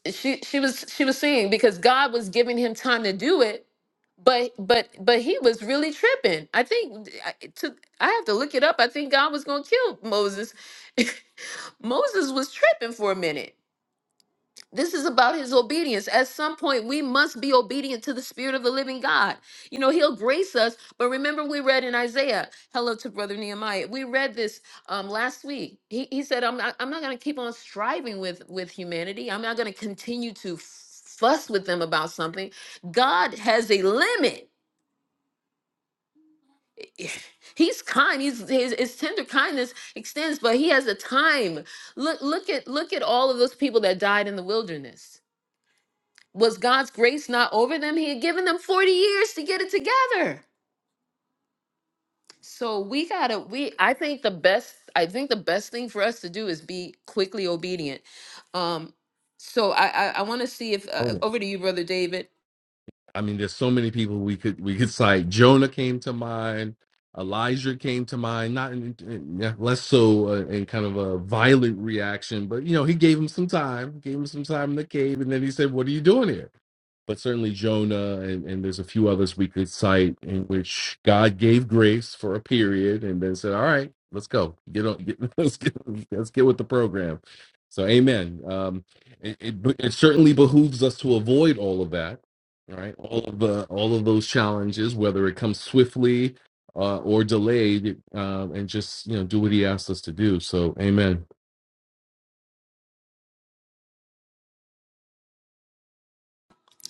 She she was she was saying because God was giving him time to do it, but but but he was really tripping. I think I- to I have to look it up. I think God was gonna kill Moses. (laughs) Moses was tripping for a minute this is about his obedience. At some point, we must be obedient to the Spirit of the living God. You know, he'll grace us. But remember, we read in Isaiah, hello to Brother Nehemiah. We read this um, last week. He, he said, I'm not, I'm not going to keep on striving with, with humanity. I'm not going to continue to fuss with them about something. God has a limit. (sighs) He's kind. He's, his, his tender kindness extends, but he has a time. Look, look at look at all of those people that died in the wilderness Was God's grace not over them? He had given them 40 years to get it together. So we gotta, we I think the best, I think the best thing for us to do is be quickly obedient. Um, so I I, I want to see if uh,
Jonah.
over to you, brother David.
I mean, there's so many people we could we could cite. Jonah came to mind. Elijah came to mind. Not in, in- yeah, less so uh, in kind of a violent reaction, but you know, he gave him some time. Gave him some time in the cave, and then he said, "What are you doing here?" but certainly Jonah, and, and there's a few others we could cite in which God gave grace for a period, and then said, "All right, let's go, get on, get, (laughs) let's get, let's get with the program." So, Amen. Um, it, it, it certainly behooves us to avoid all of that, right? All of the all of those challenges, whether it comes swiftly uh, or delayed, um, and just you know do what He asked us to do. So, Amen.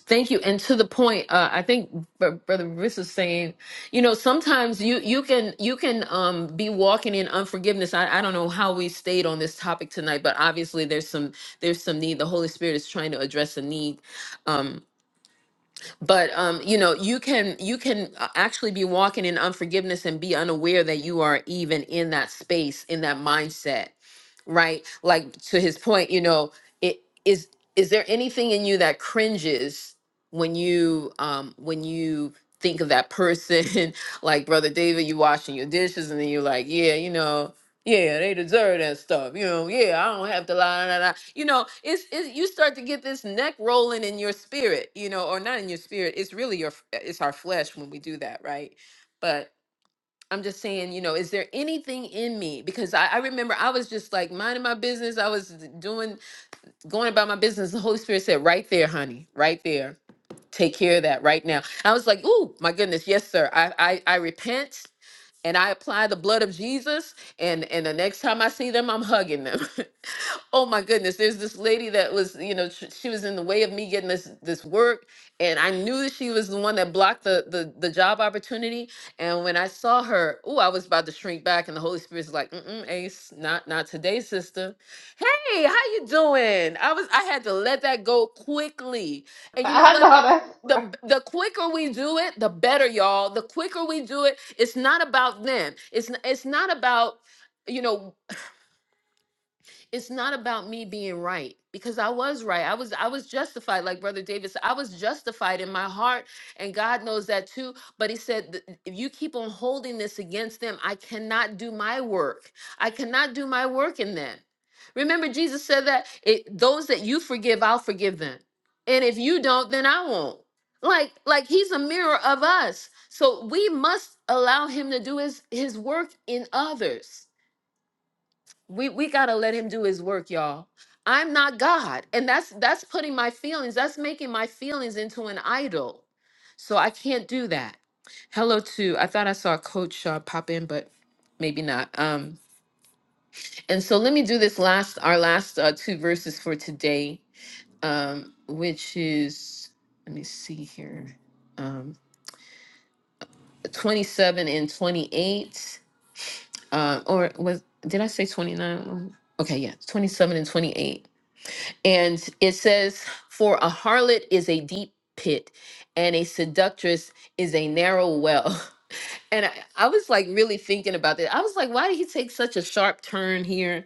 Thank you. And to the point, uh, I think Br- brother Riss is saying, you know, sometimes you you can you can um, be walking in unforgiveness. I, I don't know how we stayed on this topic tonight, but obviously there's some there's some need. The Holy Spirit is trying to address a need. Um, but um you know you can you can uh, actually be walking in unforgiveness and be unaware that you are even in that space in that mindset right like to his point you know it is is there anything in you that cringes when you um when you think of that person (laughs) like brother david you washing your dishes and then you're like yeah you know yeah, they deserve that stuff. You know, yeah, I don't have to lie. Nah, nah. You know, it's, it's you start to get this neck rolling in your spirit, you know, or not in your spirit. It's really your f- it's our flesh when we do that, right? But I'm just saying, you know, is there anything in me? Because I, I remember I was just like minding my business. I was d- doing going about my business. The Holy Spirit said, right there, honey, right there. Take care of that right now. I was like, ooh, my goodness, yes, sir. I I, I repent and I apply the blood of Jesus and and the next time I see them I'm hugging them. (laughs) oh my goodness, there's this lady that was, you know, sh- she was in the way of me getting this this work and I knew that she was the one that blocked the the, the job opportunity and when I saw her, oh, I was about to shrink back and the Holy Spirit's like, "Mm, Ace, not not today, sister. Hey, how you doing? I was I had to let that go quickly.
(laughs)
And you know
I
what?
know that.
the the quicker we do it the better y'all the quicker we do it it's not about them it's n- it's not about you know it's not about me being right because I was right. I was I was justified like brother David said. I was justified in my heart and God knows that too, but he said "Th- if you keep on holding this against them, I cannot do my work. I cannot do my work in them. Remember Jesus said that it, those that you forgive, I'll forgive them. And if you don't, then I won't. Like like he's a mirror of us. So we must allow him to do his his work in others we we got to let him do his work y'all i'm not god and that's that's putting my feelings that's making my feelings into an idol so i can't do that hello to i thought i saw coach uh, pop in but maybe not um and so let me do this last our last uh, two verses for today um which is let me see here um 27 and 28 uh, or was did i say 29 okay yeah 27 and 28 And it says, For a harlot is a deep pit, and a seductress is a narrow well. (laughs) And I, I was like really thinking about that. I was like, why did he take such a sharp turn here?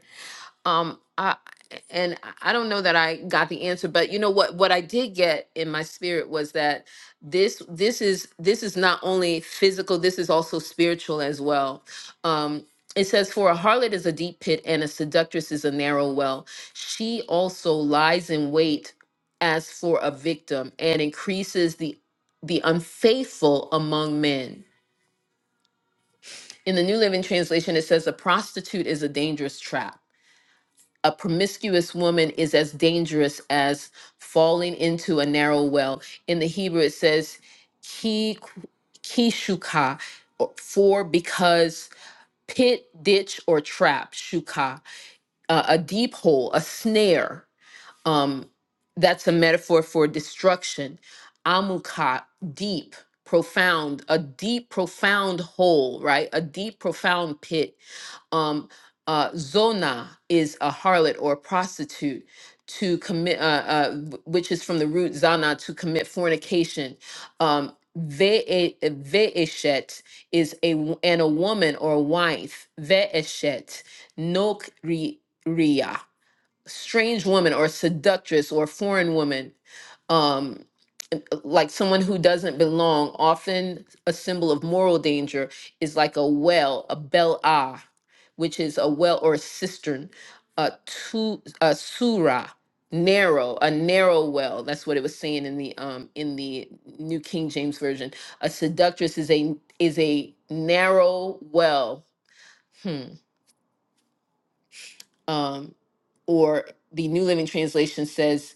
Um, and I I don't know that I got the answer, but you know what what I did get in my spirit was that this this is this is not only physical, this is also spiritual as well. Um it says, For a harlot is a deep pit and a seductress is a narrow well. She also lies in wait as for a victim and increases the the unfaithful among men. In the New Living Translation, it says a prostitute is a dangerous trap a promiscuous woman is as dangerous as falling into a narrow well. In the Hebrew, it says ki kishuka, or- for because pit, ditch, or trap, shuka, uh, a deep hole, a snare. Um, that's a metaphor for destruction. Amuka, deep, profound, a deep, profound hole, right? A deep, profound pit um, uh, zona is a harlot or a prostitute to commit, uh, uh, w- which is from the root zana to commit fornication. Um, ve- ve'eshet is a w- and a woman or a wife. Ve'eshet nok ria strange woman or seductress or foreign woman um like someone who doesn't belong often a symbol of moral danger is like a well a bel ah which is a well or a cistern a tu a surah narrow a narrow well that's what it was saying in the um in the new king james version a seductress is a is a narrow well Hmm um, or the New Living Translation says,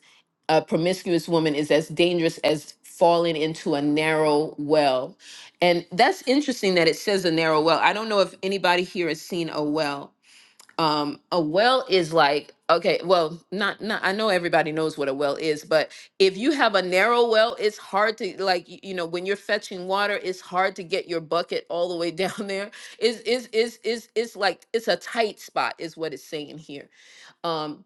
a promiscuous woman is as dangerous as falling into a narrow well. And that's interesting that it says a narrow well. I don't know if anybody here has seen a well. Um, a well is like, okay, well, not, not, I know everybody knows what a well is, but if you have a narrow well, it's hard to, like, y- you know, when you're fetching water, it's hard to get your bucket all the way down (laughs) there. It's, it's, it's, it's, it's like, it's a tight spot, is what it's saying here um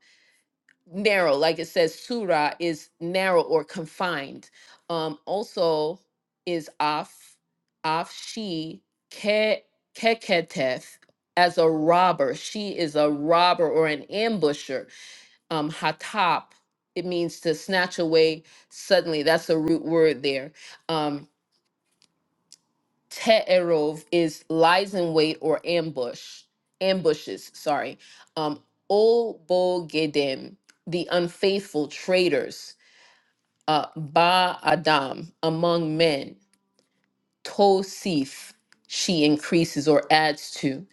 narrow like it says surah is narrow or confined um also is af af she ke keketeth as a robber she is a robber or an ambusher um hatap it means to snatch away suddenly that's the root word there Um Te'erov is lies in wait or ambush, ambushes, sorry. Um, O Bogedem, the unfaithful traitors, uh, Ba Adam, among men. Tosif she increases or adds to.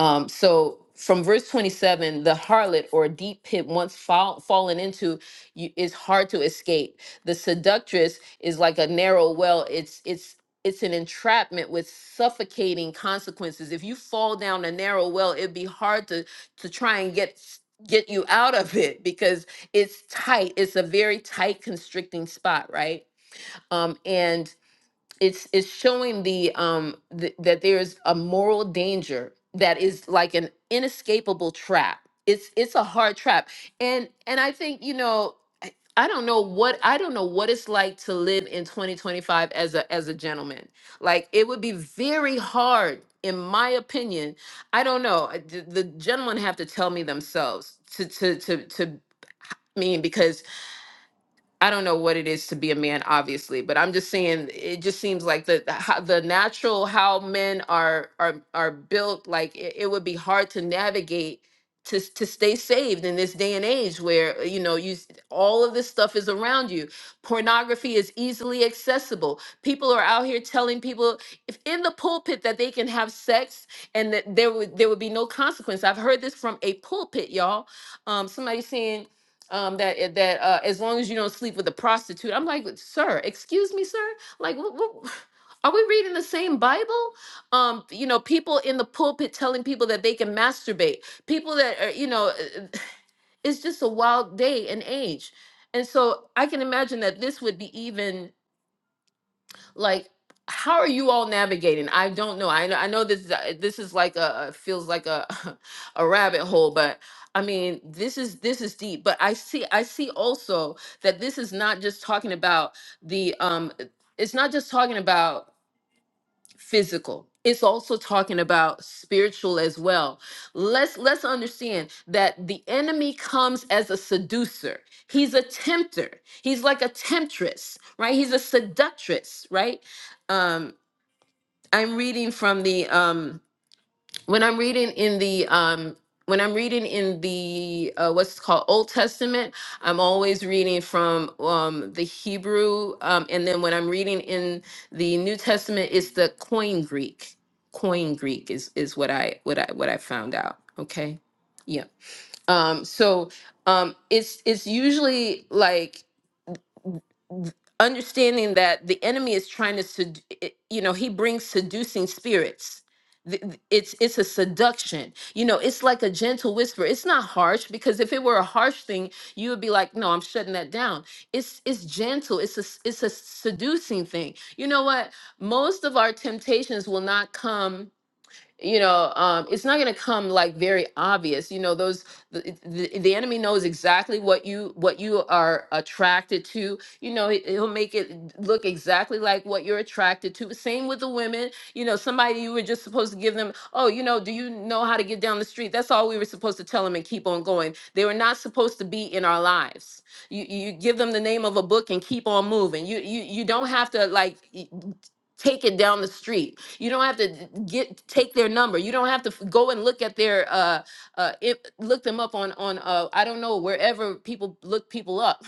Um, so from verse 27, the harlot or deep pit once fall, fallen into you, is hard to escape. The seductress is like a narrow well. It's it's it's an entrapment with suffocating consequences. If you fall down a narrow well, it'd be hard to to try and get s- get you out of it because it's tight. It's a very tight, constricting spot, right? Um, and it's it's showing the um th- that there's a moral danger that is like an inescapable trap it's it's a hard trap and and i think you know i I don't know what i don't know what it's like to live in 2025 as a as a gentleman like it would be very hard in my opinion i don't know I- the, the gentlemen have to tell me themselves to to to to mean because I don't know what it is to be a man, obviously, but I'm just saying it just seems like the the, ho- the natural how men are are are built. Like it, it would be hard to navigate to s- to stay saved in this day and age where uh, you know you s- all of this stuff is around you. Pornography is easily accessible. People are out here telling people if in the pulpit that they can have sex and that there would there would be no consequence. I've heard this from a pulpit, y'all. Um, somebody saying um that eh, that uh as long as you don't sleep with a prostitute i'm like sir excuse me sir like what, what, (laughs) are we reading the same bible um you know people in the pulpit telling people that they can masturbate people that are you know (sighs) it's just a wild day and age and so i can imagine that this would be even like how are you all navigating i don't know i, I know this is uh, this is like a a- feels like a (laughs) a rabbit hole but i mean this is this is deep but i see i see also that this is not just talking about the um it's not just talking about physical it's also talking about spiritual as well let's let's understand that the enemy comes as a seducer he's a tempter he's like a temptress right he's a seductress right um i'm reading from the um, when I'm reading in the um when I'm reading in the uh, what's called Old Testament, I'm always reading from um, the Hebrew, um, and then when I'm reading in the New Testament, it's the Koine Greek. Koine Greek is is what I what I what I found out. Okay, yeah. Um, so um, it's it's usually like understanding that the enemy is trying to sed- i- you know he brings seducing spirits Th- th- it's it's a seduction you know it's like a gentle whisper it's not harsh because if it were a harsh thing you would be like no i'm shutting that down it's it's gentle it's a s- it's a seducing thing you know what most of our temptations will not come you know um it's not going to come like very obvious you know those the, the, the enemy knows exactly what you what you are attracted to you know he- he'll make it look exactly like what you're attracted to same with the women you know somebody you were just supposed to give them oh you know do you know how to get down the street that's all we were supposed to tell them and keep on going they were not supposed to be in our lives you you give them the name of a book and keep on moving you you you don't have to like take it down the street. You don't have to get take their number. You don't have to f- go and look at their uh uh it, look them up on on uh I don't know wherever people look people up.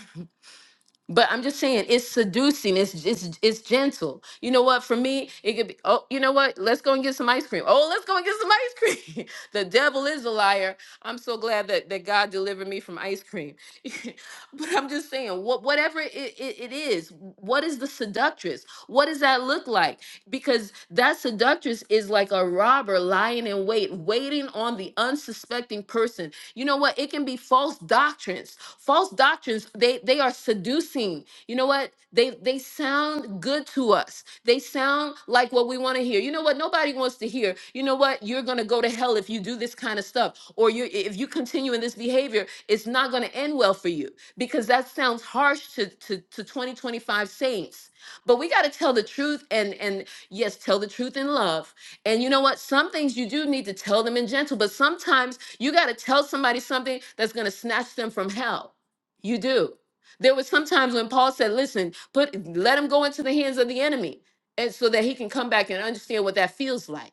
But I'm just saying, it's seducing. It's it's it's gentle. You know what? For me, it could be. Oh, you know what? Let's go and get some ice cream. Oh, let's go and get some ice cream. (laughs) the devil is a liar. I'm so glad that that God delivered me from ice cream. (laughs) but I'm just saying, what whatever it, it, it is, what is the seductress? What does that look like? Because that seductress is like a robber lying in wait, waiting on the unsuspecting person. You know what? It can be false doctrines false doctrines they they are seducing you know what they they sound good to us they sound like what we want to hear you know what nobody wants to hear you know what you're going to go to hell if you do this kind of stuff or you if you continue in this behavior it's not going to end well for you because that sounds harsh to to, to 2025 saints but we got to tell the truth and and yes tell the truth in love and you know what some things you do need to tell them in gentle but sometimes you got to tell somebody something that's going to snatch them from hell. You do. There was sometimes when Paul said, "Listen, put let him go into the hands of the enemy, and so that he can come back and understand what that feels like."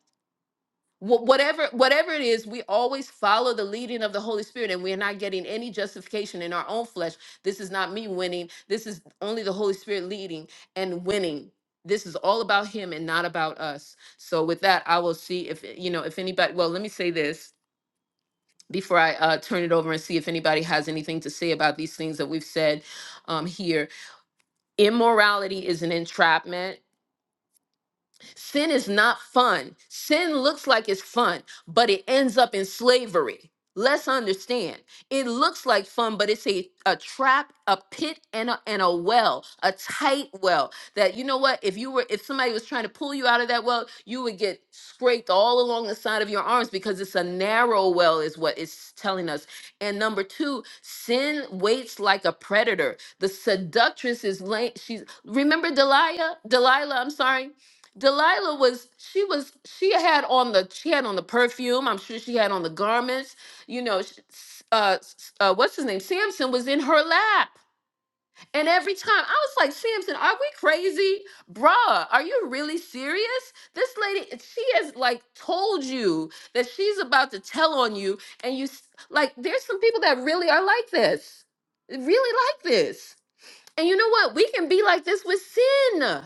Wh- Whatever, whatever it is, we always follow the leading of the Holy Spirit, and we are not getting any justification in our own flesh. This is not me winning. This is only the Holy Spirit leading and winning. This is all about Him and not about us. So, with that, I will see if you know if anybody. Well, let me say this before I uh, turn it over and see if anybody has anything to say about these things that we've said um, here. Immorality is an entrapment. Sin is not fun. Sin looks like it's fun, but it ends up in slavery. Let's understand. It looks like fun, but it's a, a trap, a pit, and a, and a well, a tight well. That you know what? If you were, if somebody was trying to pull you out of that well, you would get scraped all along the side of your arms because it's a narrow well, is what it's telling us. And number two, sin waits like a predator. The seductress is lay. She's remember Delilah. Delilah. I'm sorry Delilah was she was she had on the she had on the perfume. I'm sure she had on the garments. You know, sh- s- uh, s- uh, what's his name? Samson was in her lap, and every time I was like, Samson, are we crazy, bruh? Are you really serious? This lady, she has like told you that she's about to tell on you, and you s- like. There's some people that really are like this, really like this, and you know what? We can be like this with sin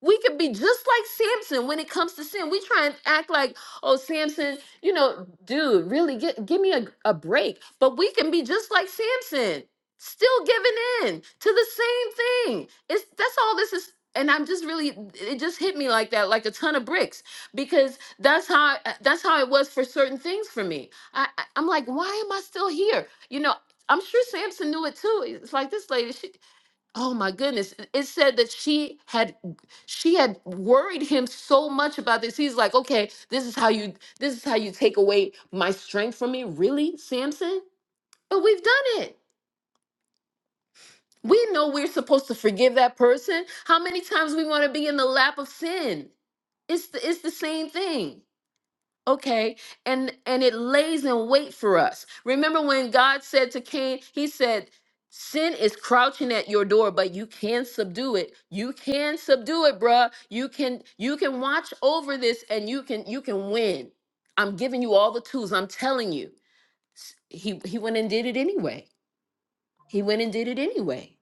we could be just like Samson when it comes to sin. We try and act like, oh, Samson, you know, dude, really get, give me a, a break. But we can be just like Samson, still giving in to the same thing. It's that's all this is. And I'm just really, it just hit me like that, like a ton of bricks, because that's how that's how it was for certain things for me. I, I I'm like, why am I still here? You know, I'm sure Samson knew it too. It's like this lady, she Oh my goodness. It it said that she had she had worried him so much about this. He's like, "Okay, this is how you this is how you take away my strength from me, really, Samson?" But we've done it. We know we're supposed to forgive that person. How many times we want to be in the lap of sin? It's the, it's the same thing. Okay, and and it lays in wait for us. Remember when God said to Cain, he said, "Sin is crouching at your door, but you can subdue it. You can subdue it, bruh. You can you can watch over this and you can you can win. I'm giving you all the tools. I'm telling you." S- He he went and did it anyway. He went and did it anyway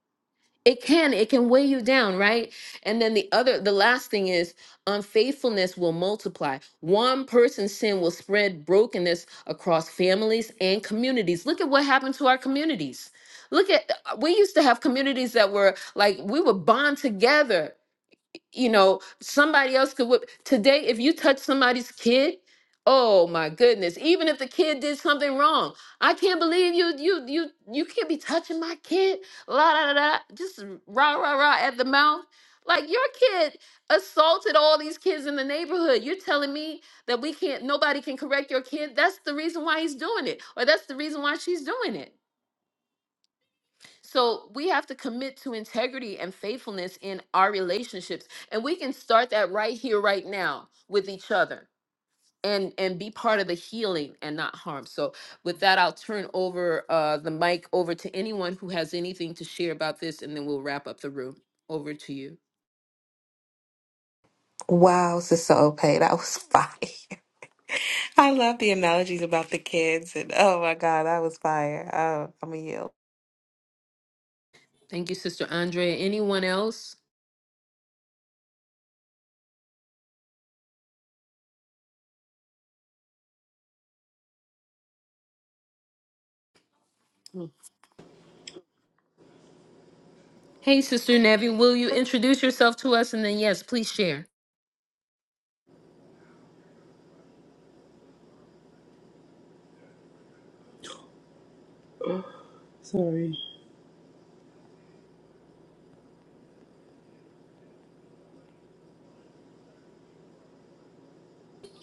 it can it can weigh you down right and then the other the last thing is unfaithfulness will multiply one person's sin will spread brokenness across families and communities look at what happened to our communities look at we used to have communities that were like we would bond together you know, somebody else could whip. Today, if you touch somebody's kid, oh my goodness, even if the kid did something wrong, I can't believe you, you, you, you can't be touching my kid. La da da da, just rah rah rah at the mouth. Like your kid assaulted all these kids in the neighborhood. You're telling me that we can't, nobody can correct your kid. That's the reason why he's doing it, or that's the reason why she's doing it. So we have to commit to integrity and faithfulness in our relationships. And we can start that right here, right now with each other and and be part of the healing and not harm. So with that, I'll turn over uh, the mic over to anyone who has anything to share about this, and then we'll wrap up the room. Over to you.
Wow, Sister Ope, that was fire. (laughs) (laughs) I love the analogies about the kids and oh my God, I was fire. Oh, I'm a yield.
Thank you, Sister Andrea. Anyone else? Mm. Hey, Sister Nevi, will you introduce yourself to us? And then, yes, please share.
Sorry.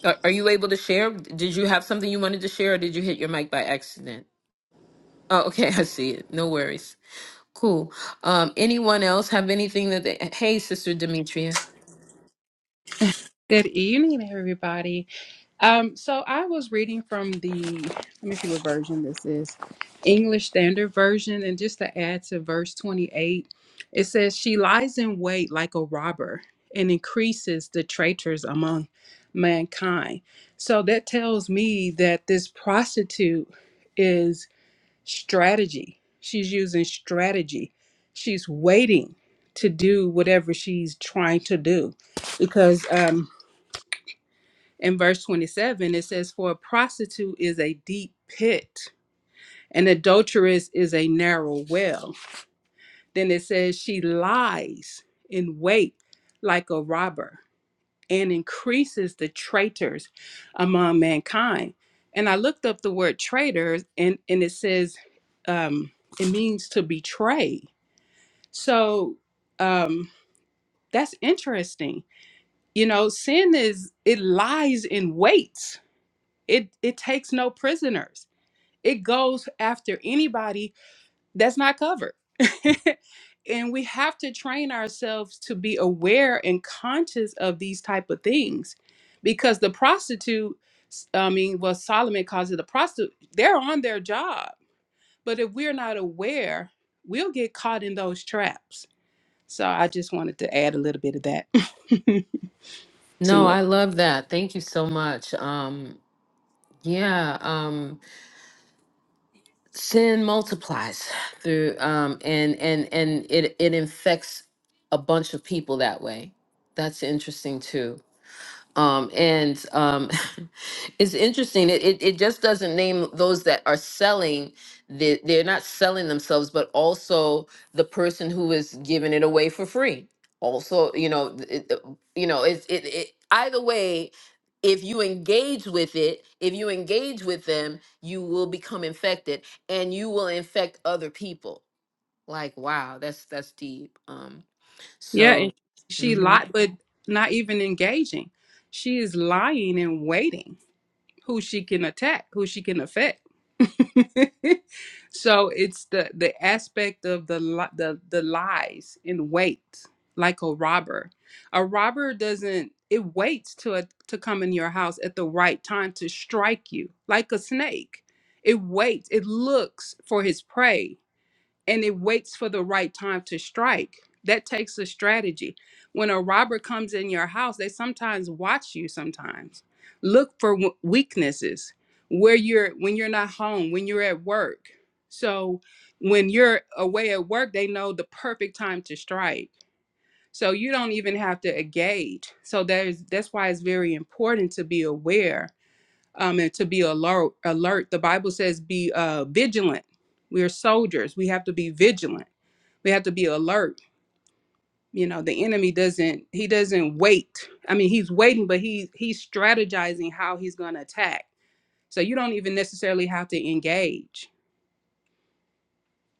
Are, are you able to share? Did you have something you wanted to share, or did you hit your mic by accident? Oh, okay, (laughs) I see it. No worries. Cool. Um, anyone else have anything that they, hey, Sister Demetria.
Good evening, everybody. Um, so I was reading from the, let me see what version this is, English Standard Version. And just to add to verse 28, it says, She lies in wait like a robber and increases the traitors among mankind. So that tells me that this prostitute is strategy. She's using strategy. She's waiting to do whatever she's trying to do because um in verse 27 it says for a prostitute is a deep pit an adulteress is a narrow well then it says she lies in wait like a robber and increases the traitors among mankind and i looked up the word traitors and and it says um it means to betray so um that's interesting you know sin is it lies in wait It it takes no prisoners. It goes after anybody that's not covered. (laughs) and we have to train ourselves to be aware and conscious of these type of things because the prostitute I mean, well, Solomon calls it the prostitute. They're on their job. But if we're not aware, we'll get caught in those traps. So I just wanted to add a little bit of that (laughs)
No,
to it.
I love that. Thank you so much. Um, yeah, um, sin multiplies through um and and and it it infects a bunch of people that way. That's interesting too. um, and um, (laughs) it's interesting. It, it it just doesn't name those that are selling. The, they're not selling themselves, but also the person who is giving it away for free. Also, you know, th- it, uh, you know, it's it, it. Either way, if you engage with it, if you engage with them, you will become infected, and you will infect other people. Like, wow, that's that's deep. Um,
Yeah,
so.
and she
mm-hmm.
lied, but not even engaging. She is lying and waiting who she can attack, who she can affect. (laughs) so it's the the aspect of the li- the the lies in wait, like a robber. A robber doesn't it waits to a, to come in your house at the right time to strike you, like a snake. It waits. It looks for his prey and it waits for the right time to strike. That takes a strategy. When a robber comes in your house, they sometimes watch you sometimes. Look for w- weaknesses where you're when you're not home, when you're at work. So when you're away at work, they know the perfect time to strike. So you don't even have to engage. So there's that's why it's very important to be aware um, and to be alert. Alert. The Bible says, "Be uh, vigilant." We're soldiers. We have to be vigilant we have to be alert you know the enemy doesn't he doesn't wait i mean he's waiting but he he's strategizing how he's going to attack so you don't even necessarily have to engage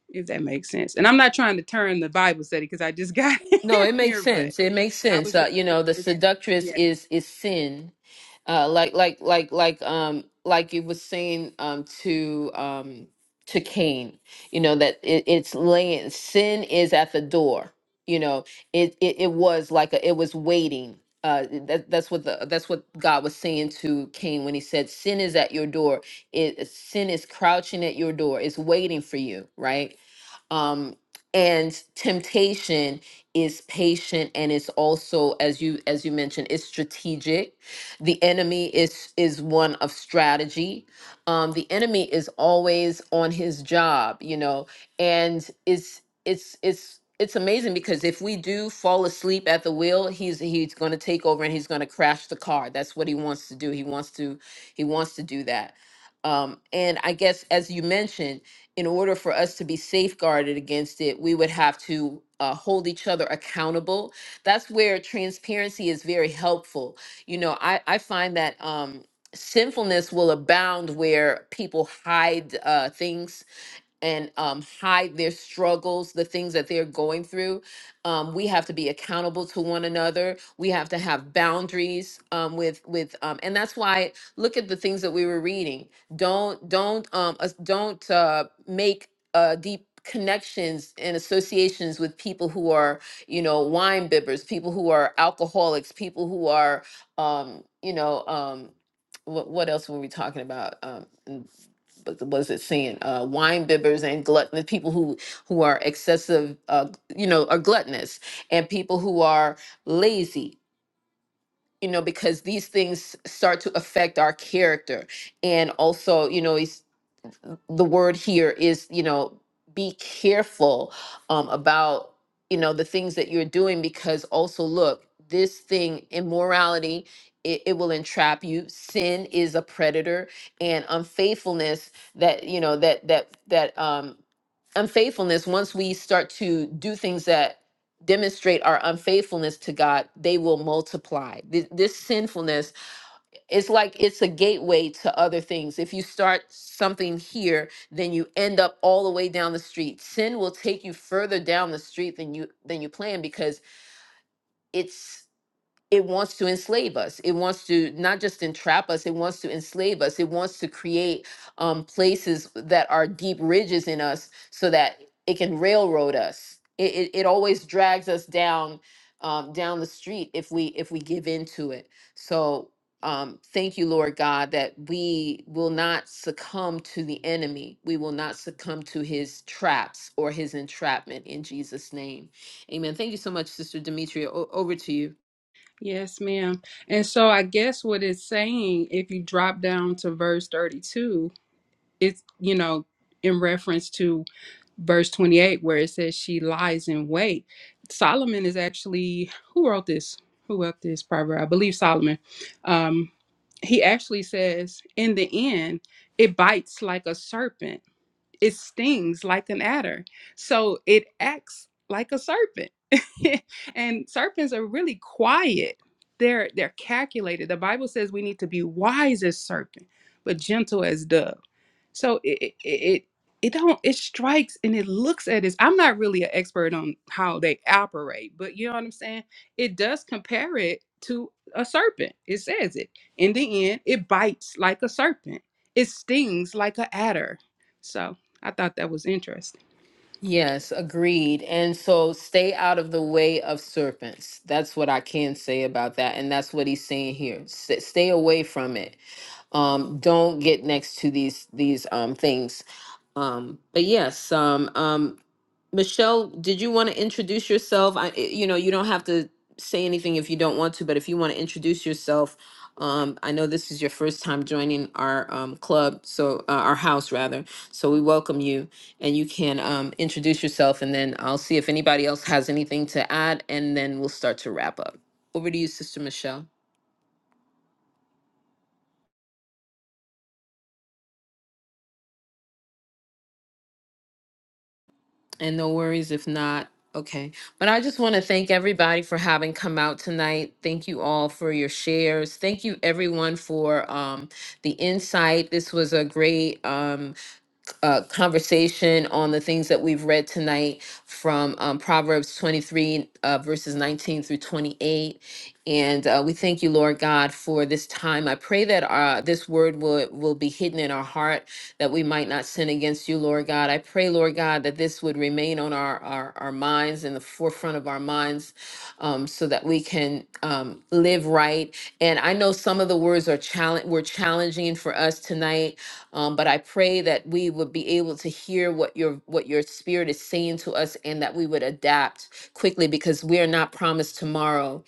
if that makes sense and i'm not trying to turn the bible study because i just got
No, it
(laughs)
makes
here but
sense. It makes
i
sense.
was just
Uh, you know, the seductress
yeah
is is sin. Uh, like like like like um like you was saying um to um to Cain, you know that it, it's laying sin is at the door. You know, it it, it was like a, it was waiting. Uh, that, that's what the that's what God was saying to Cain when He said, "Sin is at your door. It sin is crouching at your door. It's waiting for you." Right um, and temptation is patient and it's also as you as you mentioned it's strategic the enemy is is one of strategy um the enemy is always on his job you know and it's it's it's it's amazing because if we do fall asleep at the wheel he's he's going to take over and he's going to crash the car that's what he wants to do he wants to he wants to do that um and i guess as you mentioned in order for us to be safeguarded against it, we would have to uh, hold each other accountable. That's where transparency is very helpful. You know, I, I find that um, sinfulness will abound where people hide uh, things and um, hide their struggles, the things that they're going through. Um, we have to be accountable to one another. We have to have boundaries um, with with, um, and that's why look at the things that we were reading. Don't don't um, us- don't uh, make uh, deep connections and associations with people who are you know wine bibbers, people who are alcoholics, people who are um, you know um, what what else were we talking about? Um, but was it saying uh, wine bibbers and gluttonous people who who are excessive uh, you know are gluttonous and people who are lazy you know, because these things start to affect our character. And also, you know, it's, uh, the word here is, you know, be careful um, about, you know, the things that you're doing because also, look, this thing, immorality, it, it will entrap you. Sin is a predator and unfaithfulness that, you know, that, that, that, um, unfaithfulness, once we start to do things that demonstrate our unfaithfulness to God, they will multiply. Th- This sinfulness its like it's a gateway to other things. If you start something here, then you end up all the way down the street. Sin will take you further down the street than you than you plan because it's it wants to enslave us. It wants to not just entrap us, it wants to enslave us. It wants to create um, places that are deep ridges in us so that it can railroad us. It, it, it always drags us down um, down the street if we if we give into it. So um, thank you, Lord God, that we will not succumb to the enemy. We will not succumb to his traps or his entrapment in Jesus' name. Amen. Thank you so much, Sister Demetria. O- over to you.
yes ma'am and so i guess what it's saying if you drop down to verse 32 it's you know in reference to verse 28 where it says she lies in wait solomon is actually who wrote this who wrote this proverb i believe solomon um he actually says in the end it bites like a serpent it stings like an adder. So it acts like a serpent. (laughs) and serpents are really quiet. They're they're calculated. The Bible says we need to be wise as serpent, but gentle as dove. So it it it, it don't it strikes and it looks at us. I'm not really an expert on how they operate, but you know what I'm saying? It does compare it to a serpent. It says it. In the end, it bites like a serpent. It stings like an adder. So I thought that was interesting.
Yes, agreed. And so stay out of the way of serpents. That's what I can say about that. And that's what he's saying here. S- stay away from it. Um, don't get next to these these um, things. Um, but yes, um, um, Michelle, did you want to introduce yourself? I, i- you know, you don't have to say anything if you don't want to, but if you want to introduce yourself, um, I know this is your first time joining our um, club, so uh, our house rather. So we welcome you, and you can um, introduce yourself, and then I'll see if anybody else has anything to add, and then we'll start to wrap up. Over to you, Sister Michelle. And no worries if not. Okay. But I just want to thank everybody for having come out tonight. Thank you all for your shares. Thank you everyone for um, the insight. This was a great um, uh, conversation on the things that we've read tonight from um, Proverbs 23, uh, verses 19 through 28. And uh, we thank you, Lord God, for this time. I pray that uh, this word will, will be hidden in our heart, that we might not sin against you, Lord God. I pray, Lord God, that this would remain on our, our, our minds, in the forefront of our minds, um, so that we can um, live right. And I know some of the words are challenge were challenging for us tonight um, but I pray that we would be able to hear what your what your spirit is saying to us, and that we would adapt quickly because we are not promised tomorrow.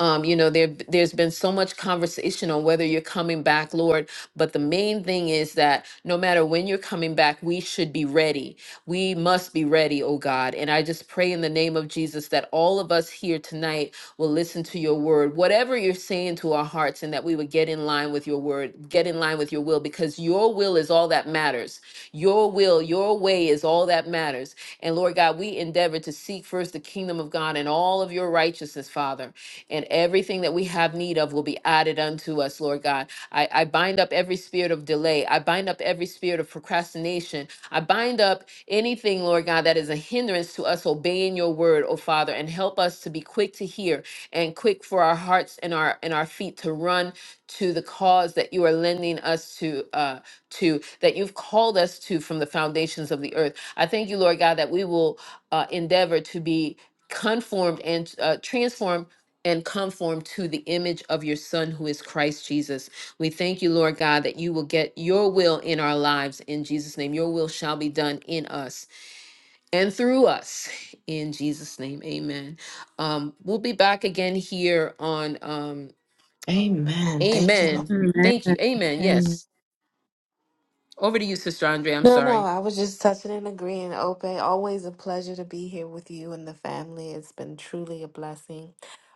Um, you know, there there's been so much conversation on whether you're coming back, Lord. But the main thing is that no matter when you're coming back, we should be ready. We must be ready, oh God. And I just pray in the name of Jesus that all of us here tonight will listen to your word, whatever you're saying to our hearts, and that we would get in line with your word, get in line with your will, because your will is all that matters. Your will, your way is all that matters. And Lord God, we endeavor to seek first the kingdom of God and all of your righteousness, Father, and everything that we have need of will be added unto us, Lord God. I, I bind up every spirit of delay. I bind up every spirit of procrastination. I bind up anything, Lord God, that is a hindrance to us obeying your word, oh Father, and help us to be quick to hear and quick for our hearts and our and our feet to run to the cause that you are lending us to uh to that you've called us to from the foundations of the earth. I thank you, Lord God, that we will uh, endeavor to be conformed and uh, transformed and conformed to the image of your son who is Christ Jesus. We thank you, Lord God, that you will get your will in our lives in Jesus' name. Your will shall be done in us and through us in jesus name amen um we'll be back again here on um
Amen. Thank you, Lord.
amen
Mm.
thank you amen yes over to you sister andre i'm
No,
sorry
no, I was just touching and agreeing. Ope, always a pleasure to be here with you and the family. It's been truly a blessing.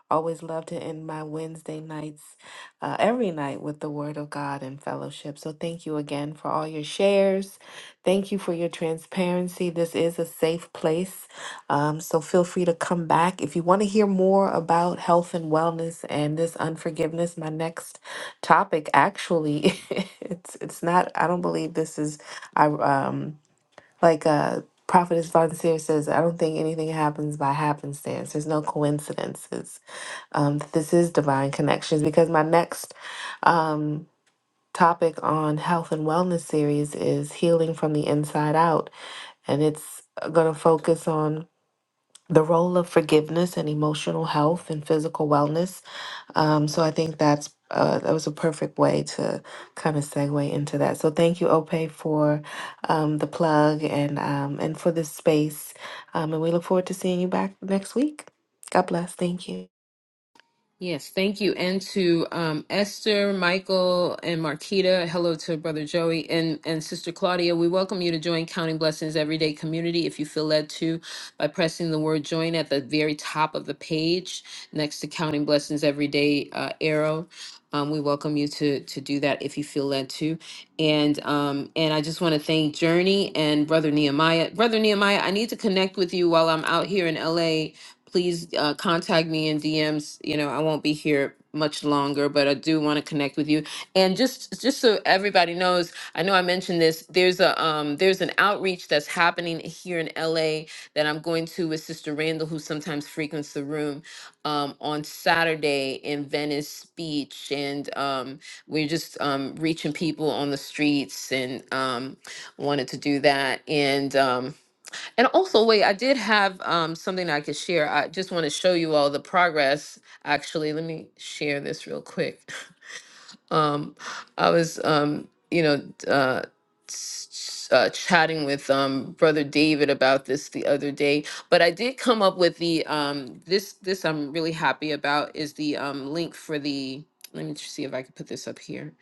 Always love to end my Wednesday nights, uh, every night, with the Word of God and fellowship. So thank you again for all your shares. Thank you for your transparency. This is a safe place. Um, so feel free to come back. If you want to hear more about health and wellness and this unforgiveness, my next topic actually, (laughs) it's, it's not, I don't believe this is, I, um, like, uh, Prophetess Von Seer says, I don't think anything happens by happenstance. There's no coincidences um, that this is divine connections because my next um, topic on health and wellness series is healing from the inside out and it's going to focus on the role of forgiveness and emotional health and physical wellness um, so i think that's uh, that was a perfect way to kind of segue into that so thank you ope for um, the plug and um, and for this space um, and we look forward to seeing you back next week god bless thank you
Yes, thank you. And to um, Esther, Michael, and Marquita. Hello to Brother Joey and, and Sister Claudia. We welcome you to join Counting Blessings Everyday Community if you feel led to by pressing the word join at the very top of the page next to Counting Blessings Everyday uh, arrow. Um, we welcome you to to do that if you feel led to. And um, and I just want to thank Journey and Brother Nehemiah. Brother Nehemiah, I need to connect with you while I'm out here in LA Please uh, contact me in DMs. You know, I won't be here much longer, but I do want to connect with you. And just just so everybody knows, I know I mentioned this. There's a um, there's an outreach that's happening here in LA that I'm going to with Sister Randall, who sometimes frequents the room um, on Saturday in Venice Beach, and um, we're just um, reaching people on the streets and um, wanted to do that. And um, and also, wait, I did have um, something I could share. I just want to show you all the progress. Actually, let me share this real quick. (laughs) Um, I was, um, you know, uh, s- uh, chatting with um, Brother David about this the other day, but I did come up with the um, this this I'm really happy about is the um, link for the. Let me see if I can put this up here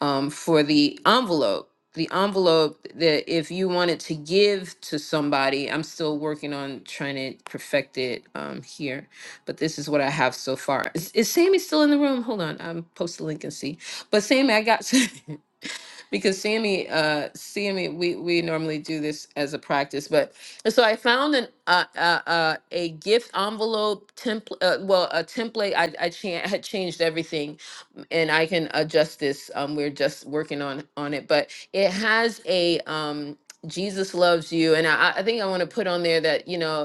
um, for the envelope. The envelope that if you wanted to give to somebody, I'm still working on trying to perfect it um, here, but this is what I have so far. Is, is Sammy still in the room? Hold on, I'm post the link and see. But Sammy, I got (laughs) because Sammy, uh, Sammy, we we normally do this as a practice, but and so I found an uh, uh, uh, a gift envelope template. Uh, well, a template. I I, cha- I had changed everything um, and I can adjust this. Um, we're just working on on it, but it has a um, Jesus loves you, and I, I think I want to put on there that you know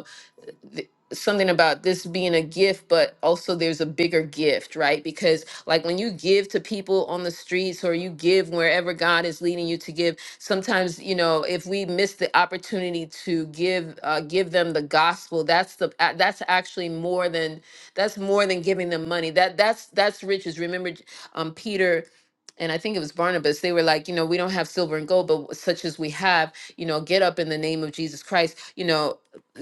th- something about this being a gift but also there's a bigger gift right because like when you give to people on the streets or you give wherever god is leading you to give sometimes you know if we miss the opportunity to give uh, give them the gospel that's the uh, that's actually more than that's more than giving them money that that's that's riches remember um peter and I think it was Barnabas, they were like, you know, we don't have silver and gold, but such as we have, you know, get up in the name of Jesus Christ. You know,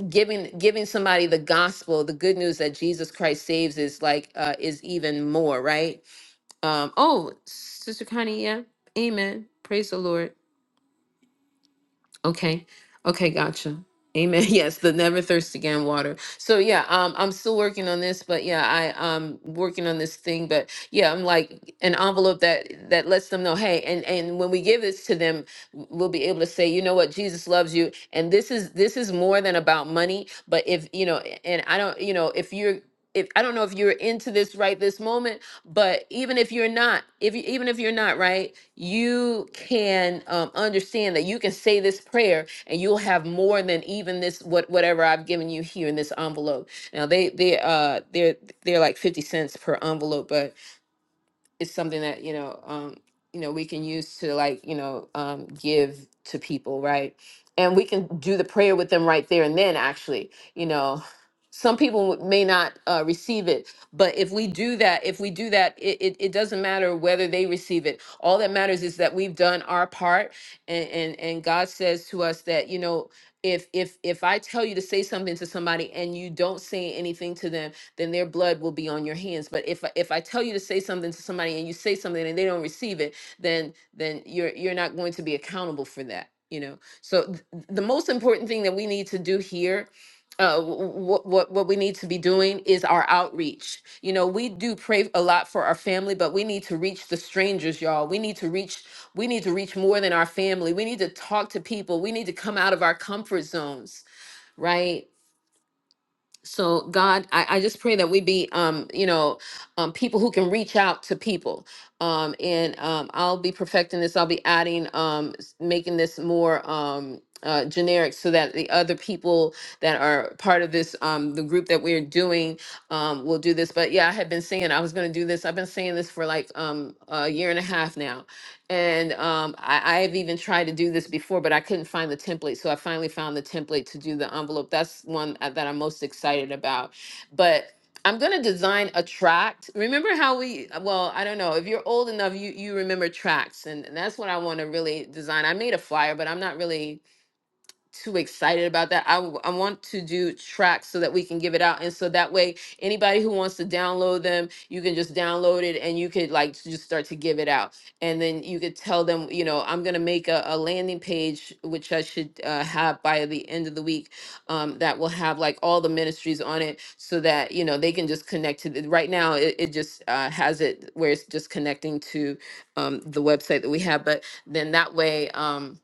giving giving somebody the gospel the good news that jesus christ saves is like uh is even more right um oh sister connie yeah amen praise the lord Okay. Okay, gotcha. Amen. (laughs) Yes, the never thirst again water. So yeah, um, I'm still working on this, but yeah, I um working on this thing, but yeah, I'm like an envelope that that lets them know, hey, and and when we give this to them, w- we'll be able to say, you know what, Jesus loves you, and this is this is more than about money. But if you know, and I don't, you know, if you're if I don't know if you're into this right this moment, but even if you're not if you, even if you're not right you can um, understand that you can say this prayer and you'll have more than even this what whatever i've given you here in this envelope now they they uh they're they're like 50 cents per envelope but is something that you know um you know we can use to like you know um give to people right and we can do the prayer with them right there and then actually you know some people w- may not uh, receive it but if we do that if we do that it, it, it doesn't matter whether they receive it all that matters is that we've done our part and, and and god says to us that you know if if if i tell you to say something to somebody and you don't say anything to them then their blood will be on your hands. But if I- if I tell you to say something to somebody and you say something and they don't receive it, then then you're you're not going to be accountable for that. You know. So th- the most important thing that we need to do here. Uh, what what what we need to be doing is our outreach. You know, we do pray a lot for our family, but we need to reach the strangers, y'all. We need to reach we need to reach more than our family. We need to talk to people. We need to come out of our comfort zones, right? so god I, I just pray that we be um you know um people who can reach out to people um and um i'll be perfecting this i'll be adding um s- making this more um uh, generic so that the other people that are part of this um the group that we're doing um will do this but yeah i have been saying i was going to do this i've been saying this for like um a year and a half now and um, I, I've even tried to do this before, but I couldn't find the template. So I finally found the template to do the envelope. That's one uh, that I'm most excited about. But I'm gonna design a tract. Remember how we? uh, Well, I don't know. If you're old enough, you you remember tracts, and, and that's what I want to really design. I made a flyer, but I'm not really too excited about that. I, w- I want to do tracks so that we can give it out. And so that way, anybody who wants to download them, you can just download it and you could like just start to give it out. And then you could tell them, you know, I'm going to make a, a landing page, which I should uh, have by the end of the week um, that will have like all the ministries on it so that, you know, they can just connect to the, right now. It, it just uh, has it where it's just connecting to um, the website that we have. But then that way, um,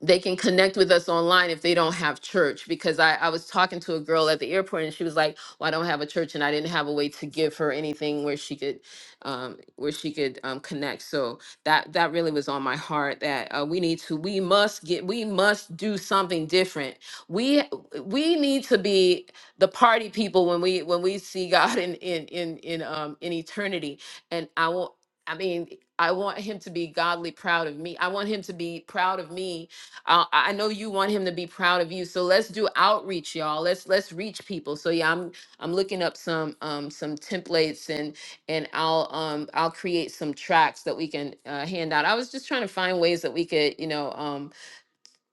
they can connect with us online if they don't have church because I, I was talking to a girl at the airport and she was like well i don't have a church and i didn't have a way to give her anything where she could um, where she could um, connect so that that really was on my heart that uh, we need to we must get we must do something different we we need to be the party people when we when we see (laughs) god in in in in um in eternity and i will i mean I want him to be godly proud of me. I want him to be proud of me I, I know you want him to be proud of you. So let's do outreach, y'all. Let's let's reach people. So yeah, I'm I'm looking up some um some templates and and I'll um I'll create some tracks that we can uh, hand out. I was just trying to find ways that we could you know um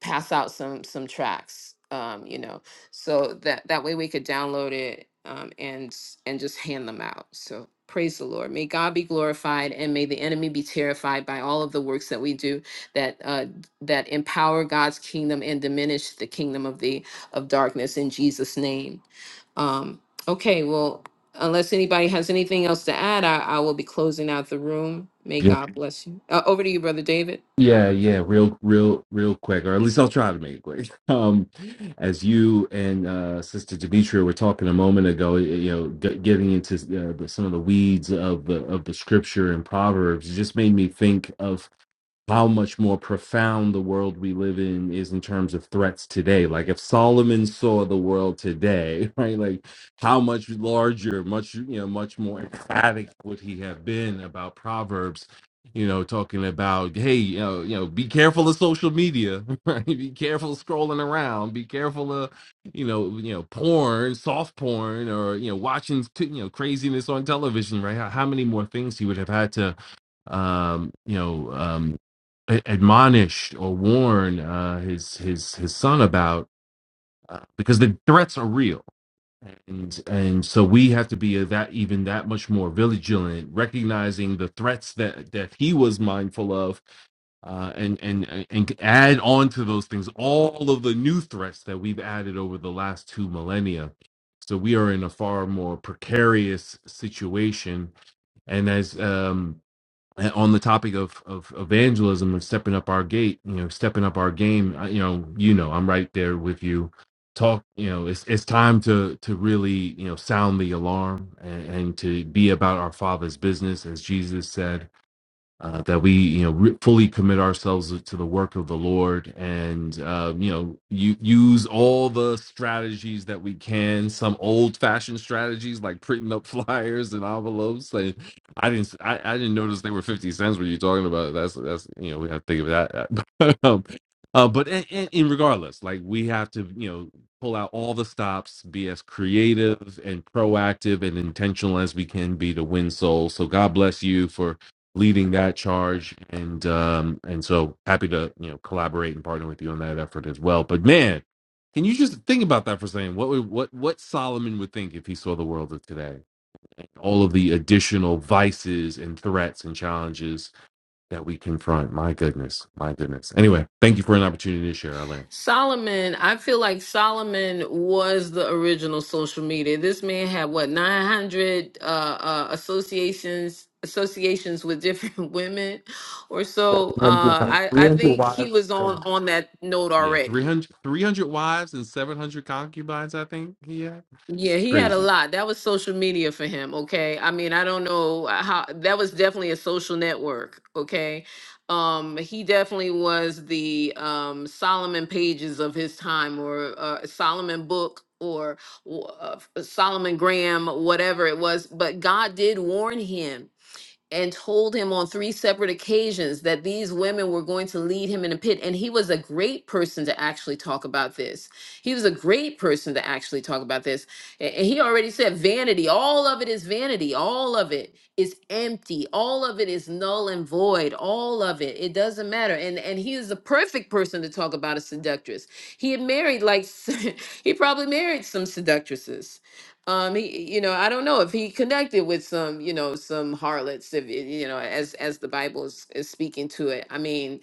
pass out some some tracks um you know so that that way we could download it um and and just hand them out so praise the lord may god be glorified and may the enemy be terrified by all of the works that we do that uh that empower god's kingdom and diminish the kingdom of the of darkness in jesus name um okay well unless anybody has anything else to add i, I will be closing out the room may god bless you uh, over to you brother david
Yeah, yeah, real, real, real quick, or at least I'll try to make it quick. (laughs) Um, as you and uh, Sister Demetria were talking a moment ago, y- you know, g- getting into uh, the, some of the weeds of the of the scripture and Proverbs, it just made me think of how much more profound the world we live in is in terms of threats today. Like if Solomon saw the world today, (laughs) right? Like how much larger, much you know, much more emphatic would he have been about Proverbs? You know, talking about hey, you know, you know, be careful of social media, (laughs) right? Be careful scrolling around. Be careful of you know, you know, porn, soft porn, or you know, watching t- you know craziness on television, right? How, how many more things he would have had to um, you know, um, a- admonish or warn uh, his his his son about uh, because the threats are real and and so we have to be that even that much more vigilant recognizing the threats that that he was mindful of uh, and and and add on to those things all of the new threats that we've added over the last two millennia. So we are in a far more precarious situation. And as um, uh, on the topic of, of evangelism and stepping up our gate, you know, stepping up our game, I, you know, you know, I'm right there with you. Talk, you know, it's it's time to to really, you know, sound the alarm and, and to be about our Father's business, as Jesus said uh, that we you know re- fully commit ourselves to the work of the Lord and uh, you know u- use all the strategies that we can. Some old fashioned strategies like printing up (laughs) flyers and envelopes. Like, I didn't I, I didn't notice they were fifty cents. What you talking about? That's that's you know we have to think of that. (laughs) um, uh, but in, in, in regardless, like we have to you know pull out all the stops, be as creative and proactive and intentional as we can be to win souls. So God bless you for leading that charge and um and so happy to you know collaborate and partner with you on that effort as well but man can you just think about that for a second what would what what solomon would think if he saw the world of today all of the additional vices and threats and challenges that we confront my goodness my goodness anyway thank you for an opportunity to share Arlen.
Solomon, I feel like Solomon was the original social media. This man had what 900 uh, uh, associations associations with different (laughs) women or so. Uh,
300
I I think he
wives.
was
um,
on on that note
yeah three
already.
hundred, 300 wives and 700 concubines i think yeah
Yeah, he had a
crazy
lot. That was social media for him, okay? I mean, I don't know uh, how that was definitely a social network, okay? Um he definitely was the um Solomon pages of his time or uh, Solomon book or w- uh, Solomon Graham, whatever it was, but God did warn him and told him on three separate occasions that these women were going to lead him in a pit. And he was a great person to actually talk about this. He was a great person to actually talk about this. A- And he already said vanity, all of it is vanity, all of it is empty, all of it is null and void, all of it. It doesn't matter. And and he is the perfect person to talk about a seductress. He had married like (laughs) he probably married some seductresses um, he, you know, I don't know if he connected with some, you know, some harlots, if it- you know, as as the Bible is, is speaking to it. I mean,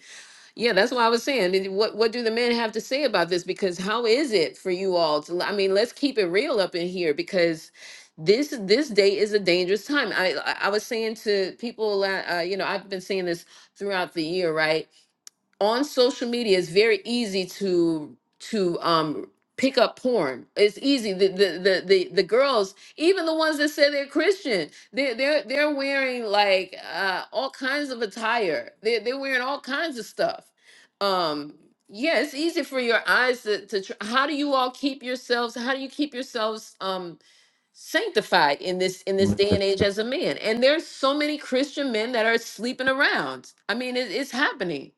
yeah, that's what I was saying. And What what do the men have to say about this? Because how is it for you all to? I mean, let's keep it real up in here because this this day is a dangerous time. I I I was saying to people, la- uh, you know, I've been saying this throughout the year, right? on social media it's very easy to to um pick up porn it's easy the the the the, the girls even the ones that say they're christian they're they're, they're wearing like uh all kinds of attire they're, they're wearing all kinds of stuff um yeah it's easy for your eyes to, to tr- how do you all keep yourselves how do you keep yourselves um sanctified in this in this day and age as a man and there's so many christian men that are sleeping around i mean it, it's happening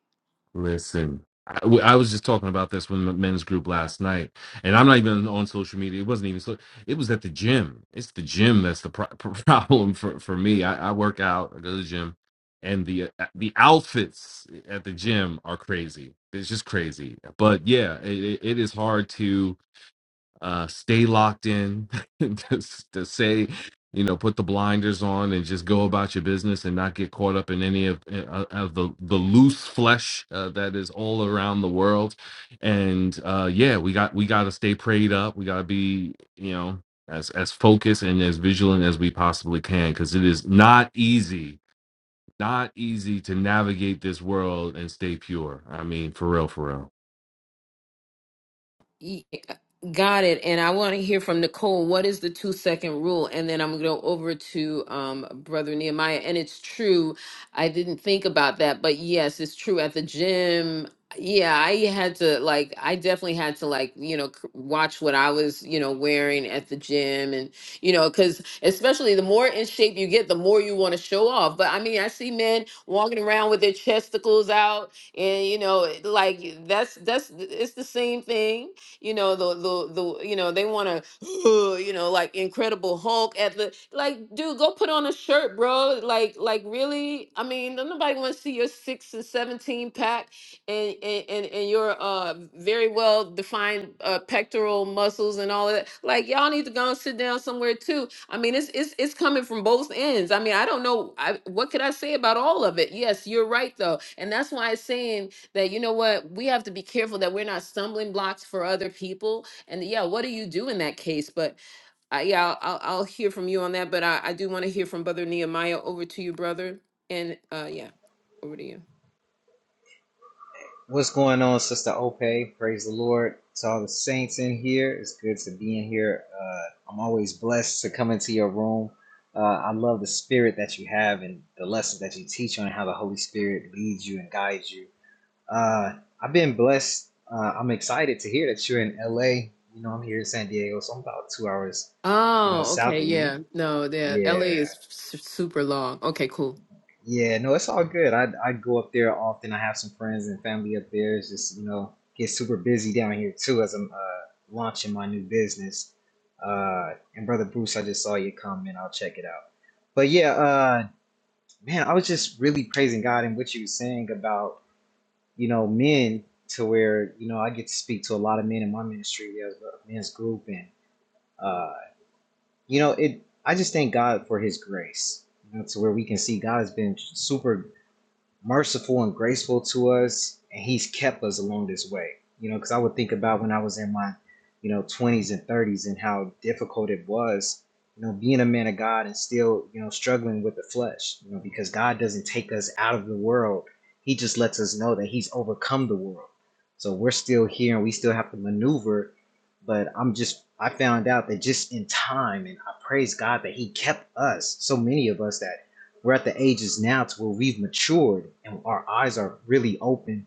Listen, I, w- I was just talking about this with the men's group last night, and I'm not even on social media. It wasn't even so. It was at the gym. It's the gym that's the pro- (laughs) problem for for me. I, I work out. I go to the gym, and the uh, uh, the outfits at the gym are crazy. It's just crazy. But yeah, it, it it is hard to uh, stay locked in, (laughs) just to say, you know, put the blinders on and just go about your business and not get caught up in any of eh, uh, of the the loose flesh uh, that is all around the world. And uh, yeah, we got we got to stay prayed up. We got to be, you know, as as focused and as vigilant as we possibly can because it is not easy. Not easy to navigate this world and stay pure. I mean, for real, for real.
Ye- Got it. And I want to hear from Nicole. What is the two second rule? And then I'm going to go over to um, Brother Nehemiah. And it's true. I didn't think about that, but yes, it's true. At the gym, yeah, I had to like, I definitely had to like, you know, c- watch what I was, you know, wearing at the gym. And, you know, because especially the more in shape you get, the more you want to show off. But I mean, I see men walking around with their chesticles out, and you know like that's that's it's the same thing you know the the the you know they want to (gasps) you know like Incredible Hulk at the like dude go put on a shirt, bro. Like like really, I mean don't nobody want to see your six and seventeen pack and and and, and your uh very well defined uh, pectoral muscles and all of that. Like y'all need to go and sit down somewhere too. I mean, it's it's it's coming from both ends. I mean, I don't know. I, what could I say about all of it? Yes, you're right though, and that's why I'm saying that you know what we have to be careful that we're not stumbling blocks for other people and yeah what do you do in that case but I, yeah I'll, I'll I'll hear from you on that but i, I do want to hear from brother nehemiah over to you brother and uh yeah over to you
What's going on, Sister Ope? Praise the Lord to all the saints in here. It's good to be in here. Uh, I'm always blessed to come into your room. Uh, I love the spirit that you have and the lessons that you teach on how the Holy Spirit leads you and guides you. Uh, I've been blessed. Uh, I'm excited to hear that you're in LA. You know, I'm here in San Diego, so I'm about two hours, you know,
oh okay
south of you.
yeah no the la
Yeah.
is su- super long okay cool
Yeah, no, it's all good. I I go up there often. I have some friends and family up there. It's just you know get super busy down here too as I'm uh, launching my new business. Uh, and brother Bruce, I just saw your comment. I'll check it out. But yeah, uh, man, I was just really praising God and what you were saying about you know men to where you know I get to speak to a lot of men in my ministry. We have a men's group, and uh, you know it. I just thank God for His grace. You know, to where we can see God has been super merciful and graceful to us, and He's kept us along this way. You know, because I would think about when I was in my, you know, twenties and thirties and how difficult it was. You know, being a man of God and still, you know, struggling with the flesh. You know, because God doesn't take us out of the world; He just lets us know that He's overcome the world. So we're still here and we still have to maneuver. But I'm just, I found out that just in time, and I praise God that He kept us, so many of us that we're at the ages now to where we've matured and our eyes are really open.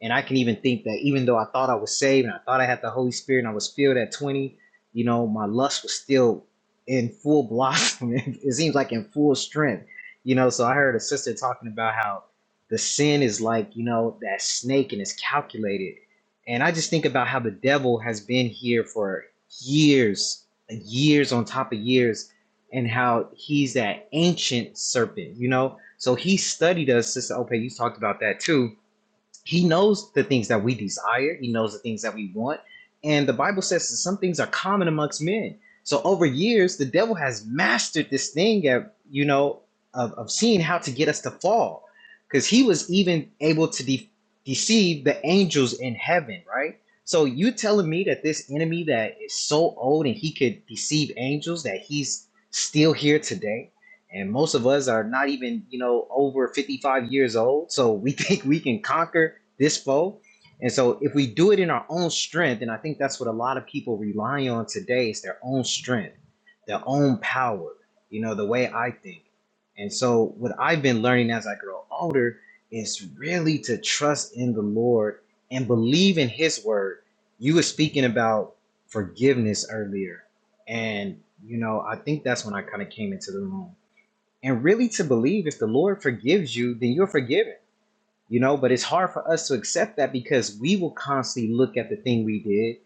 And I can even think that even though I thought I was saved and I thought I had the Holy Spirit and I was filled at 20, you know, my lust was still in full blossom. (laughs) it seems like in full strength, you know. So I heard a sister talking about how the sin is like, you know, that snake and it's calculated. And I just think about how the devil has been here for years, years on top of years and how he's that ancient serpent, you know? So he studied us, Sister Ope, you talked about that too he knows the things that we desire. He knows the things that we want. And the Bible says that some things are common amongst men. So over years, the devil has mastered this thing of, you know, of, of seeing how to get us to fall. Because he was even able to de- deceive the angels in heaven, right? So you telling me that this enemy that is so old and he could deceive angels, that he's still here today? And most of us are not even, you know, over 55 years old. So we (laughs) think we can conquer this foe. And so if we do it in our own strength, and I think that's what a lot of people rely on today is their own strength, their own power, you know, the way I think. And so what I've been learning as I grow older is really to trust in the Lord and believe in his word. You were speaking about forgiveness earlier. And you know, I think that's when I kind of came into the room. And really to believe if the Lord forgives you, then you're forgiven you know but it's hard for us to accept that because we will constantly look at the thing we did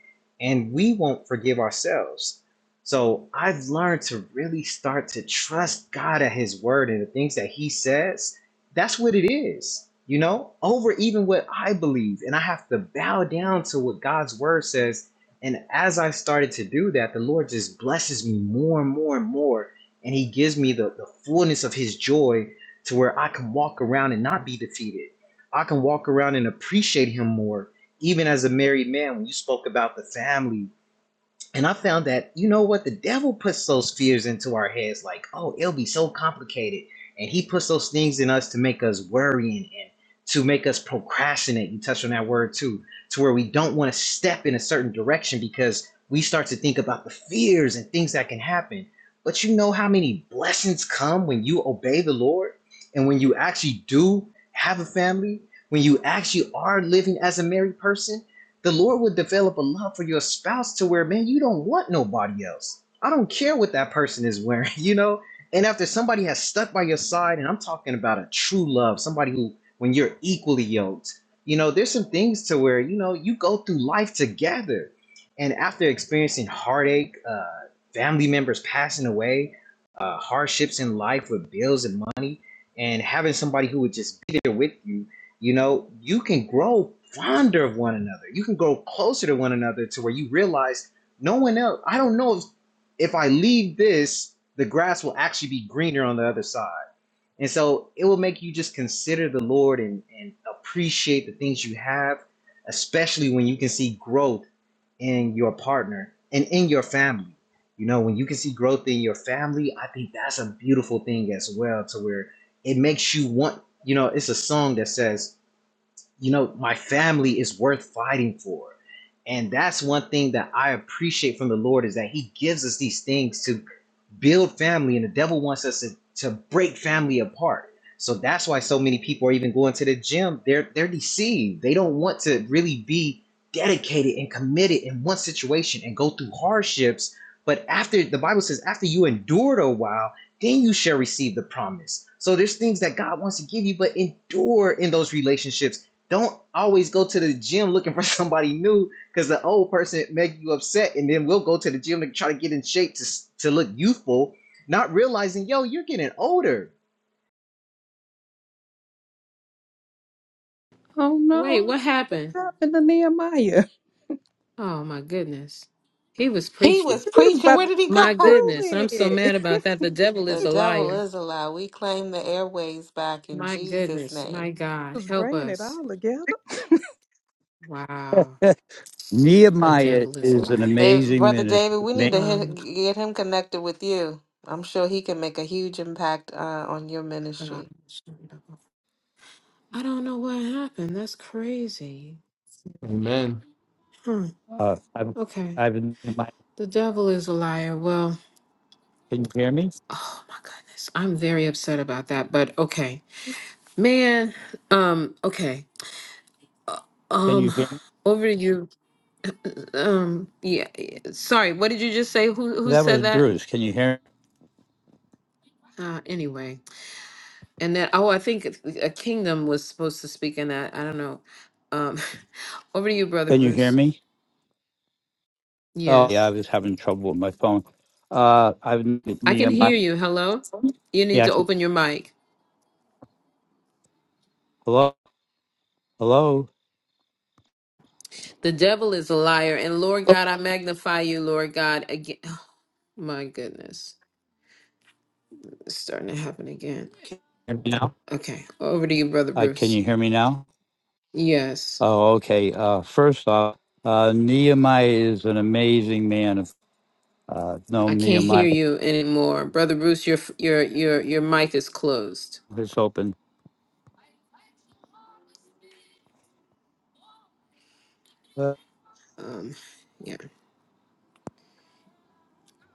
and we won't forgive ourselves so i've learned to really start to trust god at his word and the things that he says that's what it is you know over even what i believe and i have to bow down to what god's word says and as i started to do that the lord just blesses me more and more and more and he gives me the, the fullness of his joy to where I can walk around and not be defeated I can walk around and appreciate him more, even as a married man. When you spoke about the family and I found that, you know what, the devil puts those fears into our heads like, oh, it'll be so complicated. And he puts those things in us to make us worrying and and to make us procrastinate. You touched on that word too, to where we don't want to step in a certain direction because we start to think about the fears and things that can happen. But you know how many blessings come when you obey the Lord and when you actually do have a family, when you actually are living as a married person? the Lord will develop a love for your spouse to where, man, you don't want nobody else. I don't care what that person is wearing, (laughs) you know? And after somebody has stuck by your side, and I'm talking about a true love, somebody who, when you're equally yoked, you know, there's some things to where, you know, you go through life together. And after experiencing heartache, uh, family members passing away, uh, hardships in life with bills and money, and having somebody who would just be there with you you know, you can grow fonder of one another. You can grow closer to one another to where you realize no one else, I don't know if, if I leave this, the grass will actually be greener on the other side. And so it will make you just consider the Lord and, and appreciate the things you have, especially when you can see growth in your partner and in your family. You know, when you can see growth in your family, I think that's a beautiful thing as well, to where it makes you want, you know, it's a song that says, you know, my family is worth fighting for. And that's one thing that I appreciate from the Lord is that He gives us these things to build family, and the devil wants us to, to break family apart. So that's why so many people are even going to the gym. They're they're deceived. They don't want to really be dedicated and committed in one situation and go through hardships. But after the Bible says, after you endured a while, then you shall receive the promise. So there's things that God wants to give you, but endure in those relationships. Don't always go to the gym looking for (laughs) somebody new because the old person make you upset, and then we'll go to the gym and try to get in shape to to look youthful, not realizing, yo, you're getting older.
Oh
wait
no,
what happened
what happened to Nehemiah? (laughs)
oh my goodness he was
He
preaching
was
He was
preaching.
about
Where
to
did he
get
my
go?
to
goodness i'm so
it. (laughs)
mad
He
about that the devil
The
is a
devil
liar
is a lie. We claim the airways back in
my
Jesus'
goodness my
name.
god
was
help
bringing it
us
all together. (laughs)
wow
(laughs)
The
Nehemiah
devil is a
is
liar.
an
Dave,
amazing
Brother
minister.
David, we
Ma-
need to hit,
Um,
get him connected with you. I'm sure he can make a huge impact uh, on your
God.
ministry.
I don't know what happened. That's crazy.
Amen.
Huh.
Uh, I've,
Okay.
I've, Nehemiah,
The devil is a liar. Well,
can you hear me?
oh my goodness. I'm very upset about that. But okay. Man, um, okay.
Can you
Um,
hear me?
over to you. Um, yeah. yeah. Sorry, what did you just say? Who who
That
said
was
that?
Bruce. Can you hear?
Uh, anyway. And then oh, I think a kingdom was supposed to speak in that. I don't know. Um, (laughs) over to you, brother
Can you hear
Bruce.
me? Oh, yeah.
Yes.
I was having trouble with my phone. Uh, I've
I
the
can
um,
hear you. Hello? You need
yeah. I
to
can-
open your mic.
Hello, hello.
The devil is a liar. And Lord God, I magnify you, Lord God, again. (sighs) my goodness. It's starting to happen again.
Can you hear me now?
Okay. Over to you, Brother
Uh, can
Bruce.
you hear me now?
Yes.
Oh, okay. Uh, first off, uh, Nehemiah is an amazing man. Of uh, no,
I can't hear
Nehemiah
you anymore. Brother Bruce, your your your your mic is closed.
is open. Uh,
Um yeah.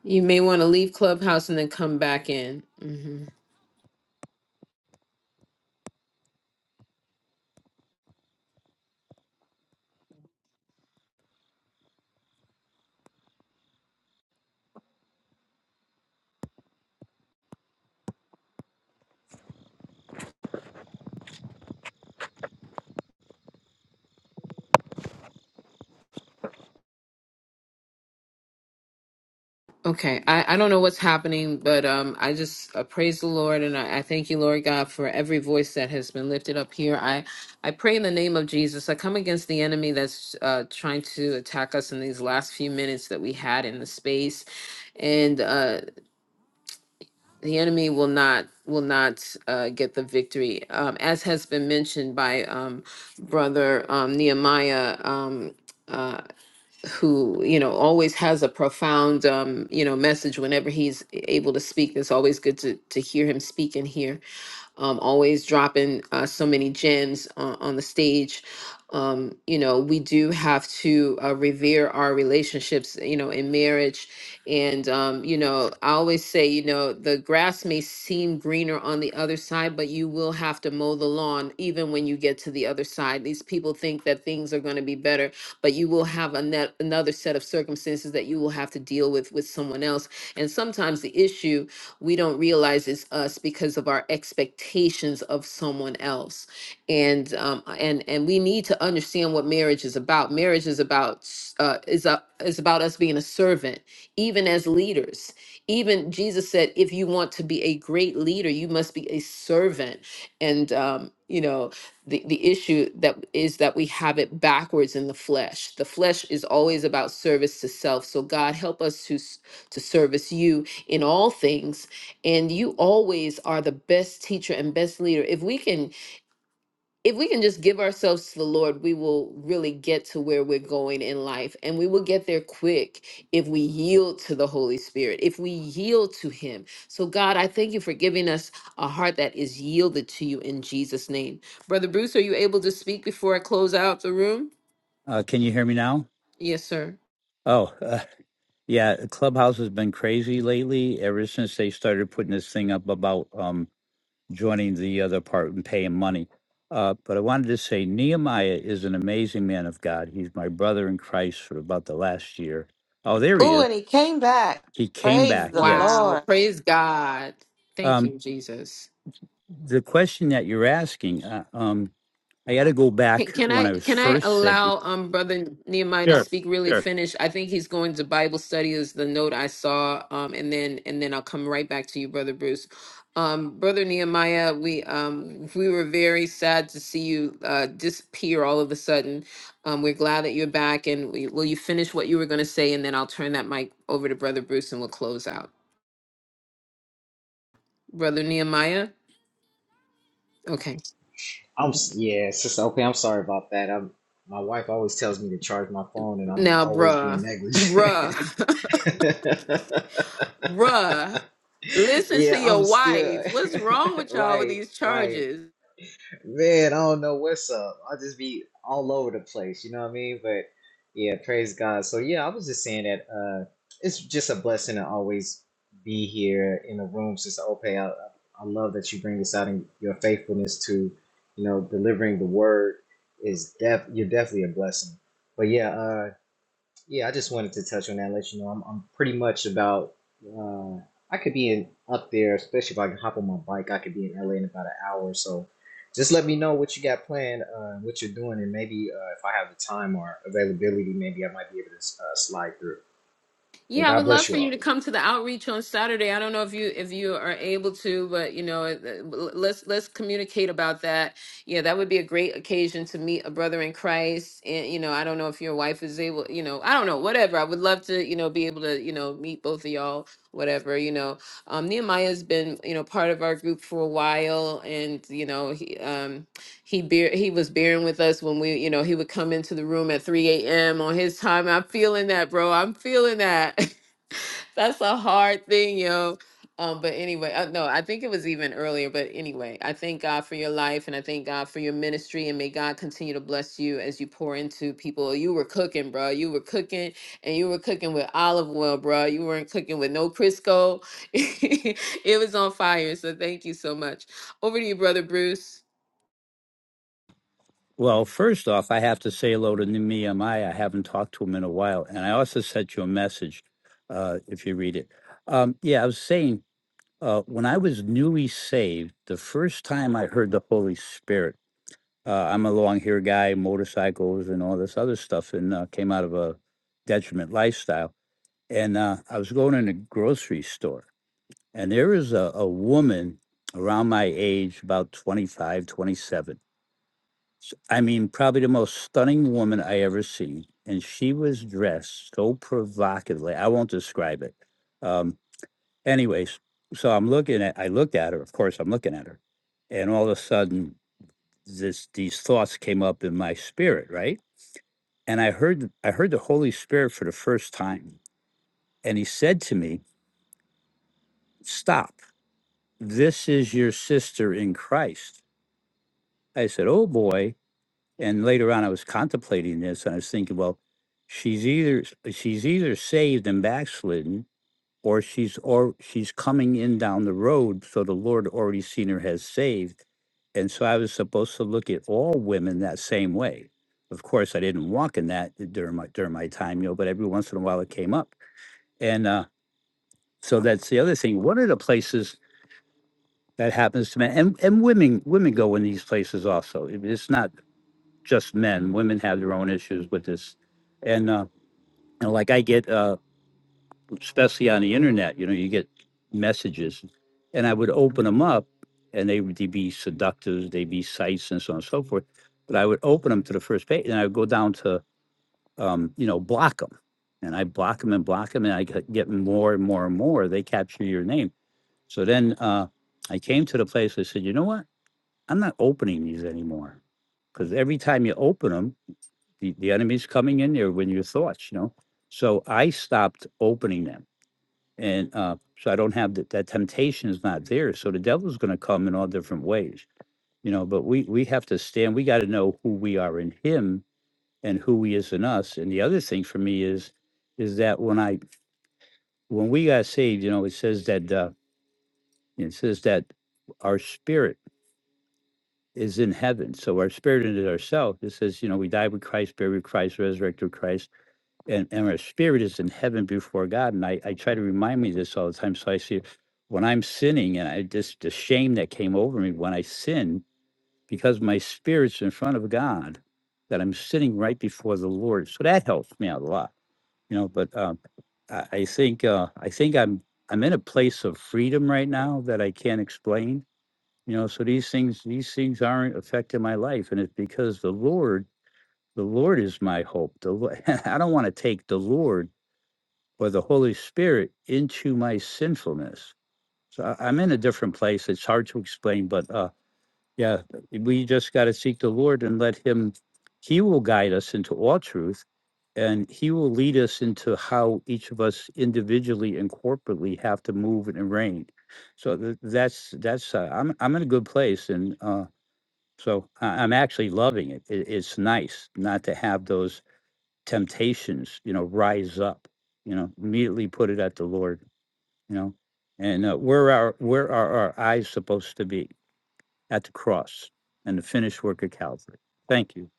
You may want to leave Clubhouse and then come back in. Mm-hmm. Okay, I, I don't know what's happening, but um, I just uh, praise the Lord and I, I thank you, Lord God, for every voice that has been lifted up here. I, I pray in the name of Jesus. I come against the enemy that's uh, trying to attack us in these last few minutes that we had in the space, and uh, the enemy will not will not uh, get the victory, um, as has been mentioned by um, brother um, Nehemiah. Um, uh, who you know always has a profound um you know message whenever he's able to speak it's always good to to hear him speak and hear um, always dropping uh, so many gems on, on the stage. Um, you know, we do have to uh, revere our relationships, you know, in marriage. And, um, you know, I always say, you know, the grass may seem greener on the other side, but you will have to mow the lawn even when you get to the other side. These people think that things are going to be better, but you will have a net, another set of circumstances that you will have to deal with with someone else. And sometimes the issue we don't realize it's us because of our expectations of someone else and um, and and we need to understand what marriage is about marriage is about uh, is a, is about us being a servant even as leaders even jesus said if you want to be a great leader you must be a servant and um, you know the, the issue that is that we have it backwards in the flesh the flesh is always about service to self so god help us to s- to service you in all things and you always are the best teacher and best leader if we can if we can just give ourselves to the lord we will really get to where we're going in life and we will get there quick if we yield to the holy spirit if we yield to him so god i thank you for giving us a heart that is yielded to you in jesus name brother bruce are you able to speak before i close out the room
uh, can you hear me now?
yes sir
Oh, uh, yeah. Clubhouse has been crazy lately. Ever since they started putting this thing up about um joining the other part and paying money. Uh, but I wanted to say Nehemiah is an amazing man of God. He's my brother in Christ for about the last year. Oh, there he
Ooh,
is.
and he came back.
He came
Praise
back.
the
Yes.
wow
Lord.
praise god thank
Um,
you jesus
the question that you're asking, uh, um, I got to go
Can,
back
can
when
I
I was
can I
first saved.
allow um brother Nehemiah to
Sure,
speak really
sure.
finish? I think he's going to Bible study is the note I saw um and then and then I'll come right back to you brother Bruce. Um brother Nehemiah, we um we were very sad to see you uh disappear all of a sudden. Um we're glad that you're back and we, will you finish what you were going to say and then I'll turn that mic over to brother Bruce and we'll close out. Brother Nehemiah? Okay.
I'm yeah, sister. Okay, I'm sorry about that. I'm my wife always tells me to charge my phone, and I'm
Now
always being
bruh. (laughs)
negligent.
Bruh. (laughs) Bruh,
(laughs)
listen to
yeah, I'm
your
still
wife. What's wrong
(laughs)
with y'all with
right,
these
right.
charges?
Man, I don't know what's up. I'll just be all over the place, you know what I mean? But yeah, praise God. So yeah, I was just saying that uh it's just a blessing to always be here in the room, Sister Ope. I, I love that you bring this out and your faithfulness to, you know, delivering the word is def you're definitely a blessing. But yeah, uh, yeah, I just wanted to touch on that, let you know I'm, I'm pretty much about. Uh, I could be in up there, especially if I can hop on my bike. I could be in LA in about an hour so. Just let me know what you got planned, uh, what you're doing, and maybe uh, if I have the time or availability, maybe I might be able to uh, slide through. But
Yeah, I
God
would love
bless
for
you all.
you to come to the outreach on Saturday. I don't know if you if you are able to, but you know, it- it- l- let's let's communicate about that. Yeah, that would be a great occasion to meet a brother in Christ. And you know, I don't know if your wife is able, you know, I don't know, whatever. I would love to, you know, be able to, you know, meet both of y'all, whatever, you know. Um, Nehemiah's been, you know, part of our group for a while, and you know, he um he bear he was bearing with us when we you know he would come into the room at 3 a.m on his time i'm feeling that bro i'm feeling that (laughs) that's a hard thing yo um but anyway uh, no i think it was even earlier but anyway i thank god for your life and i thank god for your ministry and may god continue to bless you as you pour into people you were cooking bro you were cooking and you were cooking with olive oil bro you weren't cooking with no crisco (laughs) it was on fire so thank you so much over to you brother bruce
Well, first off, I have to say hello to Nehemiah. I haven't talked to him in a while, and I also sent you a message. Uh, if you read it, um, yeah, I was saying Uh, when I was newly saved, the first time I heard the Holy Spirit, uh, I'm a long hair guy, motorcycles, and all this other stuff, and uh, came out of a detriment lifestyle. And uh, I was going in a grocery store, and there was a, a woman around my age, about twenty five, twenty seven. 27. S- I mean, probably the most stunning woman I ever seen. And she was dressed so provocatively. I won't describe it. Um, anyways, so I'm looking at, I looked at her, of course, I'm looking at her. And all of a sudden, this, these thoughts came up in my spirit, right? And I heard, I heard the Holy Spirit for the first time. And he said to me, stop, this is your sister in Christ. I said, oh boy. And later on, I was contemplating this and I was thinking, well, she's either, she's either saved and backslidden or she's or she's coming in down the road so the lord already seen her has saved and so i was supposed to look at all women that same way of course i didn't walk in that during my during my time you know but every once in a while it came up and uh so that's the other thing one of the places that happens to men and, and women women go in these places also It- it's not just men women have their own issues with this and uh and like i get uh especially on the internet, you know, you get messages, and I would open them up, and they would be seductive, they'd be sites and so on and so forth. But I would open them to the first page, and I would go down to, um, you know, block them, and I block them and block them, and I get get more and more and more. They capture your name. So then uh, I came to the place. I said, you know what? I'm not opening these anymore, because every time you open them, the, the enemy's coming in there with your thoughts, you know. So I stopped opening them and uh, so I don't have that, that temptation is not there. So the devil's going to come in all different ways, you know, but we, we have to stand, we got to know who we are in him and who he is in us. And the other thing for me is, is that when I, when we got saved, you know, it says that, uh, it says that our spirit is in heaven. So our spirit in ourselves, it says, you know, we died with Christ, buried with Christ, resurrected with Christ and, and our spirit is in heaven before God. And I, I try to remind me of this all the time. So I see when I'm sinning and I just the shame that came over me when I sin, because my spirit's in front of God, that I'm sitting right before the Lord. So that helps me out a lot, you know. But um, I, I think uh, I think I'm I'm in a place of freedom right now that I can't explain, you know. So these things these things aren't affecting my life, and it's because the Lord the Lord is my hope. The Lo- (laughs) I don't want to take the Lord or the Holy Spirit into my sinfulness. So I- I'm in a different place. It's hard to explain, but uh, yeah, we just got to seek the Lord and let Him, He will guide us into all truth and He will lead us into how each of us individually and corporately have to move and reign. So th- that's, that's, uh, I'm, I'm in a good place. And uh, so I- I'm actually loving it. it. It's nice not to have those temptations, you know, rise up, you know, immediately put it at the Lord, you know, and uh, where are where are our eyes supposed to be at the cross and the finished work of Calvary? Thank you.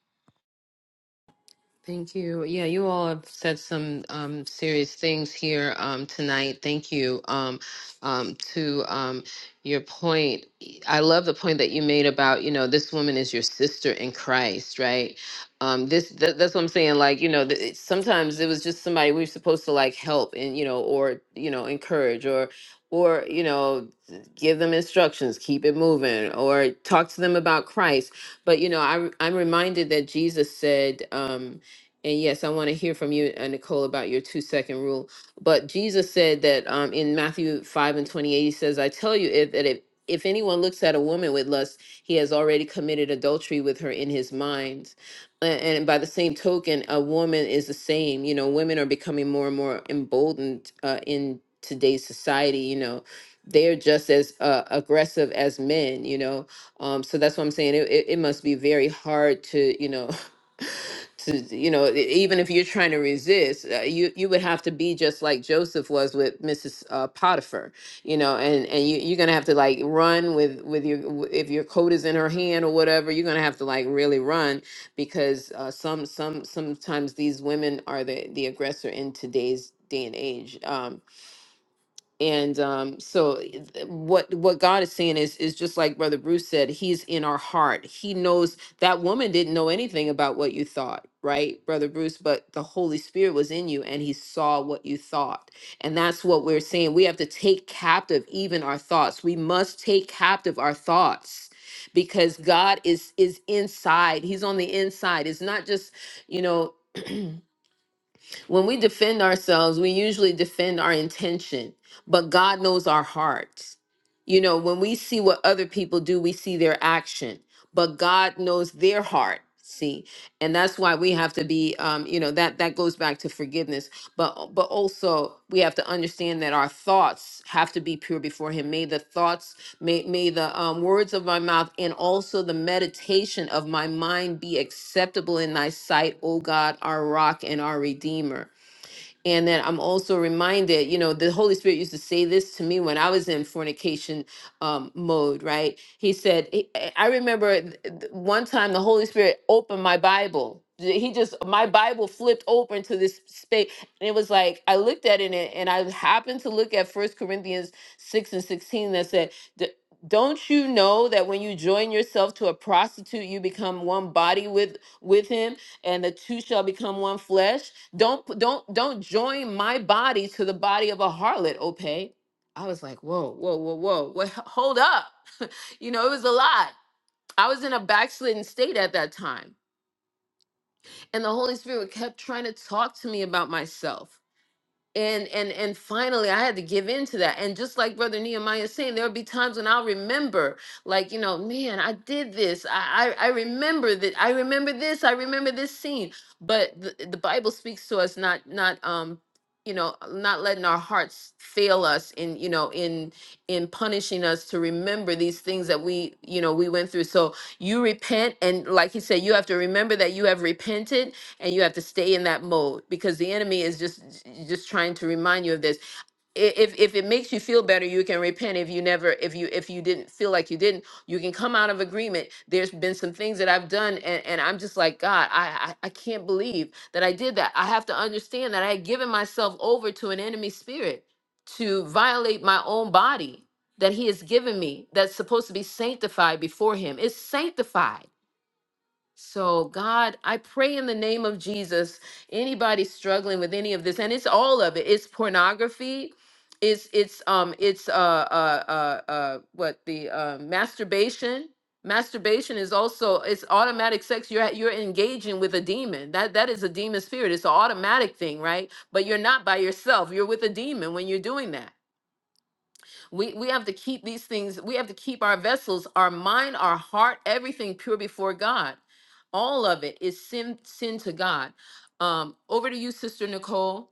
Thank you. Yeah, you all have said some um, serious things here um, tonight. Thank you. Um, um, to um, your point, E, I love the point that you made about you know this woman is your sister in Christ, right? Um, this that, that's what I'm saying. Like you know, th- it, sometimes it was just somebody we are supposed to like help and you know, or you know, encourage or or you know, give them instructions, keep it moving, or talk to them about Christ. But you know, I I'm reminded that Jesus said. Um, and yes, I want to hear from you, uh, Nicole, about your two second rule. But Jesus said that um, in Matthew 5 and 28, he says, I tell you, if, that if, if anyone looks at a woman with lust, he has already committed adultery with her in his mind. A- And by the same token, a woman is the same. You know, women are becoming more and more emboldened uh, in today's society. You know, they are just as uh, aggressive as men, you know. Um, so that's what I'm saying. It, it, it must be very hard to, you know, to you know e- even if you're trying to resist uh, you you would have to be just like joseph was with mrs uh, potiphar you know and and you, you're gonna have to like run with with your w- if your coat is in her hand or whatever you're gonna have to like really run because uh, some some sometimes these women are the the aggressor in today's day and age Um, and um, so eh, th- what what God is saying is is just like Brother Bruce said, He's in our heart. He knows that woman didn't know anything about what you thought, right, Brother Bruce? But the Holy Spirit was in you, and He saw what you thought, and that's what we're saying. We have to take captive even our thoughts. We must take captive our thoughts because God is is inside. He's on the inside. It's not just you know when we defend ourselves, we usually defend our intention, but God knows our hearts. You know, when we see what other people do, we see their action, but God knows their heart. See, and that's why we have to be, um, you know, that that goes back to forgiveness, but but also we have to understand that our thoughts have to be pure before Him. May the thoughts May, may the um, words of my mouth and also the meditation of my mind be acceptable in thy sight, O God, our rock and our redeemer. And then I'm also reminded, you know, the Holy Spirit used to say this to me when I was in fornication um, mode, right? He said, he- I I remember th- th- one time the Holy Spirit opened my Bible. Th- He just, my Bible flipped open to this space. And it was like, I looked at it and and I happened to look at First Corinthians 6 and 16 that said, "D- don't you know that when you join yourself to a prostitute you become one body with with him and the two shall become one flesh don't p- don't don't join my body to the body of a harlot, Opay. I was like, whoa, whoa, whoa, whoa. What hold up. (laughs) you know, it was a lot. I was in a backslidden state at that time. And the Holy Spirit kept trying to talk to me about myself and and and finally i had to give in to that and just like brother nehemiah is saying there'll be times when i'll remember like you know man i did this i i, I remember that i remember this i remember this scene but the, the bible speaks to us not not um you know not letting our hearts fail us in you know in in punishing us to remember these things that we you know we went through so you repent and like he said you have to remember that you have repented and you have to stay in that mode because the enemy is just just trying to remind you of this I- if if it makes you feel better you can repent if you never if you if you didn't feel like you didn't you can come out of agreement there's been some things that i've done and, and i'm just like god I, I i can't believe that i did that i have to understand that i had given myself over to an enemy spirit to violate my own body that he has given me that's supposed to be sanctified before him it's sanctified so, God, I pray in the name of Jesus, anybody struggling with any of this, and it's all of it. It's pornography, it's it's um it's uh uh uh, uh what the uh, masturbation. Masturbation is also it's automatic sex. You're you're engaging with a demon. That that is a demon spirit. It's an automatic thing, right? But you're not by yourself. You're with a demon when you're doing that. We we have to keep these things, we have to keep our vessels, our mind, our heart, everything pure before God. All of it is sin sin to God. Um, over to you, Sister Nicole.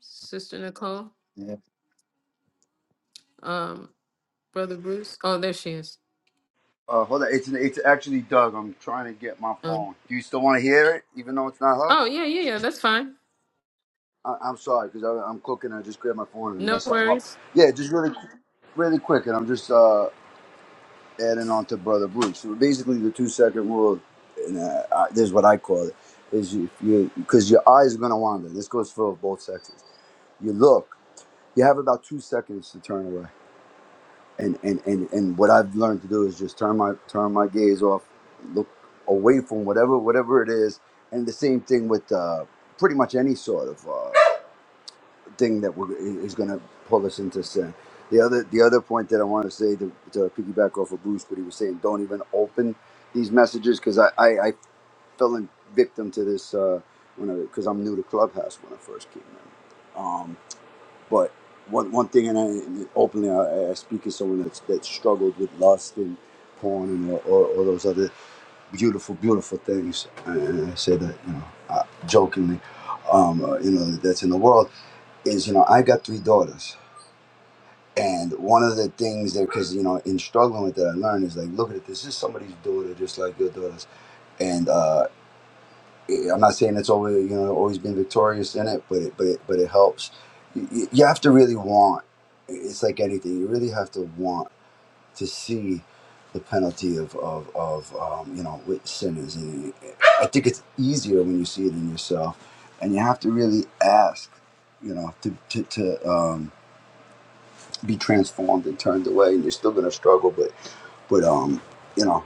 Sister Nicole.
Yeah.
Um, Brother Bruce. Oh, there she is.
Uh, hold on. It's it's actually Doug. I'm trying to get my
Um,
phone. Do you still want to hear it, even though it's not her?
oh yeah, yeah, yeah. That's fine.
I, I'm sorry because I'm cooking. I just grabbed my phone and
No
messed something up.
worries.
Yeah, just really, qu- really quick, and I'm just uh, adding on to Brother Bruce. So basically, the two second rule, and uh, I, this is what I call it, is you you because your eyes are gonna wander. This goes for both sexes. You look. You have about two seconds to turn away and and and and what I've learned to do is just turn my turn my gaze off, look away from whatever whatever it is, and the same thing with uh, pretty much any sort of uh, thing that we're, is going to pull us into sin. The other the other point that I want to say to, to piggyback off of Bruce, what he was saying, don't even open these messages because I, I I fell in victim to this uh, when because I'm new to Clubhouse when I first came in. Um, but one one thing, and I and openly I, I speak as someone that's that struggled with lust and porn and all, all, all those other beautiful, beautiful things. And I say that you know, uh jokingly, um, uh, you know, that's in the world is you know, I got three daughters. And one of the things that, because you know, in struggling with that, I learned is like, look at it. This is somebody's daughter, just like your daughters. And uh, I'm not saying it's always you know always been victorious in it, but it but it but it helps. You, you have to really want. It's like anything. You really have to want to see the penalty of of, of um, you know with sinners, and I think it's easier when you see it in yourself, and you have to really ask, you know, to to, to um, be transformed and turned away. And you're still gonna struggle, but but um you know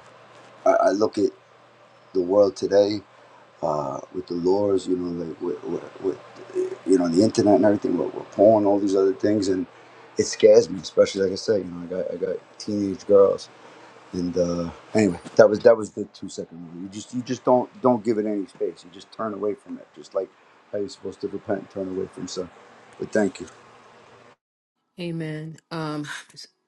I, I look at the world today uh, with the laws, you know, like with, with, with uh, you know the internet and everything, with, with porn, all these other things, and it scares me, especially like I said, you know, I got I got teenage girls, and uh, anyway, that was that was the two second rule. You just you just don't don't give it any space. You just turn away from it, just like how you're supposed to repent and turn away from sin. But thank you.
Amen. Um,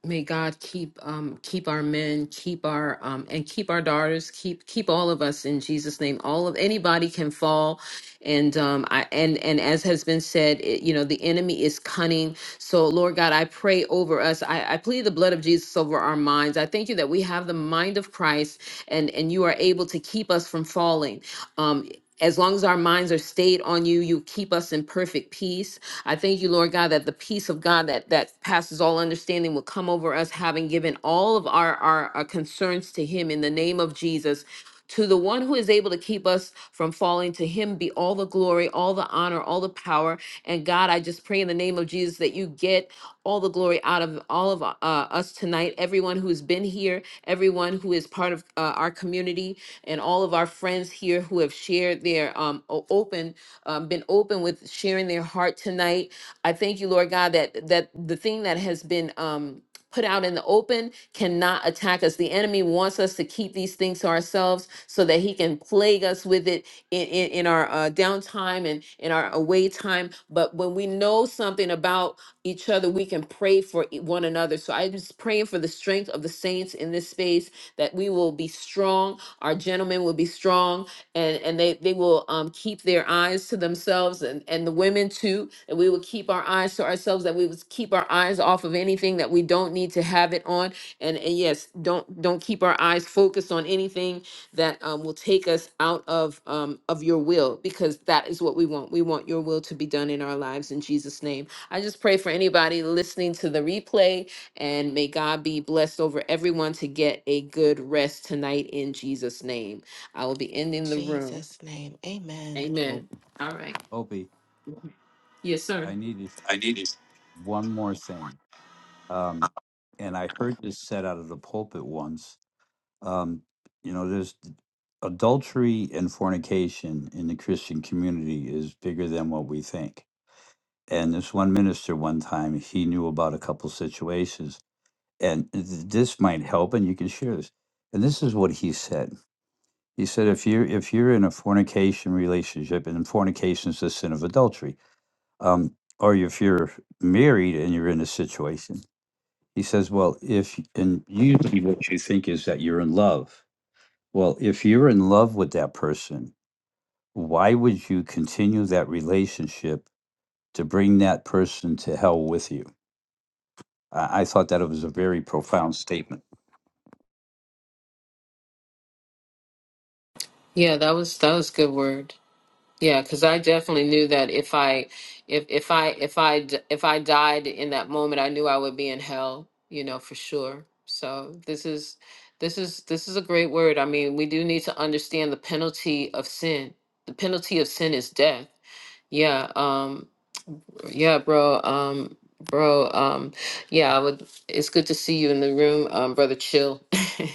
may God keep um, keep our men, keep our um, and keep our daughters, keep keep all of us in Jesus' name. All of anybody can fall, and um, I and and as has been said, it, you know the enemy is cunning. So Lord God, I pray over us. I, I plead the blood of Jesus over our minds. I thank you that we have the mind of Christ, and and you are able to keep us from falling. Um, as long as our minds are stayed on you, you keep us in perfect peace I thank you, Lord God, that the peace of God that that passes all understanding will come over us, having given all of our our, our concerns to Him in the name of Jesus. To the one who is able to keep us from falling, to him be all the glory, all the honor, all the power. And God, I just pray in the name of Jesus that you get all the glory out of all of uh, us tonight, everyone who's been here, everyone who is part of uh, our community, and all of our friends here who have shared their um, o- open um, been open with sharing their heart tonight. I thank you, Lord God, that that the thing that has been um, put out in the open cannot attack us. The enemy wants us to keep these things to ourselves so that he can plague us with it in, in, in our uh, downtime and in our away time. But when we know something about each other, we can pray for e- one another. So I'm just praying for the strength of the saints in this space that we will be strong, our gentlemen will be strong, and and they they will um keep their eyes to themselves and and the women too and we will keep our eyes to ourselves that we would keep our eyes off of anything that we don't need to have it on and and yes don't don't keep our eyes focused on anything that um, will take us out of um of your will because that is what we want we want your will to be done in our lives in jesus name i just pray for anybody listening to the replay and may god be blessed over everyone to get a good rest tonight in jesus name I will be
In
ending the room.
Jesus' name, amen.
Oh,
Amen. All right.
Opie,
Yes, sir.
I needed one more thing, um, and I heard this said out of the pulpit once. Um, you know, there's adultery and fornication in the Christian community is bigger than what we think and this one minister one time he knew about a couple situations and th- this might help and you can share this and this is what he said he said if you're if you're in a fornication relationship and fornication is the sin of adultery um, or if you're married and you're in a situation he says well if and usually what you think is that you're in love well if you're in love with that person why would you continue that relationship to bring that person to hell with you I, I thought that it was a very profound statement.
Yeah, that was that was good word. Yeah, because I definitely knew that if I, if if I if I d- if I died in that moment, I knew I would be in hell. You know for sure. So this is this is this is a great word. I mean, we do need to understand the penalty of sin. The penalty of sin is death. Yeah. um, Yeah, bro. Um, bro. Um, yeah, I would. It's good to see you in the room, um, brother. Chill.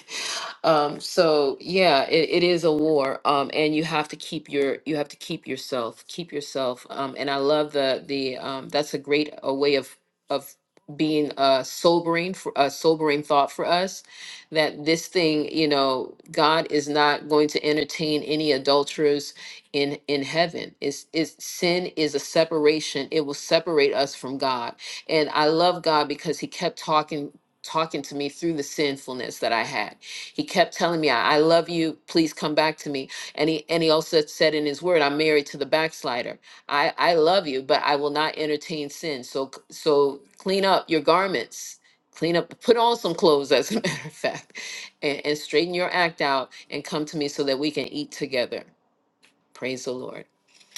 (laughs) um, so yeah, it, it is a war. Um, and you have to keep your you have to keep yourself, keep yourself. Um, and I love the the um. That's a great a way of of being uh sobering for a sobering thought for us that this thing you know god is not going to entertain any adulterers in in heaven is is sin is a separation it will separate us from god and i love god because he kept talking talking to me through the sinfulness that i had he kept telling me i, I love you please come back to me and he and he also said in his word i'm married to the backslider i i love you but i will not entertain sin so c- so clean up your garments clean up put on some clothes as a (laughs) matter of fact and, and straighten your act out and come to me so that we can eat together Praise the Lord.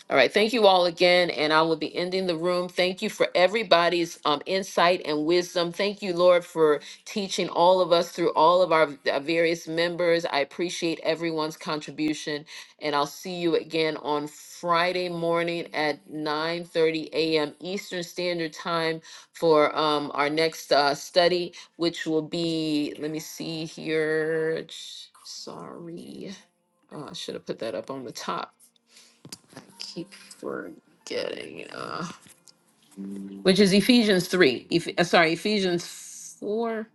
All right. Thank you all again. And I will be ending the room. Thank you for everybody's um, insight and wisdom. Thank you, Lord, for teaching all of us through all of our uh, various members. I appreciate everyone's contribution. And I'll see you again on Friday morning at 9 30 a.m. Eastern Standard Time for um, our next uh, study, which will be, let me see here. Sorry. Oh, I should have put that up on the top. I keep forgetting. Uh, which is Ephesians 3. Eph- uh, sorry, Ephesians 4.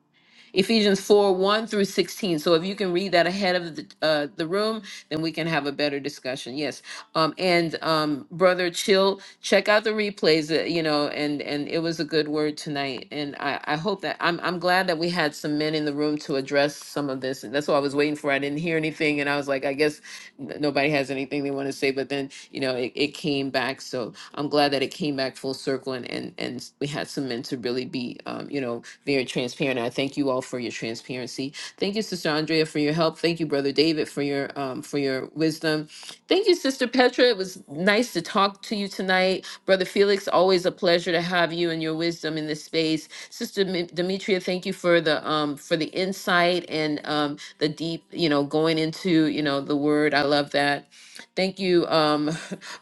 Ephesians 4 1 through 16. So if you can read that ahead of the, uh, the room, then we can have a better discussion. Yes. Um, and um, Brother Chill, check out the replays, uh, you know, and, and it was a good word tonight. And I, I hope that I'm, I'm glad that we had some men in the room to address some of this. And that's what I was waiting for. I didn't hear anything. And I was like, I guess n- nobody has anything they want to say. But then, you know, it, it came back. So I'm glad that it came back full circle and, and, and we had some men to really be, um, you know, very transparent. I thank you all for your transparency. Thank you, Sister Andrea, for your help. Thank you, Brother David, for your um, for your wisdom. Thank you, Sister Petra. It was nice to talk to you tonight, Brother Felix. Always a pleasure to have you and your wisdom in this space, Sister Mi- Demetria. Thank you for the um, for the insight and um, the deep, you know, going into you know the word. I love that. Thank you. Um,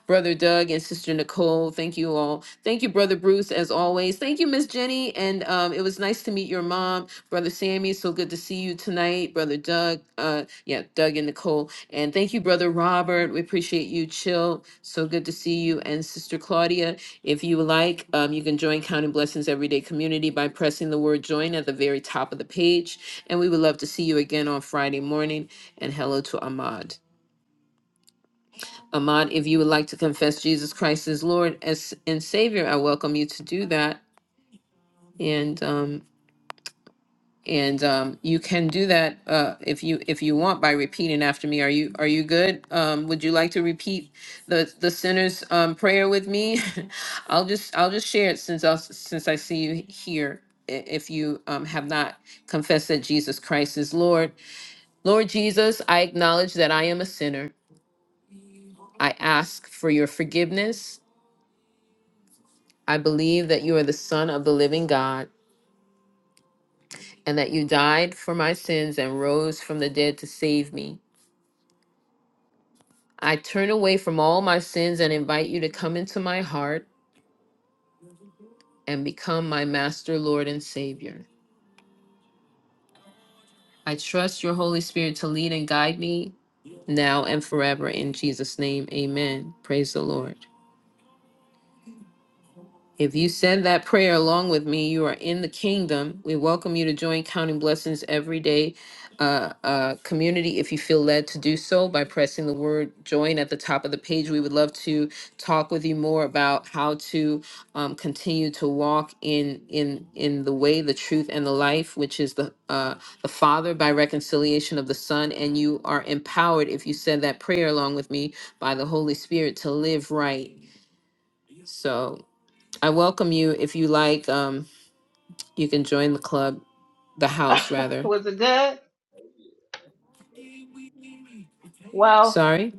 Brother Doug and Sister Nicole. Thank you all. Thank you, Brother Bruce, as always. Thank you, Miss Jenny. And um, it was nice to meet your mom, Brother Sammy. So good to see you tonight, Brother Doug. Uh, yeah, Doug and Nicole. And thank you, Brother Robert. We appreciate you, Chill. So good to see you. And Sister Claudia, if you like, um, you can join Counting Blessings Everyday Community by pressing the word join at the very top of the page. And we would love to see you again on Friday morning. And hello to Ahmad. Ahmad, if you would like to confess Jesus Christ as Lord as and Savior, I welcome you to do that. And um, and um, you can do that uh, if you if you want by repeating after me. Are you are you good? Um, would you like to repeat the the sinner's um, prayer with me? (laughs) I'll just I'll just share it since I since I see you here. I- If you um, have not confessed that Jesus Christ is Lord, Lord Jesus, I acknowledge that I am a sinner. I ask for your forgiveness. I believe that you are the Son of the living God, and that you died for my sins and rose from the dead to save me. I turn away from all my sins and invite you to come into my heart and become my master, Lord, and Savior. I trust your Holy Spirit to lead and guide me now and forever. In Jesus' name, amen. Praise the Lord. If you said that prayer along with me, you are in the kingdom. We welcome you to join Counting Blessings every day uh, uh, community if you feel led to do so by pressing the word join at the top of the page. We would love to talk with you more about how to um, continue to walk in in in the way, the truth, and the life, which is the uh, the Father by reconciliation of the Son. And you are empowered if you said that prayer along with me by the Holy Spirit to live right. So. I welcome you. If you like, um, you can join the club, the house
(laughs)
rather.
was it good? Well,
Sorry,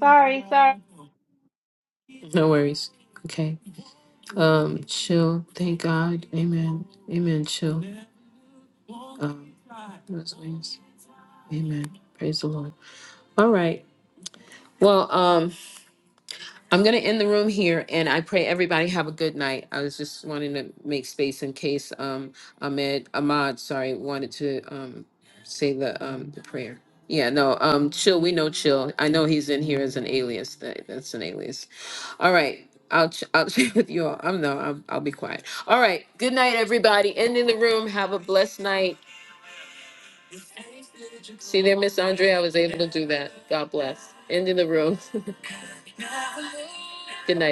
sorry, sorry.
no worries. Okay. Um, chill. Thank God. Amen. Amen. Chill. Um, what else Amen. Praise the Lord. All right. Well, um, I'm going to end the room here, and I pray everybody have a good night. I was just wanting to make space in case um, Ahmed Ahmad, sorry, wanted to um, say the um, the prayer. Yeah, no, um, chill. We know chill. I know he's in here as an alias. That that's an alias. All right, I'll ch- I'll (laughs) chat with you all. I'm no, I'll, I'll be quiet. All right, good night, everybody. End in the room. Have a blessed night. See there, Miss Andrea. I was able to do that. God bless. End in the room. (laughs) good night.